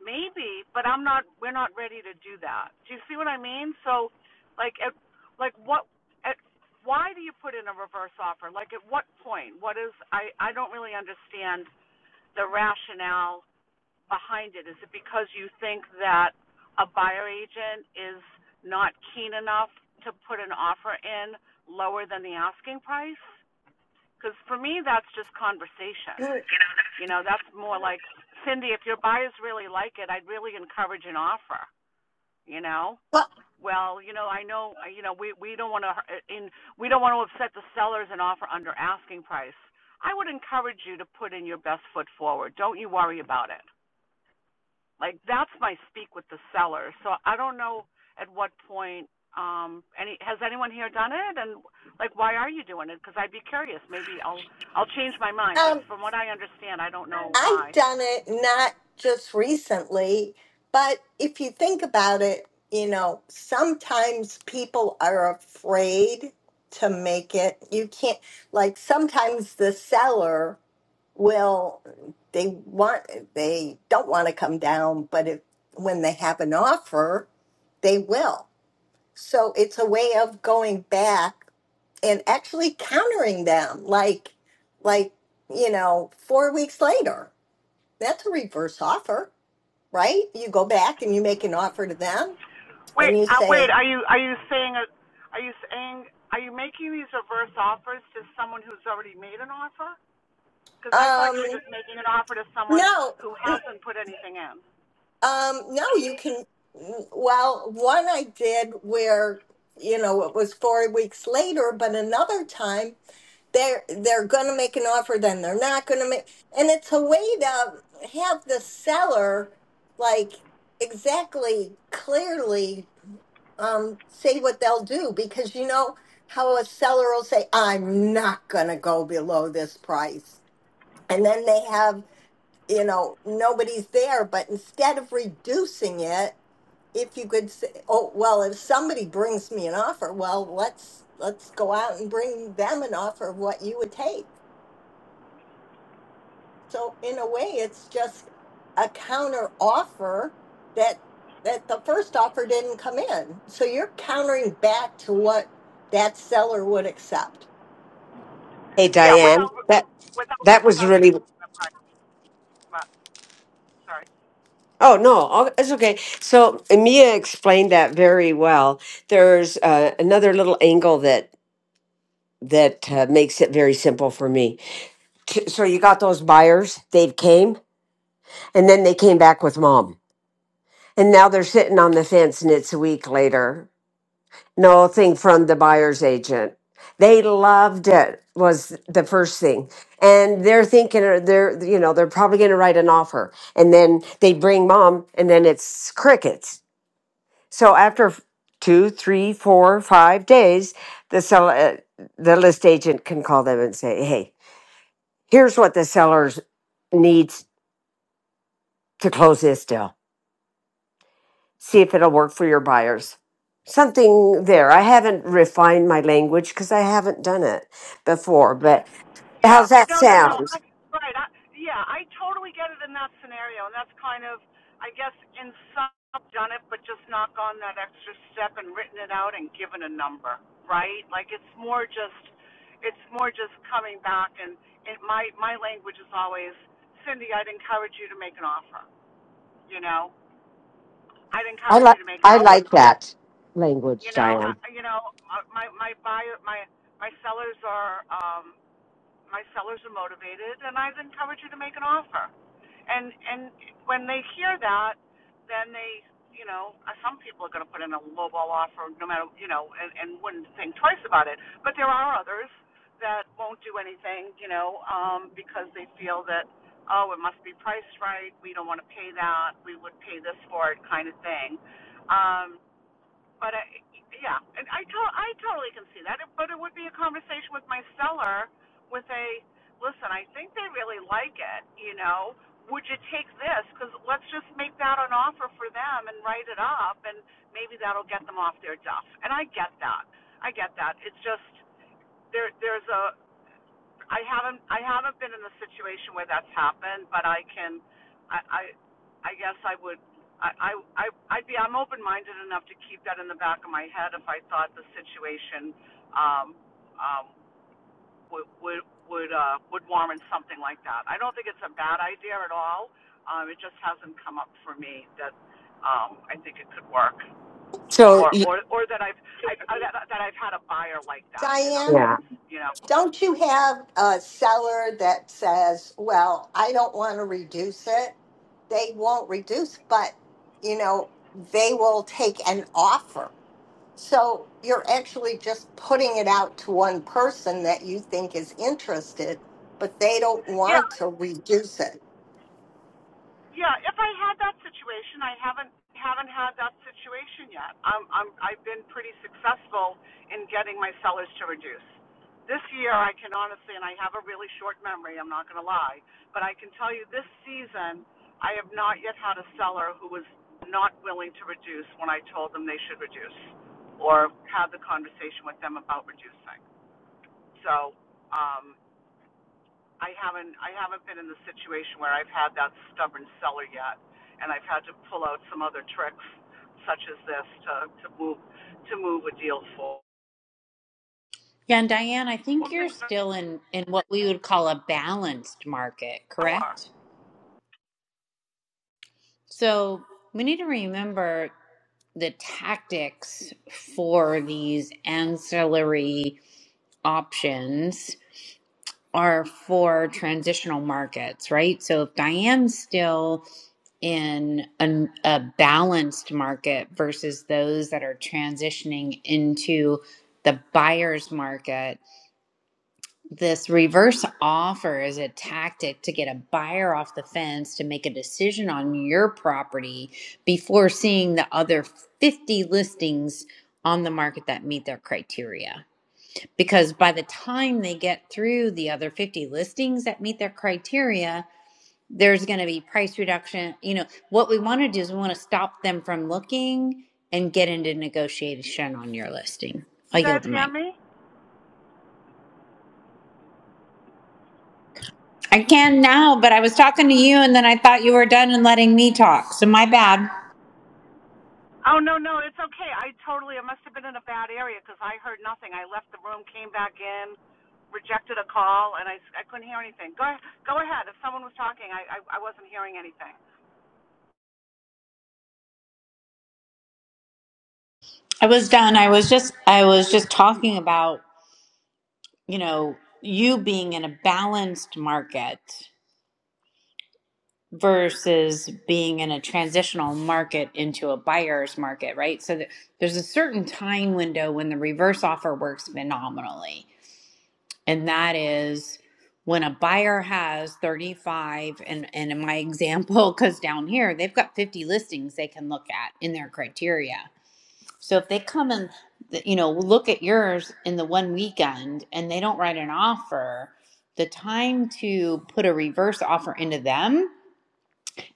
Maybe, but I'm not. We're not ready to do that. Do you see what I mean? So, like, at, like what? At, why do you put in a reverse offer? Like, at what point? What is? I I don't really understand the rationale behind it. Is it because you think that a buyer agent is not keen enough to put an offer in lower than the asking price? Because for me, that's just conversation.
Well,
You know, that's more like Cindy. If your buyers really like it, I'd really encourage an offer. You know, well, you know, I know, you know, we we don't want to in we don't want to upset the sellers and offer under asking price. I would encourage you to put in your best foot forward. Don't you worry about it. Like that's my speak with the seller. So I don't know at what point um any has anyone here done it and like why are you doing it because i'd be curious maybe i'll i'll change my mind but
um,
from what i understand i don't know
I've
why
done it not just recently, but if you think about it, you know, sometimes people are afraid to make it. You can't, like, sometimes the seller Well, they want they don't want to come down, but if when they have an offer, they will. So it's a way of going back and actually countering them like like, you know, 4 weeks later. That's a reverse offer, right? You go back and you make an offer to them
Wait,
and you
uh, wait.
say,
Are you are you saying a, are you saying are you making these reverse offers to someone who's already made an offer? Because I thought you were
"Um,
just making an offer to someone
no.
who hasn't put anything in.
Um, no, you can. Well, one I did where you know it was four weeks later, but another time they're they're going to make an offer, then they're not going to make, and it's a way to have the seller like exactly clearly um, say what they'll do because you know how a seller will say, "I'm not going to go below this price," and then they have you know nobody's there, but instead of reducing it if you could say, oh well, if somebody brings me an offer, well, let's let's go out and bring them an offer of what you would take. So in a way, it's just a counter offer that that the first offer didn't come in. So you're countering back to what that seller would accept.
Hey,
Yeah,
Diane.
without
That
re- without
that was
without
really
reducing the price. But, sorry.
Oh, no, oh, it's okay. So Mia explained that very well. There's uh, another little angle that that uh, makes it very simple for me. T- So you got those buyers, they came, and then they came back with mom. And now they're sitting on the fence and it's a week later. nothing from the buyer's agent. They loved it was the first thing. And they're thinking uh, they're you know, they're probably going to write an offer. And then they bring mom and then it's crickets So after two, three, four, five days, the sell uh, the list agent can call them and say, "Hey, here's what the sellers needs to close this deal. See if it'll work for your buyers." Something there. I haven't refined my language because I haven't done it before. But
Yeah.
how's that
No, no, no.
sound?
I, right. I, yeah, I totally get it in that scenario, and that's kind of, I guess, in some I've done it, but just not gone that extra step and written it out and given a number, right? Like it's more just, it's more just coming back, and it, my my language is always, Cindy, I'd encourage you to make an offer. You know, I'd
I
encourage
like
you to make an
I
offer.
like that
You
language,
know,
Diane.
I, you know, my my my buyer, my my sellers are. um, my sellers are motivated and I've encouraged you to make an offer. And and when they hear that, then they, you know, uh, some people are going to put in a lowball offer no matter, you know, and, and wouldn't think twice about it. But there are others that won't do anything, you know, um because they feel that oh, it must be priced right. We don't want to pay that. We would pay this for it kind of thing. Um but I, yeah, and I to- I totally can see that. But it would be a conversation with my seller with a listen. I think they really like it. You know, would you take this? Because let's just make that an offer for them and write it up, and maybe that'll get them off their duff. And I get that. I get that. It's just there. There's a I haven't I haven't been in a situation where that's happened, but I can I I, I guess I would I, I I would be I'm open minded enough to keep that in the back of my head if I thought the situation um um would would would uh would warrant something like that. I don't think it's a bad idea at all. Um it just hasn't come up for me that um I think it could work.
So,
Or
y-
or or that I've I that, that I've had a buyer like that, in other
Diane.
Yeah.
words. You know.
Don't you have a seller that says, well, I don't want to reduce it? They won't reduce, but you know, they will take an offer. So you're actually just putting it out to one person that you think is interested, but they don't
Yeah,
want to reduce it.
Yeah, if I had that situation, I haven't haven't had that situation yet. I'm, I'm I've been pretty successful in getting my sellers to reduce. This year, I can honestly, and I have a really short memory. I'm not going to lie, but I can tell you this season, I have not yet had a seller who was not willing to reduce when I told them they should reduce, or had the conversation with them about reducing. So. Um, I haven't I haven't been in the situation where I've had that stubborn seller yet, and I've had to pull out some other tricks such as this to to move to move a deal forward.
Yeah, and Diane, I think you're
Something's
still in in what we would call a balanced market,
door.
correct? So we need to remember the tactics for these ancillary options are for transitional markets, right? So if Diane's still in an, a balanced market versus those that are transitioning into the buyer's market, this reverse offer is a tactic to get a buyer off the fence to make a decision on your property before seeing the other 50 listings on the market that meet their criteria. Because by the time they get through the other 50 listings that meet their criteria, there's going to be price reduction. You know, what we want to do is we want to stop them from looking and get into negotiation on your listing. I
You guys
yield the
hear
mic.
me?
I can now, but I was talking to you and then I thought you were done and letting me talk. So my bad.
Oh no no, it's okay. I totally I must have been in a bad area because I heard nothing. I left the room, came back in, rejected a call, and I, I s- I couldn't hear anything. Go ahe- go ahead. If someone was talking, I I, I wasn't hearing anything.
I was done. I was just I was just talking about, you know, you being in a balanced market versus being in a transitional market into a buyer's market, right? So th- there's a certain time window when the reverse offer works phenomenally and that is when a buyer has 35 and and in my example because down here they've got 50 listings they can look at in their criteria so if they come and you know look at yours in the one weekend and they don't write an offer the time to put a reverse offer into them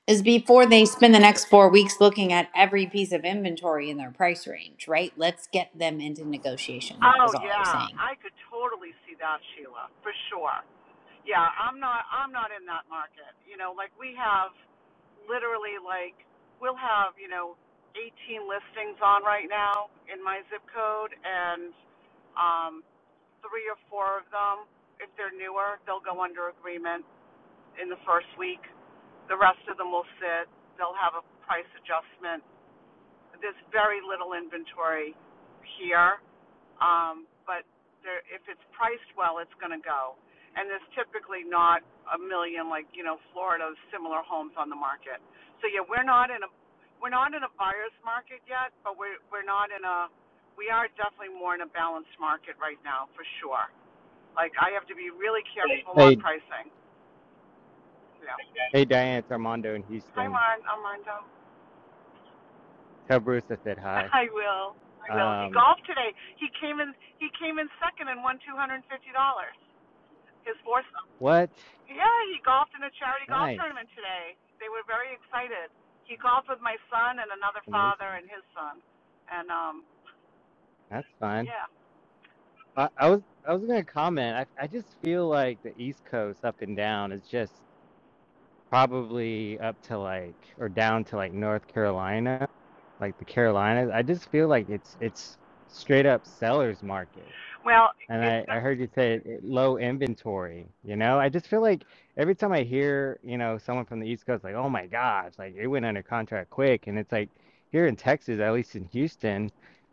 is before they spend the next four weeks looking at every piece of inventory in their price range right let's get them into negotiation that
Oh
was all i was
yeah,
saying
I could totally see that, Sheila, for sure. yeah, I'm not I'm not in that market. You know, like we have literally like we'll have, you know, 18 listings on right now in my zip code and um three or four of them if they're newer, they'll go under agreement in the first week. The rest of them will sit. They'll have a price adjustment. There's very little inventory here um, but there, if it's priced well, it's going to go. And there's typically not a million like you know Florida's similar homes on the market. So yeah, we're not in a we're not in a buyer's market yet, but we're we're not in a we are definitely more in a balanced market right now for sure. Like I have to be really careful on
Hey,
pricing. Yeah.
hey, Diane, it's Armando in
Hi,
Houston.
Marn. Armando.
Tell Bruce I said hi.
I will. I will. He
Um,
golfed today. He came in. He came in second and won two hundred and fifty dollars. His fourth
what?
Yeah, he golfed in a charity golf
Nice,
tournament today. They were very excited. He golfed with my son and another father
amazing.
and his son. And um
That's fun.
yeah.
I, I was I was gonna comment. I I just feel like the East Coast up and down is just probably up to like or down to like North Carolina, like the Carolinas. I just feel like it's it's straight up seller's market.
Well,
And
it's
I, I
n-
heard you say it- it- low inventory, you know? I just feel like every time I hear, you know, someone from the East Coast, like, oh my gosh, like it went under contract quick. And it's like here in Texas, at least in Houston,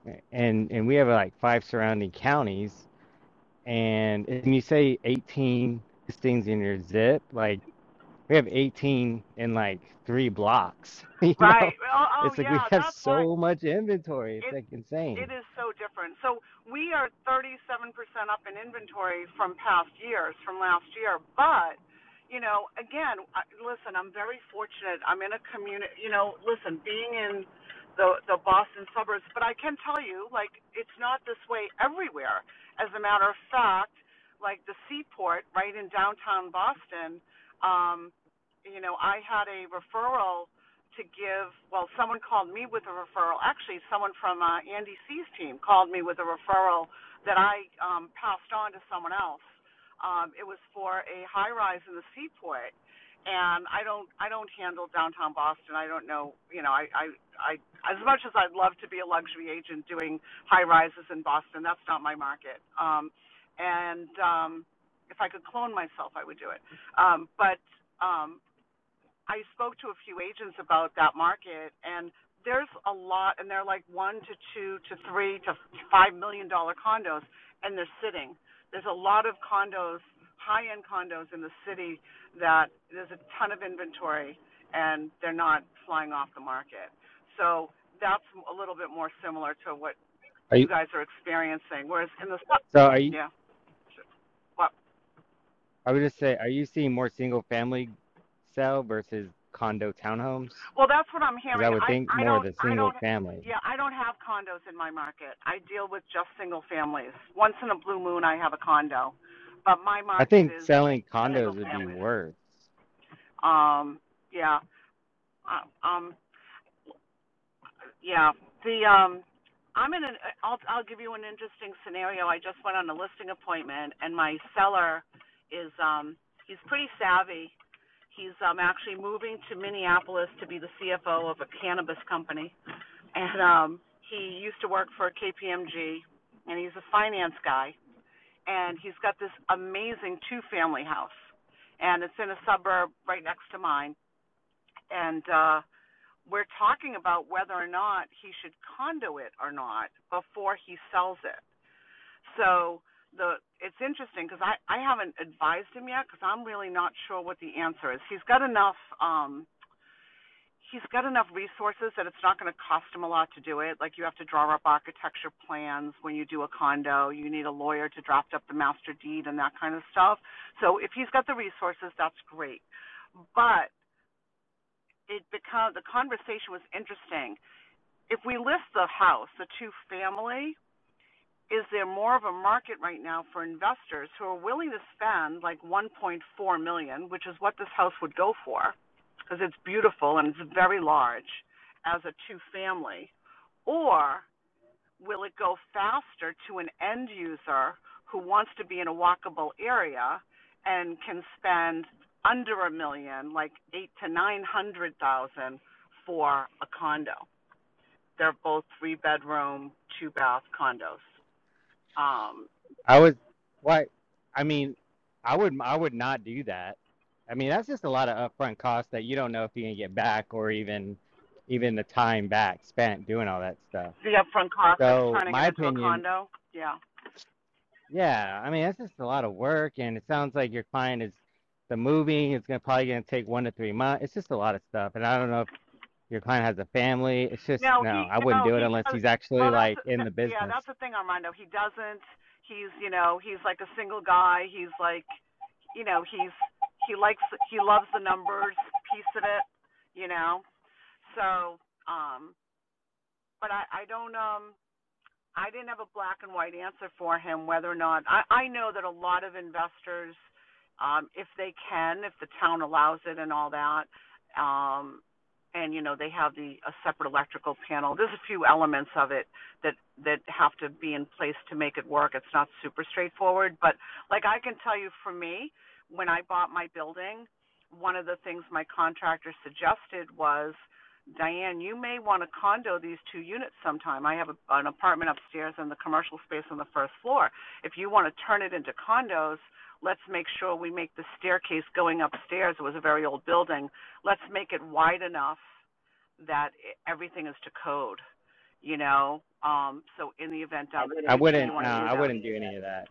a- and and we have like five surrounding counties. And and you say 18 listings in your zip, like we have 18 in like three blocks, you
right.
know?
Oh, oh
It's like we
yeah,
have
that's why.
so much inventory.
It
It's like
it
insane.
is so different. So we are 37% up in inventory from past years, from last year. But, you know, again, I, listen, I'm very fortunate. I'm in a community, you know, listen, being in the the Boston suburbs, but I can tell you like it's not this way everywhere. As a matter of fact, like the Seaport right in downtown Boston, um you know, I had a referral to give. Well, someone called me with a referral. Actually, someone from uh, Andy C's team called me with a referral that I um, passed on to someone else. Um, it was for a high rise in the Seaport, and I don't I don't handle downtown Boston. I don't know. You know, I I, I as much as I'd love to be a luxury agent doing high rises in Boston, that's not my market. Um, and um, if I could clone myself, I would do it. Um, but um, I spoke to a few agents about that market, and there's a lot, and they're like one to two to three to five million dollar condos, and they're sitting. There's a lot of condos, high end condos in the city that there's a ton of inventory, and they're not flying off the market. So that's a little bit more similar to what
Are
you
you,
guys are experiencing. Whereas in the
So are you?
yeah, what
I would just say, are you seeing more single family sell versus condo townhomes?
Well, that's what I'm
Because I
hearing.
would
I
think
I
more of
don't
the
I
single
don't
family.
yeah I don't have condos in my market. I deal with just single families. Once in a blue moon, I have a condo, but my
I
market
think
is
selling
single
condos would be
families.
worse.
Um, yeah, uh, um, yeah. The um, I'm in an. I'll I'll give you an interesting scenario. I just went on a listing appointment, and my seller is um he's pretty savvy. He's um actually moving to Minneapolis to be the CFO of a cannabis company and um he used to work for KPMG and he's a finance guy and he's got this amazing two family house and it's in a suburb right next to mine and uh we're talking about whether or not he should condo it or not before he sells it so the it's interesting because I I haven't advised him yet because I'm really not sure what the answer is. He's got enough um he's got enough resources that it's not going to cost him a lot to do it. Like you have to draw up architecture plans when you do a condo. You need a lawyer to draft up the master deed and that kind of stuff. So if he's got the resources, that's great. But it become the conversation was interesting. If we list the house, the two family, is there more of a market right now for investors who are willing to spend like 1.4 million, dollars, which is what this house would go for, because it's beautiful and it's very large as a two family, or will it go faster to an end user who wants to be in a walkable area and can spend under a million, like eight to nine hundred thousand for a condo? They're both three bedroom, two bath condos. Um,
I would, why? I mean, I would, I would not do that. I mean, that's just a lot of upfront costs that you don't know if you can get back or even, even the time back spent doing all that stuff.
the upfront cost of
So
turning it
my
into a
opinion
condo. Yeah.
Yeah, I mean, that's just a lot of work, and it sounds like your client is the moving, it's gonna probably gonna take 1 to 3 months. It's just a lot of stuff, and I don't know if your client has a family. It's just
No,
no,
he
I wouldn't
no
do it
he
unless
does.
he's actually,
Well, that's
like, in
that,
the
yeah,
business.
that's the thing, Armando. He doesn't. He's you know he's like a single guy. He's like you know he's he likes he loves the numbers piece of it. You know. So um, but I I don't um I didn't have a black and white answer for him whether or not I, I know that a lot of investors, um, if they can, if the town allows it and all that, um, and you know they have the a separate electrical panel. There's a few elements of it that that have to be in place to make it work. It's not super straightforward, but like I can tell you for me, when I bought my building, one of the things my contractor suggested was Diane, you may want to condo these two units sometime. I have a, an apartment upstairs and the commercial space on the first floor. If you want to turn it into condos, let's make sure we make the staircase going upstairs. It was a very old building. Let's make it wide enough that e, everything is to code, you know? Um, so in the event down the
I
future no, you
wouldn't no,
want to do
I
that.
wouldn't
any
do
that.
any of that.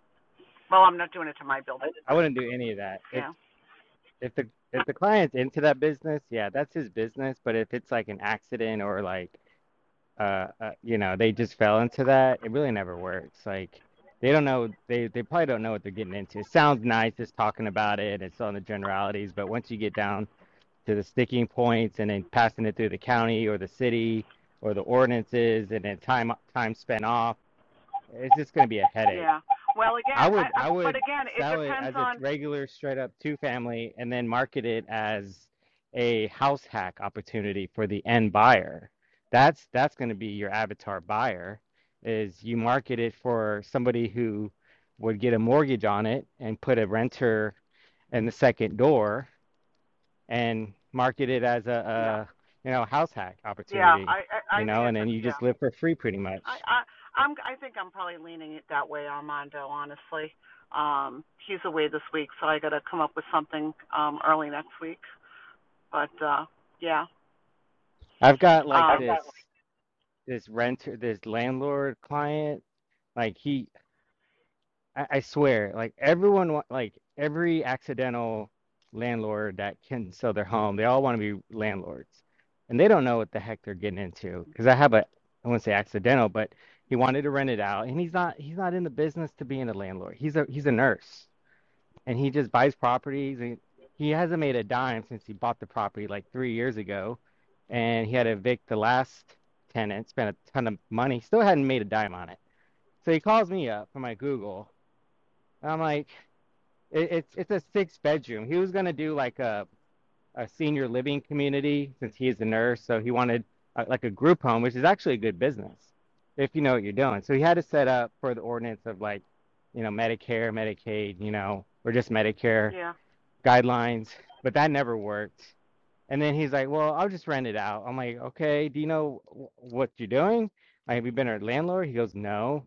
Well, I'm not doing it to my building.
I wouldn't do any of that. If
Yeah.
if the if the client's into that business, yeah, that's his business, but if it's like an accident or like uh, uh, you know, they just fell into that. It really never works. Like they don't know, they they probably don't know what they're getting into. It sounds nice just talking about it. It's on the generalities, but once you get down to the sticking points and then passing it through the county or the city or the ordinances and then time time spent off, it's just going to be a headache.
Yeah. Well, again,
I
I,
would
I
I
but
would
again, it
sell it
depends
as a
on.
regular straight up two family and then market it as a house hack opportunity for the end buyer. That's that's going to be your avatar buyer is you market it for somebody who would get a mortgage on it and put a renter in the second door and market it as
Yeah.
a, a you know house hack
Yeah.
opportunity,
I I,
you
I think
know, and
it's a
then you
yeah.
just live for free pretty
I,
much.
I I'm I think I'm probably leaning it that way, Armando. Honestly, um, he's away this week, so I got to come up with something um, early next week. But uh, yeah,
I've got like
um,
this. this renter, this landlord client, like he, I, I swear, like everyone, wa- like every accidental landlord that can sell their home, they all want to be landlords, and they don't know what the heck they're getting into. Because I have a, I wouldn't say accidental, but he wanted to rent it out, and he's not, he's not in the business to being a landlord. He's a, he's a nurse and he just buys properties and he hasn't made a dime since he bought the property like three years ago and he had to evict the last tenant spent a ton of money still hadn't made a dime on it so he calls me up from my google and i'm like it, it's it's a six bedroom he was going to do like a, a senior living community since he is a nurse so he wanted uh like a group home which is actually a good business if you know what you're doing so he had to set up for the ordinance of like you know medicare medicaid you know or just medicare
yeah.
guidelines, but that never worked. And then he's like, "Well, I'll just rent it out." I'm like, "Okay, do you know wh- what you're doing? Like, have you been a landlord?" He goes, "No."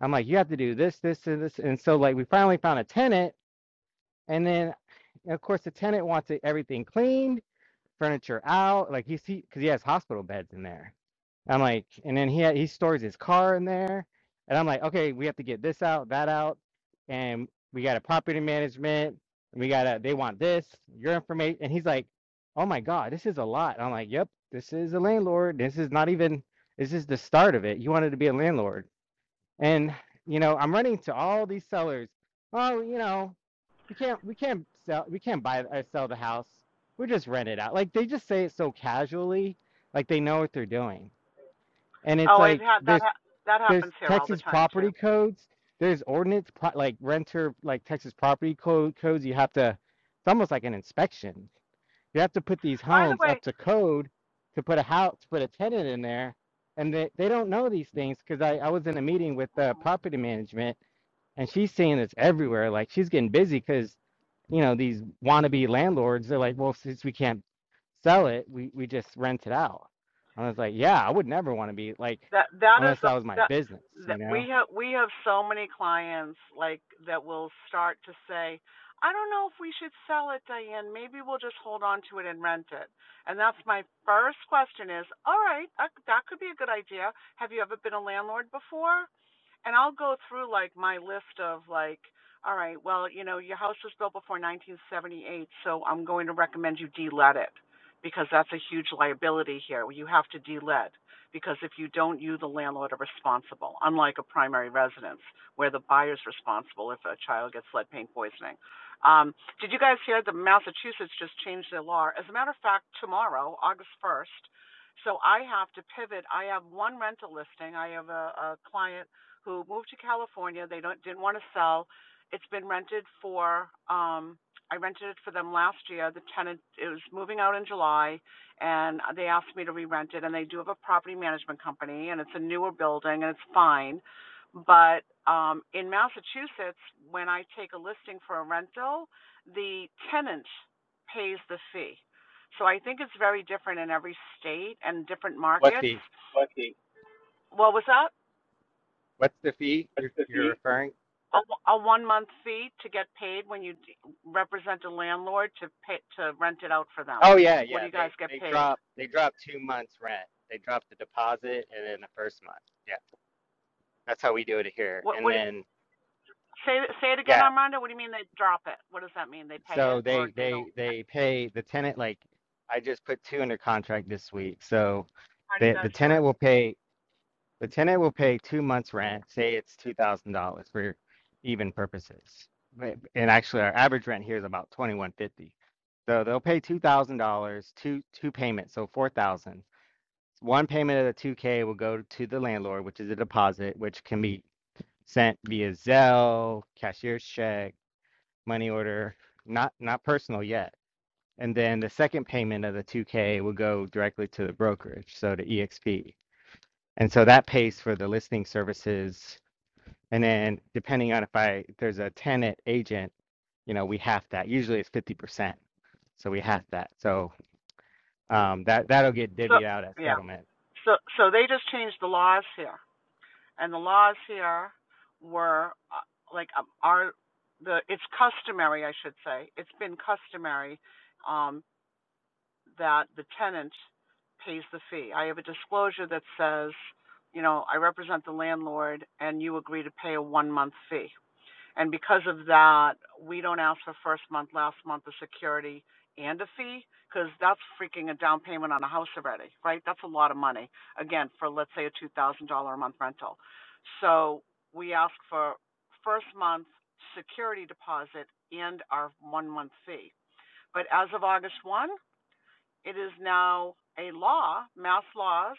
I'm like, "You have to do this, this, and this." And so like we finally found a tenant, and then of course the tenant wants it, everything cleaned, furniture out, like you see, because he has hospital beds in there. I'm like, and then he had, he stores his car in there, and I'm like, okay, we have to get this out, that out, and we got a property management, and we got to they want this, your information, and he's like, oh my god, this is a lot. I'm like, yep, this is a landlord. This is not even, this is the start of it. You wanted to be a landlord, and you know, I'm running to all these sellers. Oh, you know, we can't, we can't sell, we can't buy or sell the house. We just rent it out. Like they just say it so casually, like they know what they're doing and it's
Oh, it
like
ha- that
there's
ha- that
there's
happens here all the
Texas
time too.
property codes, there's ordinance pro- like renter like Texas property code codes. You have to, it's almost like an inspection. You have to put these
By the
homes
way,
up to code to put a house, to put a tenant in there, and they they don't know these things because I I was in a meeting with uh, property management and she's seeing this everywhere. Like she's getting busy because, you know, these wannabe landlords, they're like, well, since we can't sell it, we we just rent it out. And I was like, yeah, I would never want to be like,
that that is
unless
the
that was my
that
business,
that
you know.
we have we have so many clients like that will start to say i don't know if we should sell it diane maybe we'll just hold on to it and rent it and that's my first question is all right that, could be a good idea have you ever been a landlord before and i'll go through like my list of like all right well you know your house was built before 1978 so i'm going to recommend you de-let it because that's a huge liability here you have to de-let because if you don't, you, the landlord, are responsible, unlike a primary residence where the buyer's responsible if a child gets lead paint poisoning. Um, did you guys hear that Massachusetts just changed their law? As a matter of fact, tomorrow, August 1st, so I have to pivot. I have one rental listing. I have a, a client who moved to California. They don't didn't want to sell. It's been rented for um I rented it for them last year. The tenant it was moving out in July and they asked me to re-rent it and they do have a property management company and it's a newer building and it's fine but um in massachusetts when i take a listing for a rental the tenant pays the fee so i think it's very different in every state and different
What
markets
fee?
What fee? what was that
What's the fee
That's
you're
the
you're
fee.
referring?
a, a one month fee to get paid when you represent a landlord to pay to rent it out for them
Oh yeah,
what do
yeah.
you guys
They
get
they
paid
drop they drop two months rent. They drop the deposit and then the first month. Yeah, that's how we do it here.
what
And
what
then
Say say it
yeah,
again, Armando. What do you mean they drop it? What does that mean? They pay
So
it or
they
they don't?
they they pay the tenant like I just put two under contract this week. So
How do you
the the
guys do it?
tenant will pay the tenant will pay two months rent. Say it's two thousand dollars for even purposes. But- And actually, our average rent here is about twenty one fifty. So they'll pay two thousand dollars, two two payments, so four thousand. One payment of the two K will go to the landlord, which is a deposit, which can be sent via Zelle, cashier's check, money order. Not not personal yet and then the second payment of the 2K will go directly to the brokerage, so to EXP. And so that pays for the listing services. And then depending on if I there's a tenant agent, you know, we half that. Usually it's 50%. So we half that. So um, that that'll get
So
divvied out at
yeah.
settlement.
So so they just changed the laws here, and the laws here were uh, like um, our the it's customary, I should say. It's been customary um, that the tenant pays the fee. I have a disclosure that says, you know, I represent the landlord, and you agree to pay a one month fee And because of that, we don't ask for first month, last month of security and a fee, because that's freaking a down payment on a house already, right? That's a lot of money. Again, for let's say a two thousand dollar a month rental. So we ask for first month security deposit and our one month fee. But as of August one, it is now a law, mass laws.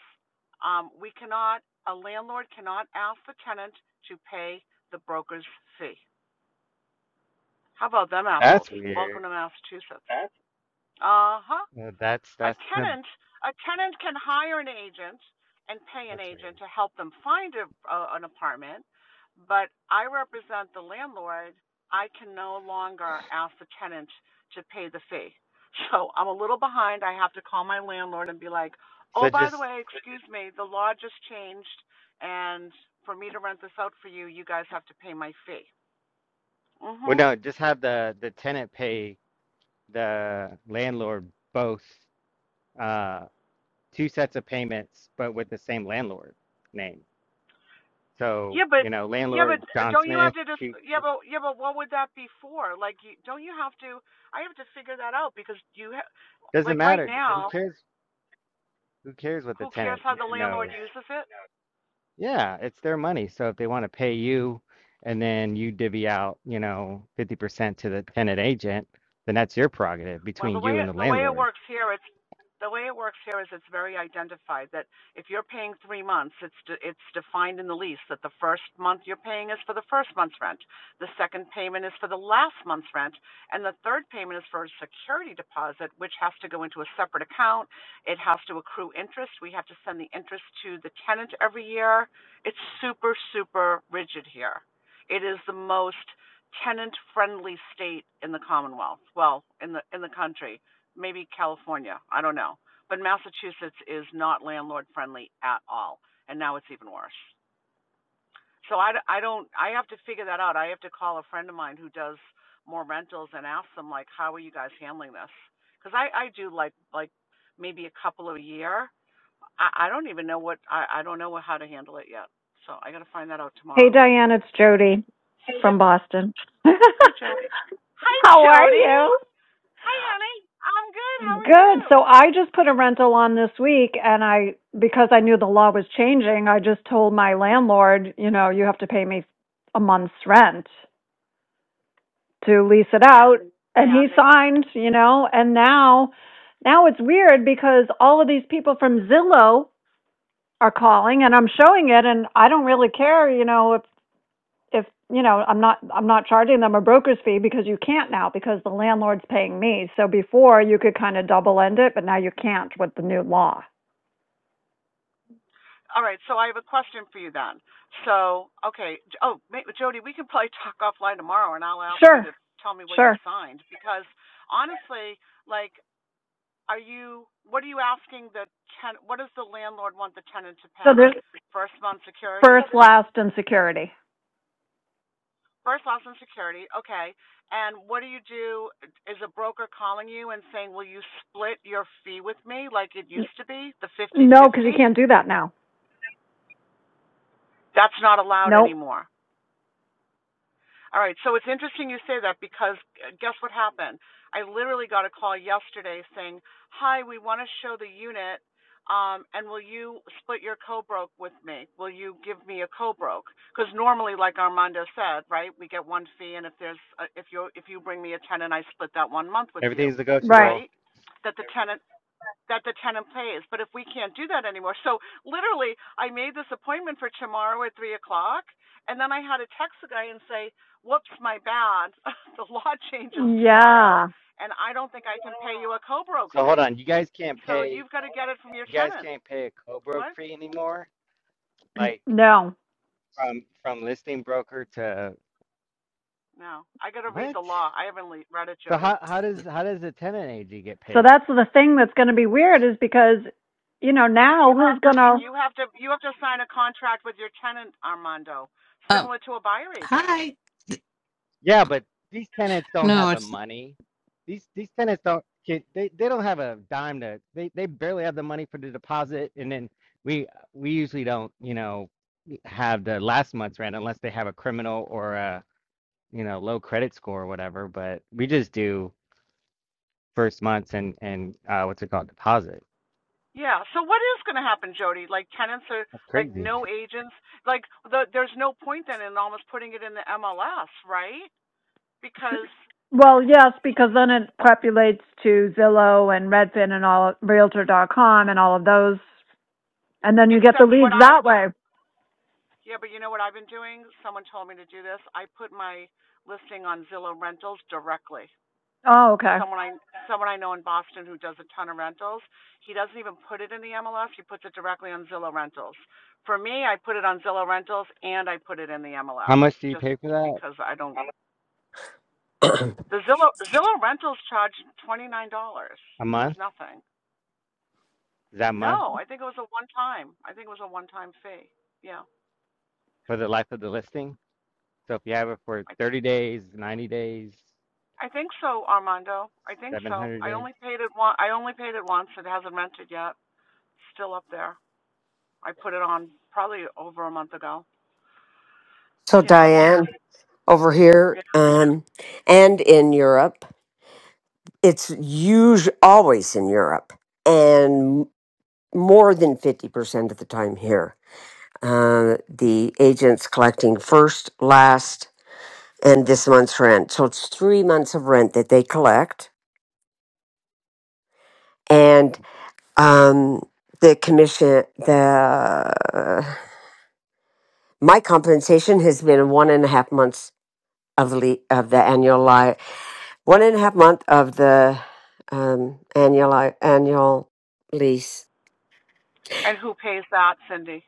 Um, we cannot, a landlord cannot ask the tenant to pay the broker's fee. How about them apples?
That's weird.
Welcome to Massachusetts. Uh huh.
Uh, That's
A
that's the
tenant, a tenant can hire an agent and pay an
that's weird.
agent to help them find a, a, an apartment, but I represent the landlord. I can no longer ask the tenant to pay the fee. So I'm a little behind. I have to call my landlord and be like, oh,
So
by the
just
way, excuse me, the law just changed, and for me to rent this out for you, you guys have to pay my fee. Mm
well
hmm.
no, just have the the tenant pay the landlord both. Uh, two sets of payments, but with the same landlord name. So,
Yeah, but
you know,
yeah, but
landlord
uh,
John
don't you
Smith,
have to just
two,
yeah,
two,
but yeah, but what would that be for? Like, you, don't you have to? I have to figure that out because you ha-
doesn't
like right
matter. Who
now,
cares? Who cares what the
who cares
tenant
how the landlord
knows?
uses it?
Yeah, it's their money. So if they want to pay you and then you divvy out, you know, 50% to the tenant agent, then that's your prerogative
Well,
between
the
you
way
and the
the way it
landlord.
works here, it's the way it works here is it's very identified that if you're paying three months, it's de, it's defined in the lease that the first month you're paying is for the first month's rent, the second payment is for the last month's rent, and the third payment is for a security deposit, which has to go into a separate account. It has to accrue interest. We have to send the interest to the tenant every year. It's super super rigid here. It is the most tenant-friendly state in the Commonwealth. Well, in the in the country, maybe California, I don't know. But Massachusetts is not landlord-friendly at all, and now it's even worse. So I I d- I don't I have to figure that out. I have to call a friend of mine who does more rentals and ask them like, how are you guys handling this? Because I I do like like maybe a couple of a year. I, I don't even know what I I don't know how to handle it yet. So I got to find that out
Hey,
tomorrow.
Diane, it's Jody
Hey,
from
Jody.
Boston.
Hi
How are
Jody.
you?
Hi, honey. I'm good. How are you?
Good. So I just put a rental on this week, and I, because I knew the law was changing, I just told my landlord, you know, you have to pay me a month's rent to lease it out. And he
And they will.
signed, you know, and now, now it's weird because all of these people from Zillow are calling and I'm showing it and I don't really care, you know, if if you know i'm not i'm not charging them a broker's fee because you can't now because the landlord's paying me so before you could kind of double end it but now you can't with the new law
All right. So I have a question for you then. So, okay. J- Oh, ma- Jody, we can probably talk offline tomorrow, and I'll ask you
sure
to tell me what you
sure
signed because honestly, like, are you? What are you asking the ten? What does the landlord want the tenant to
so
pay?
there's
First month security.
first
So the,
last and security
First loss in security, okay. And what do you do? Is a broker calling you and saying, "Will you split your fee with me like it used to be, the
no because you
fifty-fifty"?
can't do that now
That's not allowed
nope
anymore. All right, so it's interesting you say that because uh, guess what happened? I literally got a call yesterday saying, "Hi, we want to show the unit, um, and will you split your co-broke with me? Will you give me a co-broke? Because normally, like Armando said, right, we get one fee, and if there's uh, if you if you bring me a tenant, I split that one month with you,
Everything's
right
negotiable.
right? That the tenant that the tenant pays. But if we can't do that anymore, so literally, I made this appointment for tomorrow at three o'clock, and then I had to text the guy and say, "Whoops, my bad. the law changes tomorrow,
yeah
and I don't think I can pay you a co-broke
So hold
fee.
on, you guys can't
So
pay,
you've got to get it from your
you guys
tenant."
can't pay a co-broke
What?
fee anymore? Like
no
from from listing broker to
No, I got to read
what?
the law. I haven't read it,
So
Jody.
how how does how does a tenant AG get
so
paid?
that's the thing that's going to be weird is because you know now who's going to
You have to you have to sign a contract with your tenant, Armando,
Um,
similar to a buyer agent.
hi.
Yeah, but these tenants don't
No,
have the
it's.
money. These these tenants don't get they, they don't have a dime to they, they barely have the money for the deposit and then we we usually don't, you know, have the last month's rent unless they have a criminal or a, you know, low credit score or whatever, but we just do first month's and and uh what's it called? Deposit.
Yeah. So what is going to happen, Jody? Like tenants are
That's
like
crazy.
no agents. Like the, there's no point then in almost putting it in the MLS, right? Because
well yes because then it populates to zillow and redfin and all realtor.com and all of those And then you get the
except what
leads
I
that
what
way.
yeah, but you know what I've been doing? Someone told me to do this. I put my listing on Zillow Rentals directly.
Oh, okay.
Someone I someone I know in Boston who does a ton of rentals. He doesn't even put it in the MLS. He puts it directly on Zillow Rentals. For me, I put it on Zillow Rentals and I put it in the
How
MLS
much do you
just
pay for that?
because I don't The Zillow Zillow rentals charged twenty nine dollars.
A
It was
month?
nothing.
Is that a month
No, I think it was a one time. I think it was a one time fee. Yeah,
for the life of the listing? So if you have it for
I
30 days, 90 days,
I think so, Armando. I think so.
700
I
days.
only paid it one. I only paid it once. It hasn't rented yet. Still up there. I put it on probably over a month ago.
So
Yeah.
Diane over here,
Yeah.
um, and in Europe. it's usually always in Europe and more than 50% of the time here. Uh, the agent's collecting first, last, and this month's rent. So it's three months of rent that they collect. And um, the commission, the uh, my compensation has been one and a half months of the of the annual li- one and a half month of the um, annual annual lease
And who pays that, Cindy?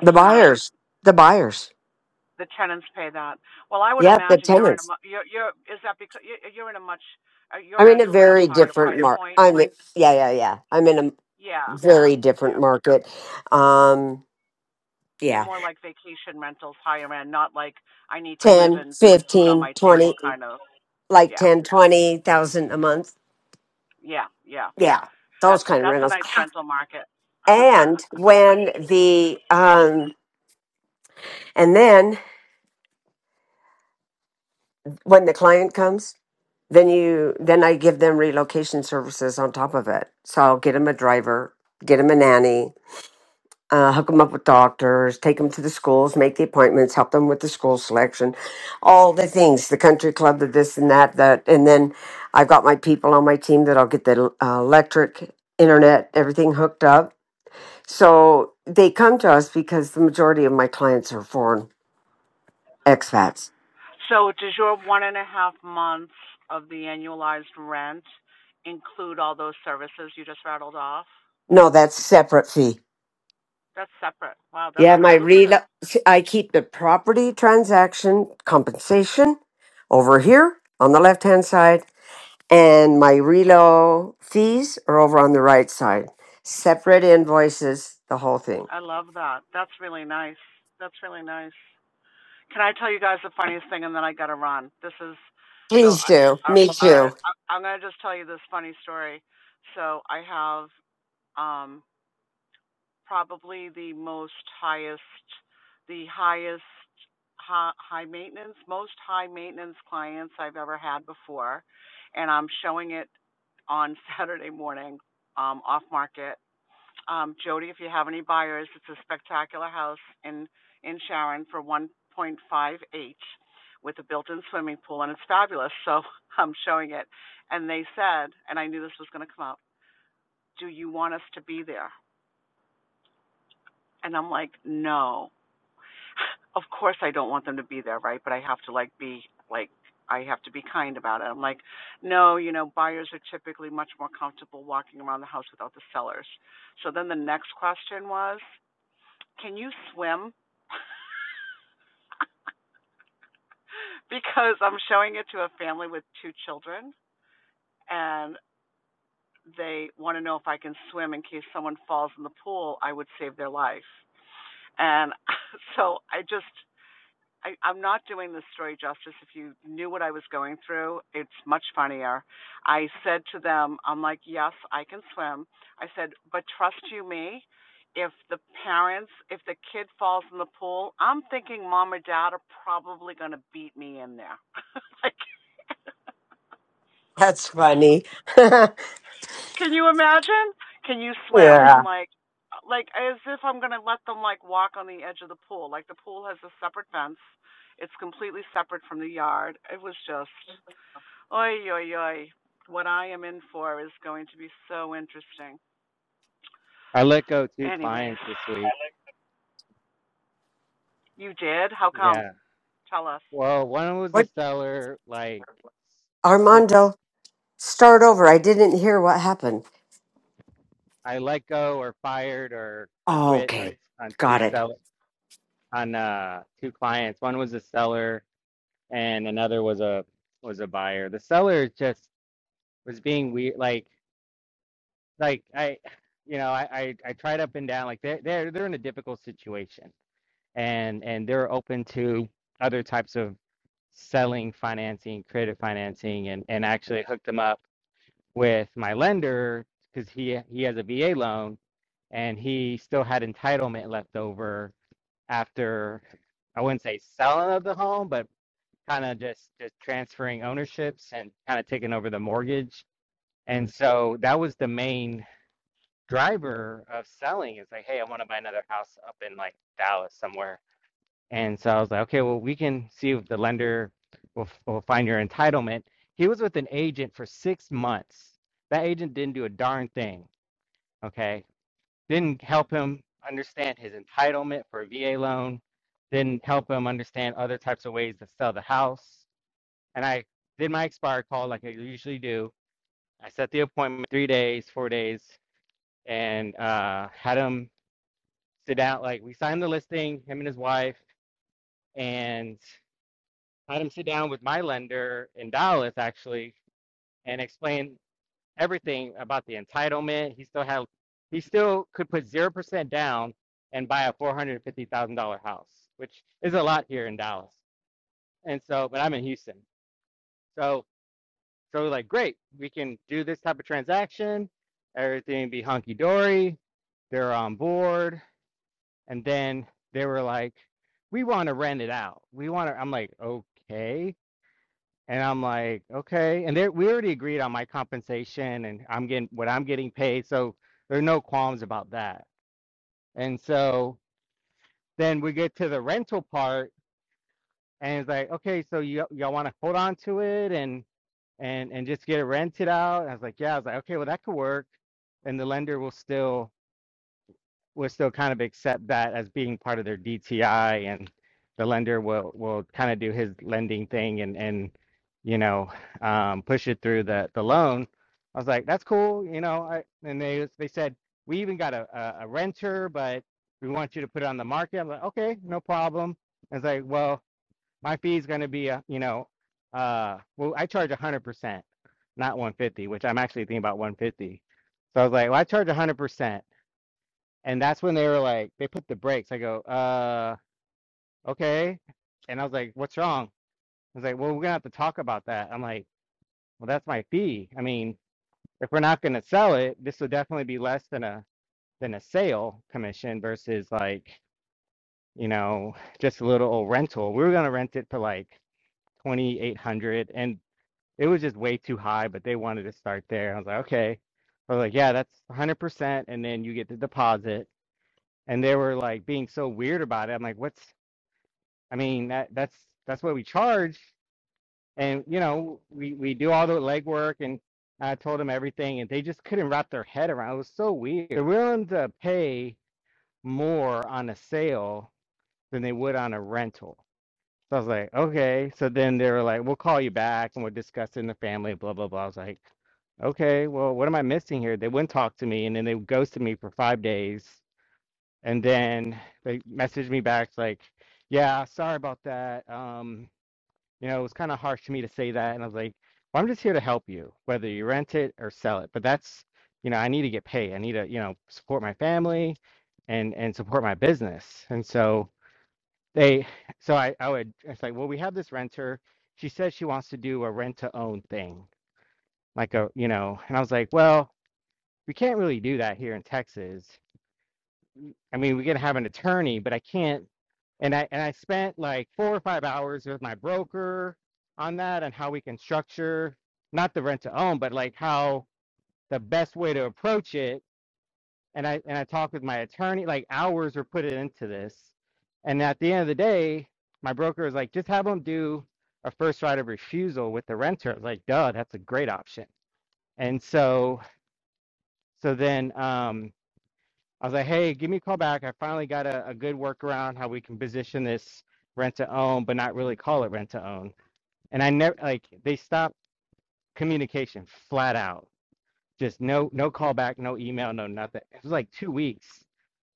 The buyers, the buyers,
The tenants pay that. Well, I would
yeah, the
imagine you're in a
tenants.
you're you're is that because you're in a much uh, your
I'm in a
rental's much
very
higher
different
price
market.
point.
I'm in- yeah, yeah, yeah. I'm in a
Yeah.
very different
Yeah.
market. Um,
You're
yeah,
more like vacation rentals, higher end, not like I need to live
10,
and put food on
15,
my
20,
table kind of.
like
Yeah.
ten, twenty thousand a month.
Yeah. Yeah.
Yeah, those
That's
kind of
that's a
rentals.
nice rental market.
And when the um, and then when the client comes, then you then I give them relocation services on top of it. So I'll get them a driver, get them a nanny, uh, hook them up with doctors, take them to the schools, make the appointments, help them with the school selection, all the things, the country club, the this and that, that, and then I've got my people on my team that'll get the uh, electric, internet, everything hooked up. So they come to us because the majority of my clients are foreign expats.
so does your one and a half months of the annualized rent include all those services you just rattled off?
No, that's separate fee.
That's separate. Wow, that's
Yeah,
pretty
my real
lucrative.
I keep the property transaction compensation over here on the left hand side And my relo fees are over on the right side. Separate invoices, the whole thing.
I love that. That's really nice. That's really nice. Can I tell you guys the funniest thing and then I gotta run? This is so.
Please
I,
do. Me
all right,
too.
I, I'm gonna just tell you this funny story. So I have um probably the most highest, the highest high, high maintenance, most high maintenance clients I've ever had before, and I'm showing it on Saturday morning, um, off market um, Jody, if you have any buyers, it's a spectacular house in, in Sharon for 1.5H with a built-in swimming pool, and it's fabulous. So I'm showing it, and they said, and I knew this was going to come up. Do you want us to be there? And I'm like, no. Of course I don't want them to be there, right? But I have to like be like I have to be kind about it. I'm like, no, you know, buyers are typically much more comfortable walking around the house without the sellers. So then the next question was, Can you swim? because I'm showing it to a family with two children and they want to know if I can swim in case someone falls in the pool, I would save their life. And so I just I, I'm not doing this story justice. If you knew what I was going through, it's much funnier. I said to them, I'm like, yes, I can swim. I said, but trust you me, if the parents, if the kid falls in the pool, I'm thinking mom or dad are probably going to beat me in there. like,
That's funny.
can you imagine? Can you swim?
yeah.
I'm like, like as if I'm going to let them like walk on the edge of the pool. Like the pool has a separate fence. It's completely separate from the yard. It was just Oy, oy, oy! What I am in for is going to be so interesting.
I let go two
Anyways,
clients this week.
you did? How come?
Yeah.
Tell us.
Well, one was a
What
seller, like, shit,
Armando, start over. I didn't hear what happened.
I let go or fired or
Oh,
quit on,
okay.
on two
Got it.
sell on uh two clients. One was a seller and another was a was a buyer. The seller just was being weird, like like I, you know, I I, I tried up and down. Like they they they're they're in a difficult situation and and they're open to other types of selling financing, creative financing, and and actually hooked them up with my lender because he he has a VA loan and he still had entitlement left over after I wouldn't say selling of the home, but kind of just just transferring ownerships and kind of taking over the mortgage. And so that was the main driver of selling. It's like, hey, I want to buy another house up in like Dallas somewhere and so I was like, okay, well, we can see if the lender will, will find your entitlement. He was with an agent for six months. That agent didn't do a darn thing. Okay. Didn't help him understand his entitlement for a VA loan, didn't help him understand other types of ways to sell the house. And I did my expired call like I usually do. I set the appointment three days, four days, and uh, had him sit down. Like we signed the listing, him and his wife, and I had him sit down with my lender in Dallas actually and explain everything about the entitlement. He still had he still could put zero percent down and buy a four hundred and fifty thousand dollar house, which is a lot here in Dallas. And so but I'm in Houston. So so we're like great, we can do this type of transaction, everything be hunky dory, they're on board, and then they were like, We want to rent it out. We want to I'm like, okay And I'm like, okay. And there, we already agreed on my compensation and I'm getting what I'm getting paid. So there are no qualms about that. And so then we get to the rental part and it's like, okay, so you, y'all want to hold on to it and, and, and just get it rented out. And I was like, yeah, I was like, okay, well, that could work. And the lender will still will still kind of accept that as being part of their DTI and the lender will, will kind of do his lending thing and, and, you know, um, push it through the, the loan. I was like, that's cool, you know, I, and they, they said, we even got a, a, a renter, but we want you to put it on the market. I'm like, okay, no problem. I was like, well, my fee is going to be, a, you know, uh, well, I charge one hundred percent, not one hundred fifty, which I'm actually thinking about one hundred fifty. So I was like, well, I charge one hundred percent and that's when they were like, they put the brakes. I go, uh, okay. And I was like, what's wrong? I was like, well, we're gonna have to talk about that. I'm like, well, that's my fee. I mean, if we're not gonna sell it, this will definitely be less than a than a sale commission versus like, you know, just a little old rental. We were gonna rent it for like 2,800 and it was just way too high, but they wanted to start there. I was like, okay. I was like, yeah, that's 100%, and then you get the deposit. And they were like being so weird about it. I'm like, what's I mean, that that's that's what we charge, and you know, we we do all the legwork, and I told them everything, and they just couldn't wrap their head around. It It was so weird. They're willing to pay more on a sale than they would on a rental. So I was like, okay. So then they were like, we'll call you back, and we'll discuss it in the family, blah blah blah. I was like, okay, well, what am I missing here? They wouldn't talk to me, and then they ghosted me for five days, and then they messaged me back like, yeah, sorry about that. Um. You know, it was kind of harsh to me to say that. And I was like, well, I'm just here to help you, whether you rent it or sell it. But that's, you know, I need to get paid. I need to, you know, support my family and and support my business. And so they, so I, I would, it's like, well, we have this renter. She says she wants to do a rent to own thing, like a, you know, and I was like, well, we can't really do that here in Texas. I mean, we could have an attorney, but I can't. And I and I spent like four or five hours with my broker on that and how we can structure not the rent to own, but like how the best way to approach it. And I and I talked with my attorney, like hours were put into this. And at the end of the day, my broker was like, just have them do a first right of refusal with the renter. I was like, duh, that's a great option. And so so then um I was like, hey, give me a call back. I finally got a, a good workaround how we can position this rent to own, but not really call it rent to own. And I never like they stopped communication flat out. Just no no call back, no email, no nothing. It was like two weeks.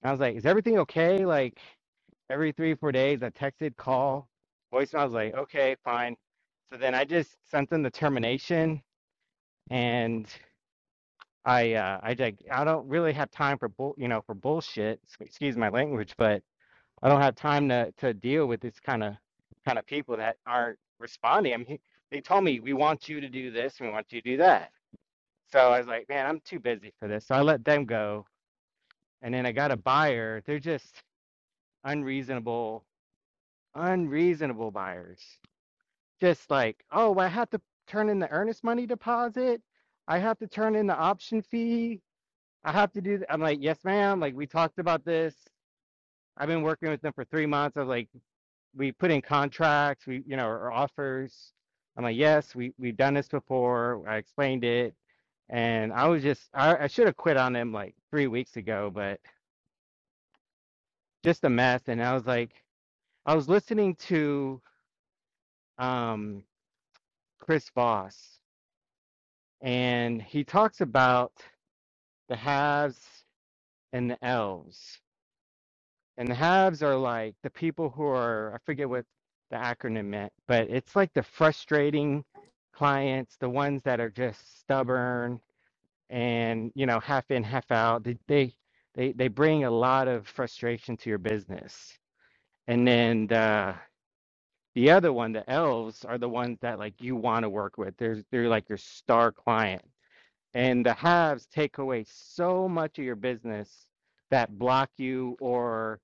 And I was like, is everything okay? Like every three, four days I texted, call, voicemail. I was like, okay, fine. So then I just sent them the termination and I uh I like I don't really have time for bull you know for bullshit. Excuse my language, but I don't have time to to deal with this kind of kind of people that aren't responding. I mean, they told me we want you to do this and we want you to do that. So I was like, man, I'm too busy for this. So I let them go, and then I got a buyer. They're just unreasonable, unreasonable buyers. Just like, oh, I have to turn in the earnest money deposit. I have to turn in the option fee. I have to do. th-" I'm like, yes, ma'am. Like we talked about this. I've been working with them for three months. I was like, we put in contracts, we, you know, or offers. I'm like, yes, we, we've done this before. I explained it. And I was just, I, I should have quit on them like three weeks ago, but just a mess. And I was like, I was listening to um, Chris Voss, and he talks about the haves and the elves. And the haves are like the people who are, I forget what the acronym meant, but it's like the frustrating clients, the ones that are just stubborn and, you know, half in, half out. They they they, they bring a lot of frustration to your business. And then the the other one, the elves, are the ones that like you want to work with. They're they're like your star client. And the haves take away so much of your business that block you or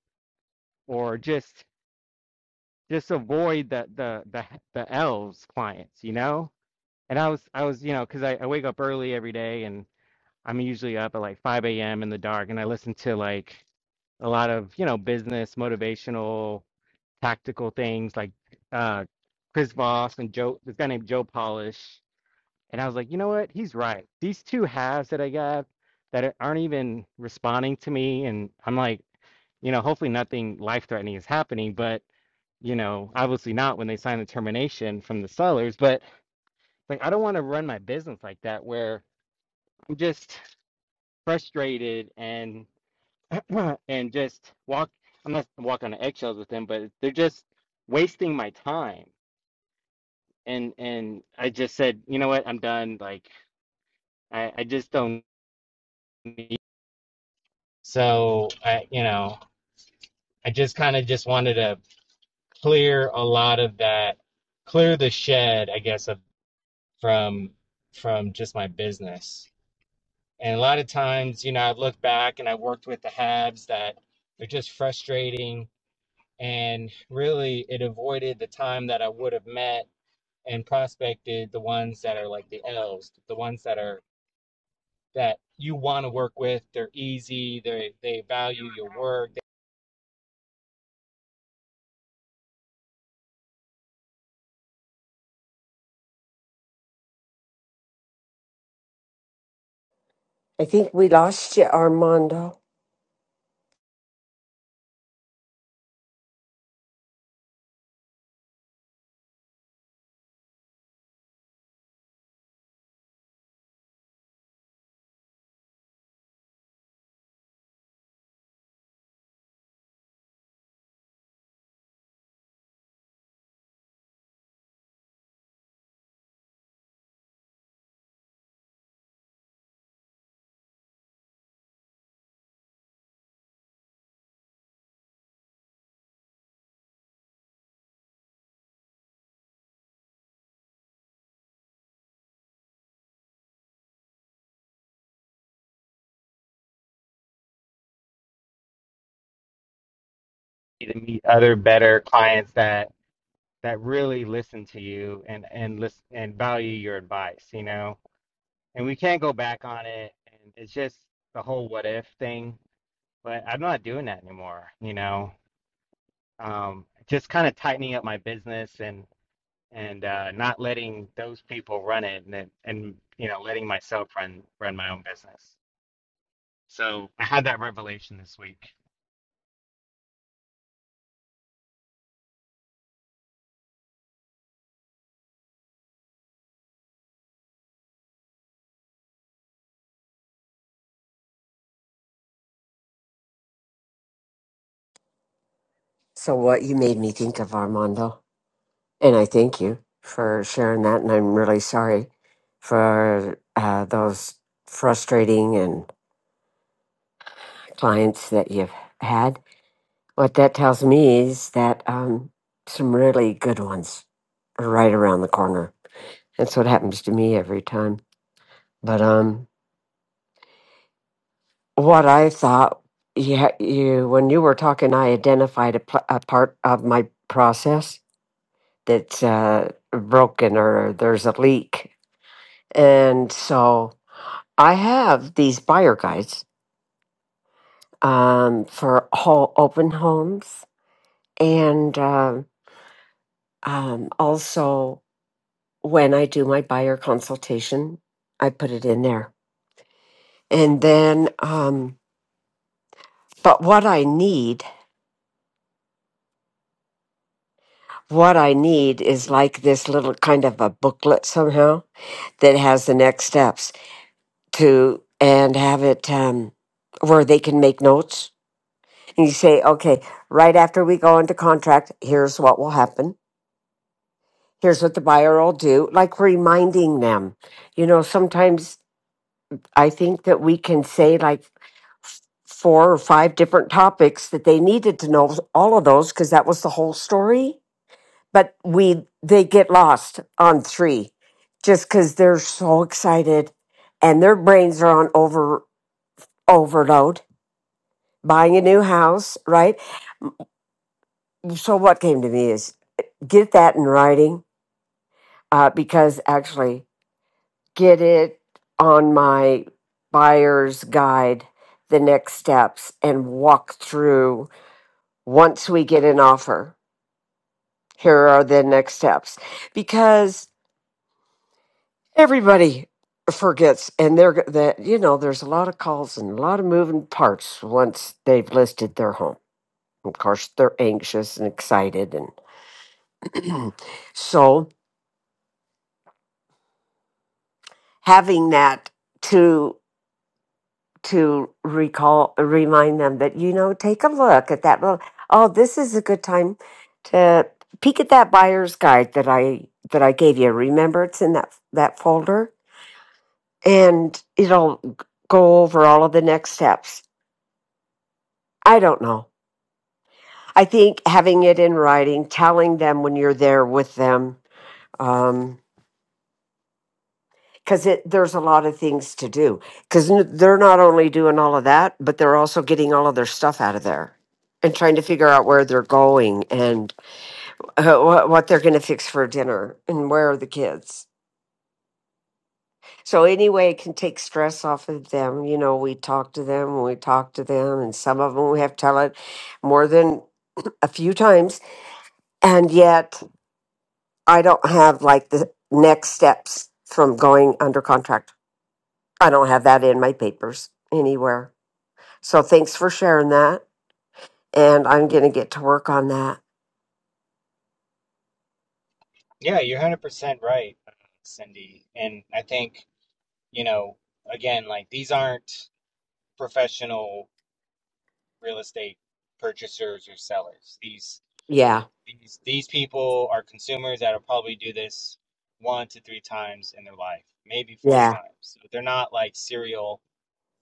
or just just avoid the the the the elves clients, you know. And I was I was you know because I, I wake up early every day and I'm usually up at like 5 a.m. in the dark and I listen to like a lot of you know business motivational tactical things like uh Chris Voss and Joe this guy named Joe Polish and I was like you know what he's right these two halves that I got that aren't even responding to me and I'm like you know hopefully nothing life threatening is happening but you know, obviously not when they sign the termination from the sellers, but like I don't want to run my business like that where I'm just frustrated and and just walk I'm not walking on eggshells with them, but they're just wasting my time. And and I just said, you know what, I'm done. Like I, I just don't need so I you know, I just kind of just wanted to clear a lot of that, clear the shed, I guess, of from from just my business. And a lot of times, you know, I look back and I worked with the halves that are just frustrating. And really, it avoided the time that I would have met and prospected the ones that are like the L's, the ones that are that you want to work with. They're easy. They they value your work.
I think we lost you, Armando.
They need to meet other better clients that that really listen to you and and listen and value your advice. You know, and we can't go back on it. And it's just the whole what if thing but I'm not doing that anymore, you know. Um, just kind of tightening up my business and and uh, not letting those people run it and and you know letting myself run run my own business. So I had that revelation this week.
So what you made me think of Armando. And I thank you for sharing that. And I'm really sorry for uh, those frustrating and clients that you've had. What that tells me is that um, some really good ones are right around the corner. That's what happens to me every time. But um, what I thought, yeah, you when you were talking, I identified a, pl- a part of my process that's uh, broken or there's a leak, and so. I have these buyer guides um, for whole open homes, and um um, also when I do my buyer consultation, I put it in there. And then, um, but what I need, what I need is like this little kind of a booklet somehow that has the next steps to and have it um, where they can make notes. And you say, okay, right after we go into contract, here's what will happen here's what the buyer will do, like reminding them. You know, sometimes I think that we can say like f- four or five different topics that they needed to know all of those because that was the whole story. But we they get lost on three just because they're so excited and their brains are on over overload. Buying a new house, right? So what came to me is get that in writing uh, because actually get it on my buyer's guide, the next steps, and walk through once we get an offer. Here are the next steps because everybody forgets and they're that you know there's a lot of calls and a lot of moving parts once they've listed their home of course they're anxious and excited and so having that to to recall remind them that you know take a look at that little- oh this is a good time to peek at that buyer's guide that i that i gave you remember it's in that that folder and it'll go over all of the next steps i don't know i think having it in writing telling them when you're there with them um, because it there's a lot of things to do because they're not only doing all of that but they're also getting all of their stuff out of there and trying to figure out where they're going and uh, what, what they're going to fix for dinner and where are the kids so anyway it can take stress off of them you know we talk to them and we talk to them and some of them we have to tell it more than a few times and yet i don't have like the next steps from going under contract i don't have that in my papers anywhere So thanks for sharing that. And I'm going to get to work on that.
Yeah, you're 100% right, Cindy. And I think, you know, again, like these aren't professional real estate purchasers or sellers. These
Yeah.
These, these people are consumers that'll probably do this one to three times in their life, maybe four
Yeah.
times. So they're not like serial.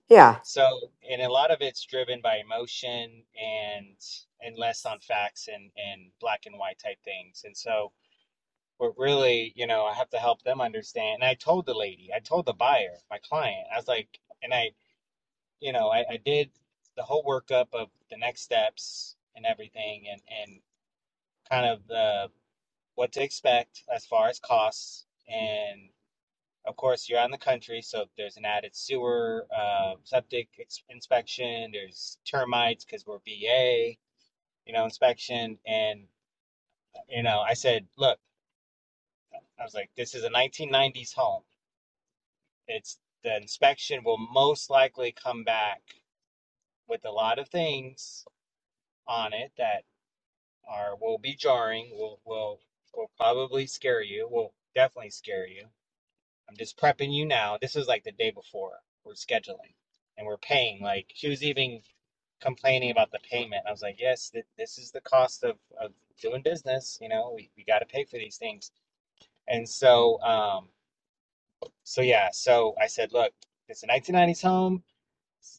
Yeah.
So, and a lot of it's driven by emotion and and less on facts and and black and white type things. And so, but really, you know, I have to help them understand. And I told the lady, I told the buyer, my client, I was like, and I, you know, I, I did the whole workup of the next steps and everything, and and kind of the what to expect as far as costs. And of course, you're on the country, so there's an added sewer, uh, septic ex- inspection, there's termites because we're VA, you know, inspection. And, you know, I said, look, I was like, this is a 1990s home. It's the inspection will most likely come back with a lot of things on it that are will be jarring, will will will probably scare you, will definitely scare you I'm just prepping you now. This is like the day before we're scheduling and we're paying. Like she was even complaining about the payment. I was like, yes, th- this is the cost of, of doing business. You know, we, we got to pay for these things. And so, um, so yeah, so I said, look, it's a 1990s home.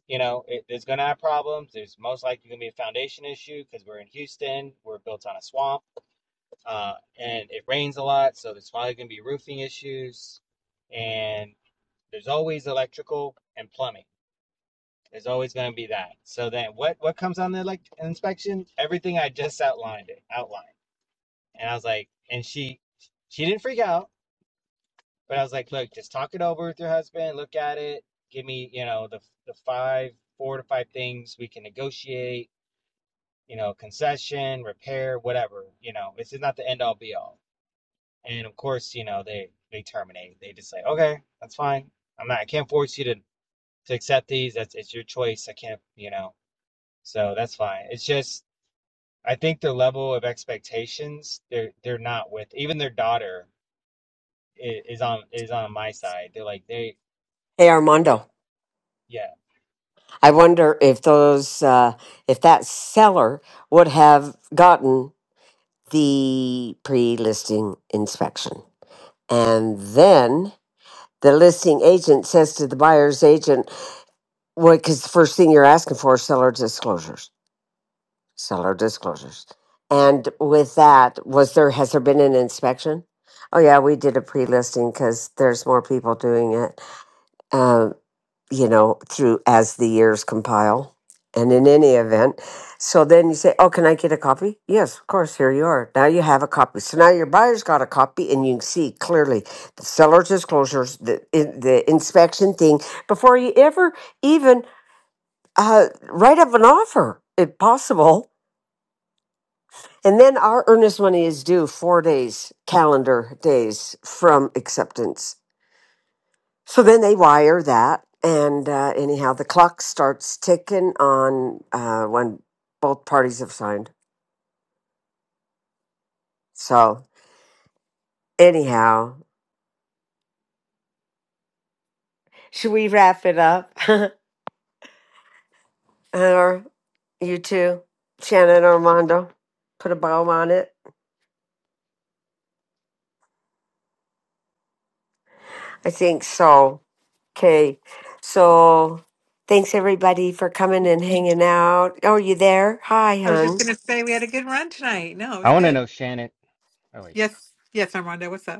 You know, it, there's going to have problems. There's most likely going to be a foundation issue because we're in Houston. We're built on a swamp uh, and it rains a lot. So there's probably going to be roofing issues. And there's always electrical and plumbing. There's always going to be that. So then, what what comes on the elect- inspection? Everything I just outlined it outlined, and I was like, and she she didn't freak out, but I was like, look, just talk it over with your husband, look at it, give me you know the the five four to five things we can negotiate, you know, concession, repair, whatever. You know, it's not the end all be all. And of course, you know, they they terminate. They just say, okay, that's fine. I'm not. I can't force you to to accept these. That's it's your choice. I can't, you know. So that's fine. It's just I think their level of expectations they're they're not with. Even their daughter is, is on is on my side. They're like they,
Hey,
they
Armando,
yeah.
I wonder if those, uh, if that seller would have gotten the pre listing inspection. And then the listing agent says to the buyer's agent, well, because the first thing you're asking for is seller disclosures. seller disclosures. And with that, was there has there been an inspection? Oh yeah, we did a pre-listing because there's more people doing it. Um, you know, through as the years compile, and in any event, so then you say, "Oh, can I get a copy?" Yes, of course. Here you are. Now you have a copy. So now your buyer's got a copy, and you can see clearly the seller's disclosures, the in, the inspection thing before you ever even uh, write up an offer, if possible And then our earnest money is due four days, calendar days from acceptance. So then they wire that. And uh, anyhow, the clock starts ticking on uh, when both parties have signed. So, anyhow, should we wrap it up? or you two, Shannon Armando, put a bow on it? I think so. Okay. So, thanks everybody for coming and hanging out. Oh, you there? Hi,
I was
hun.
just going to say we had a good run tonight. No, it was
I want to
good.
know Shannon. Oh wait,
Yes. Yes, Armando, what's up?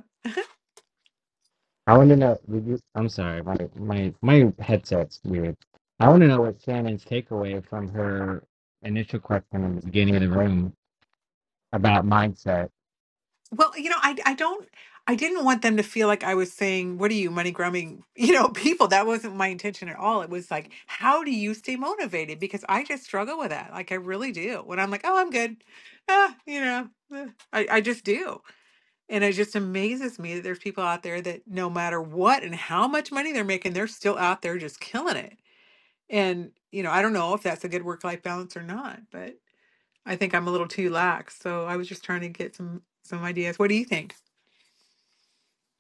I want to know. did you- I'm sorry, my my my headset's weird. I want to know what Shannon's takeaway from her initial question in the beginning of the room about mindset.
Well, you know, I I don't I didn't want them to feel like I was saying, "What are you money grubbing?" You know, people. That wasn't my intention at all. It was like, "How do you stay motivated?" Because I just struggle with that. Like I really do. When I'm like, "Oh, I'm good," ah, you know, eh, I I just do, and it just amazes me that there's people out there that no matter what and how much money they're making, they're still out there just killing it. And you know, I don't know if that's a good work life balance or not, but I think I'm a little too lax. So I was just trying to get some some ideas. What do you think?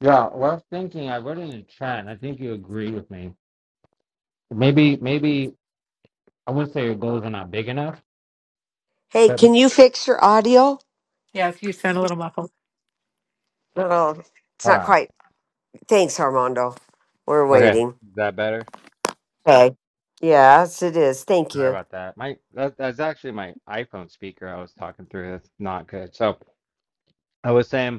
Yeah, well, I was thinking I wrote it in the chat, and I think you agree with me. Maybe, maybe I wouldn't say your goals are not big enough,
Hey,
but
can you fix your audio?
Yes, you sound a little muffled.
No, it's
hold
not
on.
quite. Thanks, Armando. We're
Okay,
waiting.
is that better?
Okay. Yes, it is. Thank
Sorry
you.
about that. My that, that's actually my iPhone speaker. I was talking through. That's not good. So I was saying.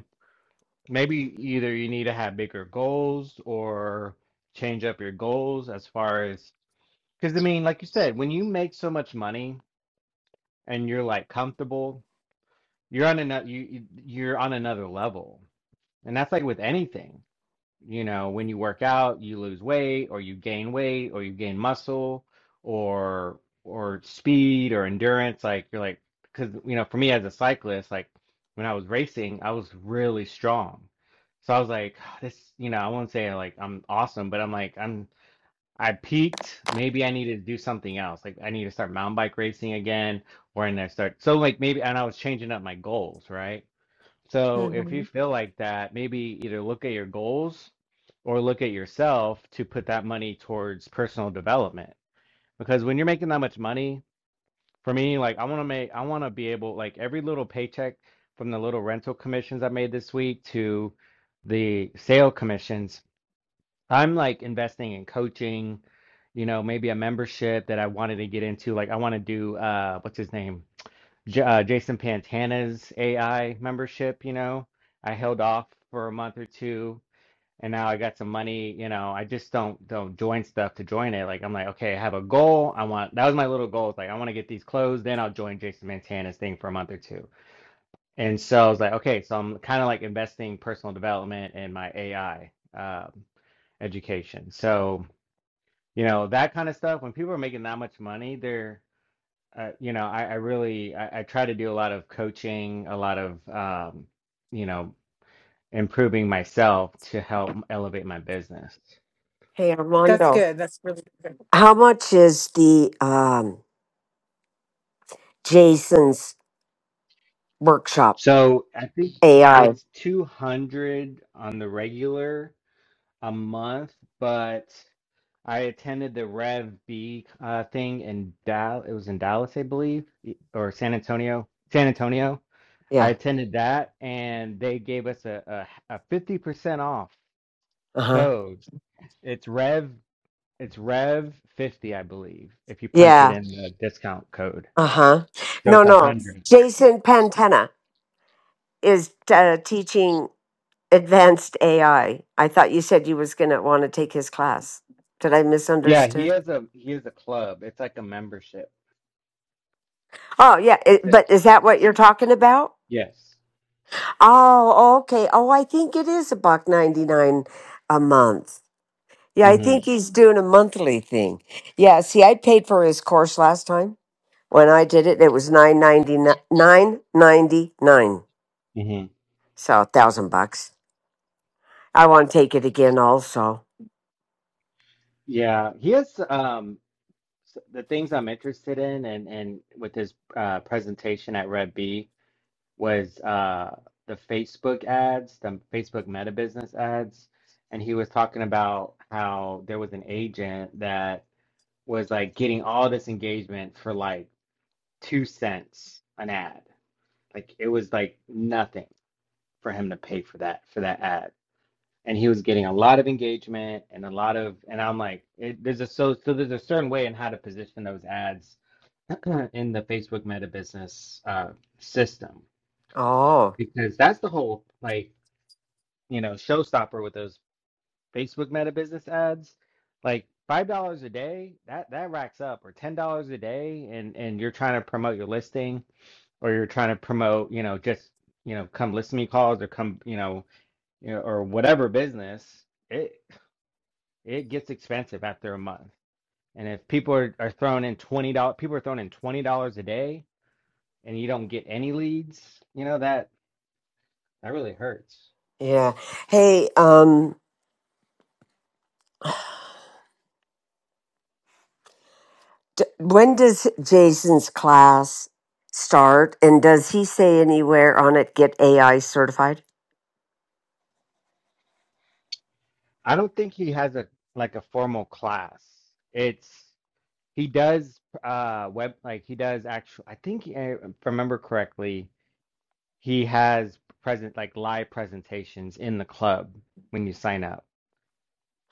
Maybe either you need to have bigger goals or change up your goals as far as, because I mean, like you said, when you make so much money and you're like comfortable, you're on another you you- you're on another level. And that's like with anything you know, when you work out, you lose weight or you gain weight or you gain muscle or or speed or endurance. Like you're like, because you know, for me as a cyclist, like when I was racing, I was really strong. So I was like, this, you know, I won't say like I'm awesome, but I'm like I'm I peaked. Maybe I need to do something else. Like I need to start mountain bike racing again, or and I start so like maybe and I was changing up my goals, right? So if
hmm
you feel like that, maybe either look at your goals or look at yourself to put that money towards personal development. Because when you're making that much money, for me, like I want to make, I want to be able, like every little paycheck from the little rental commissions I made this week to the sale commissions, I'm like investing in coaching, you know, maybe a membership that I wanted to get into. Like I want to do, uh, what's his name? J uh, Jason Pantana's AI membership, you know. I held off for a month or two and now I got some money, you know. I just don't don't join stuff to join it. Like I'm like, okay, I have a goal. I want that was my little goal. It's like I want to get these closed, then I'll join Jason Pantana's thing for a month or two. And so I was like, okay, so I'm kind of like investing personal development and my AI um, education. So, you know, that kind of stuff, when people are making that much money, they're uh, you know, I, I really I, I try to do a lot of coaching, a lot of um, you know, improving myself to help elevate my business.
Hey,
That's
Armando.
good. That's really good.
How much is the um Jason's workshop
So I think
AI?
it's 200 on the regular a month, but I attended the Rev B uh, thing in Dallas. It was in Dallas, I believe, y- or San Antonio. San Antonio. I
Yeah.
attended that, and they gave us a, a 50% off
Uh huh.
code. It's Rev It's Rev fifty, I believe, if you punch it
Yeah.
in the discount code.
Uh huh.
So
No,
it's a
no.
hundred.
Jason Pantena is uh, teaching advanced AI. I I thought you said you was gonna want to take his class. Did I
Yeah, he
misunderstood?
has a he has a club. It's like a membership.
Oh yeah,
It's
it,
a
but is that what you're talking about?
yes.
Oh, okay. Oh, I think it is a buck ninety nine a month. Yeah, I think
Mm-hmm.
he's doing a monthly thing. Yeah, see, I paid for his course last time when I did it. It was nine ninety nine ninety nine,
Mm-hmm.
so a thousand bucks. I want to take it again, also.
Yeah, he has um s- the things I'm interested in, and and with his uh, presentation at Rev B was uh the Facebook ads, the Facebook Meta Business ads, and he was talking about how there was an agent that was like getting all this engagement for like two cents an ad. Like it was like nothing for him to pay for that for that ad, and he was getting a lot of engagement and a lot of. And I'm like, it, there's a so so there's a certain way in how to position those ads in the Facebook Meta business uh, system
Oh,
because that's the whole like you know showstopper with those Facebook Meta business ads. Like five dollars a day, that that racks up, or ten dollars a day, and and you're trying to promote your listing or you're trying to promote, you know, just, you know, come listen to me calls or come, you know, you know, or whatever business, it it gets expensive after a month. And if people are, are throwing in twenty dollars people are throwing in twenty dollars a day and you don't get any leads, you know, that that really hurts.
yeah. Hey, um, d- when does Jason's class start? And does he say anywhere on it get AI certified?
I don't think he has a like a formal class. It's he does uh web like he does actual I think uh, if I remember correctly, he has present like live presentations in the club when you sign up.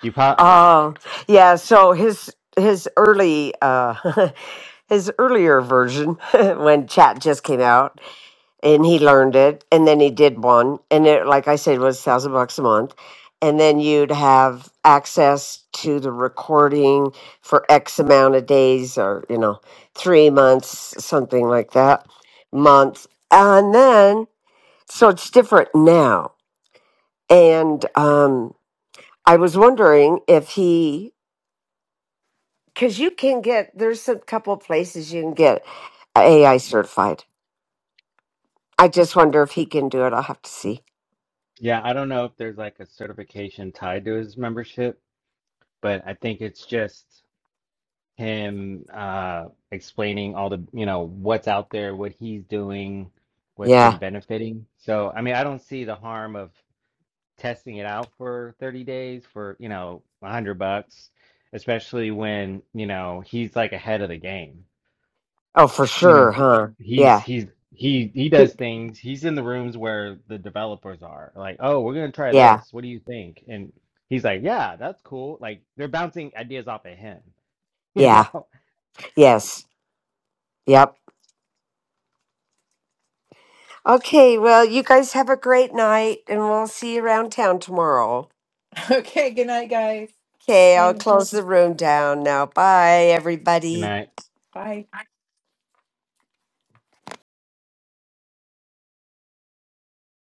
You probably,
Oh, yeah. So his his early uh his earlier version when chat just came out and he learned it and then he did one and it like I said was thousand bucks a month. And then you'd have access to the recording for X amount of days or, you know, three months, something like that. Month. And then so it's different now. And um I was wondering if he because you can get there's a couple of places you can get AI certified. I just wonder if he can do it. I'll have to see.
yeah, I don't know if there's like a certification tied to his membership, but I think it's just him uh explaining all the, you know, what's out there, what he's doing, what's
Yeah.
been benefiting. So, I mean, I don't see the harm of testing it out for 30 days for, you know, 100 bucks, especially when, you know, he's like ahead of the game.
Oh, for
you know
sure,
he
huh?
he's
Yeah.
he's he he does things he's in the rooms where the developers are like oh we're gonna try
Yeah.
this what do you think and he's like yeah that's cool like they're bouncing ideas off of him you
Yeah.
know
Yes. Yep. Okay. Well, you guys have a great night, and we'll see you around town tomorrow.
Okay. Good night, guys.
Okay. I'll
Thanks.
close the room down now. Bye,
and
everybody.
i
Bye.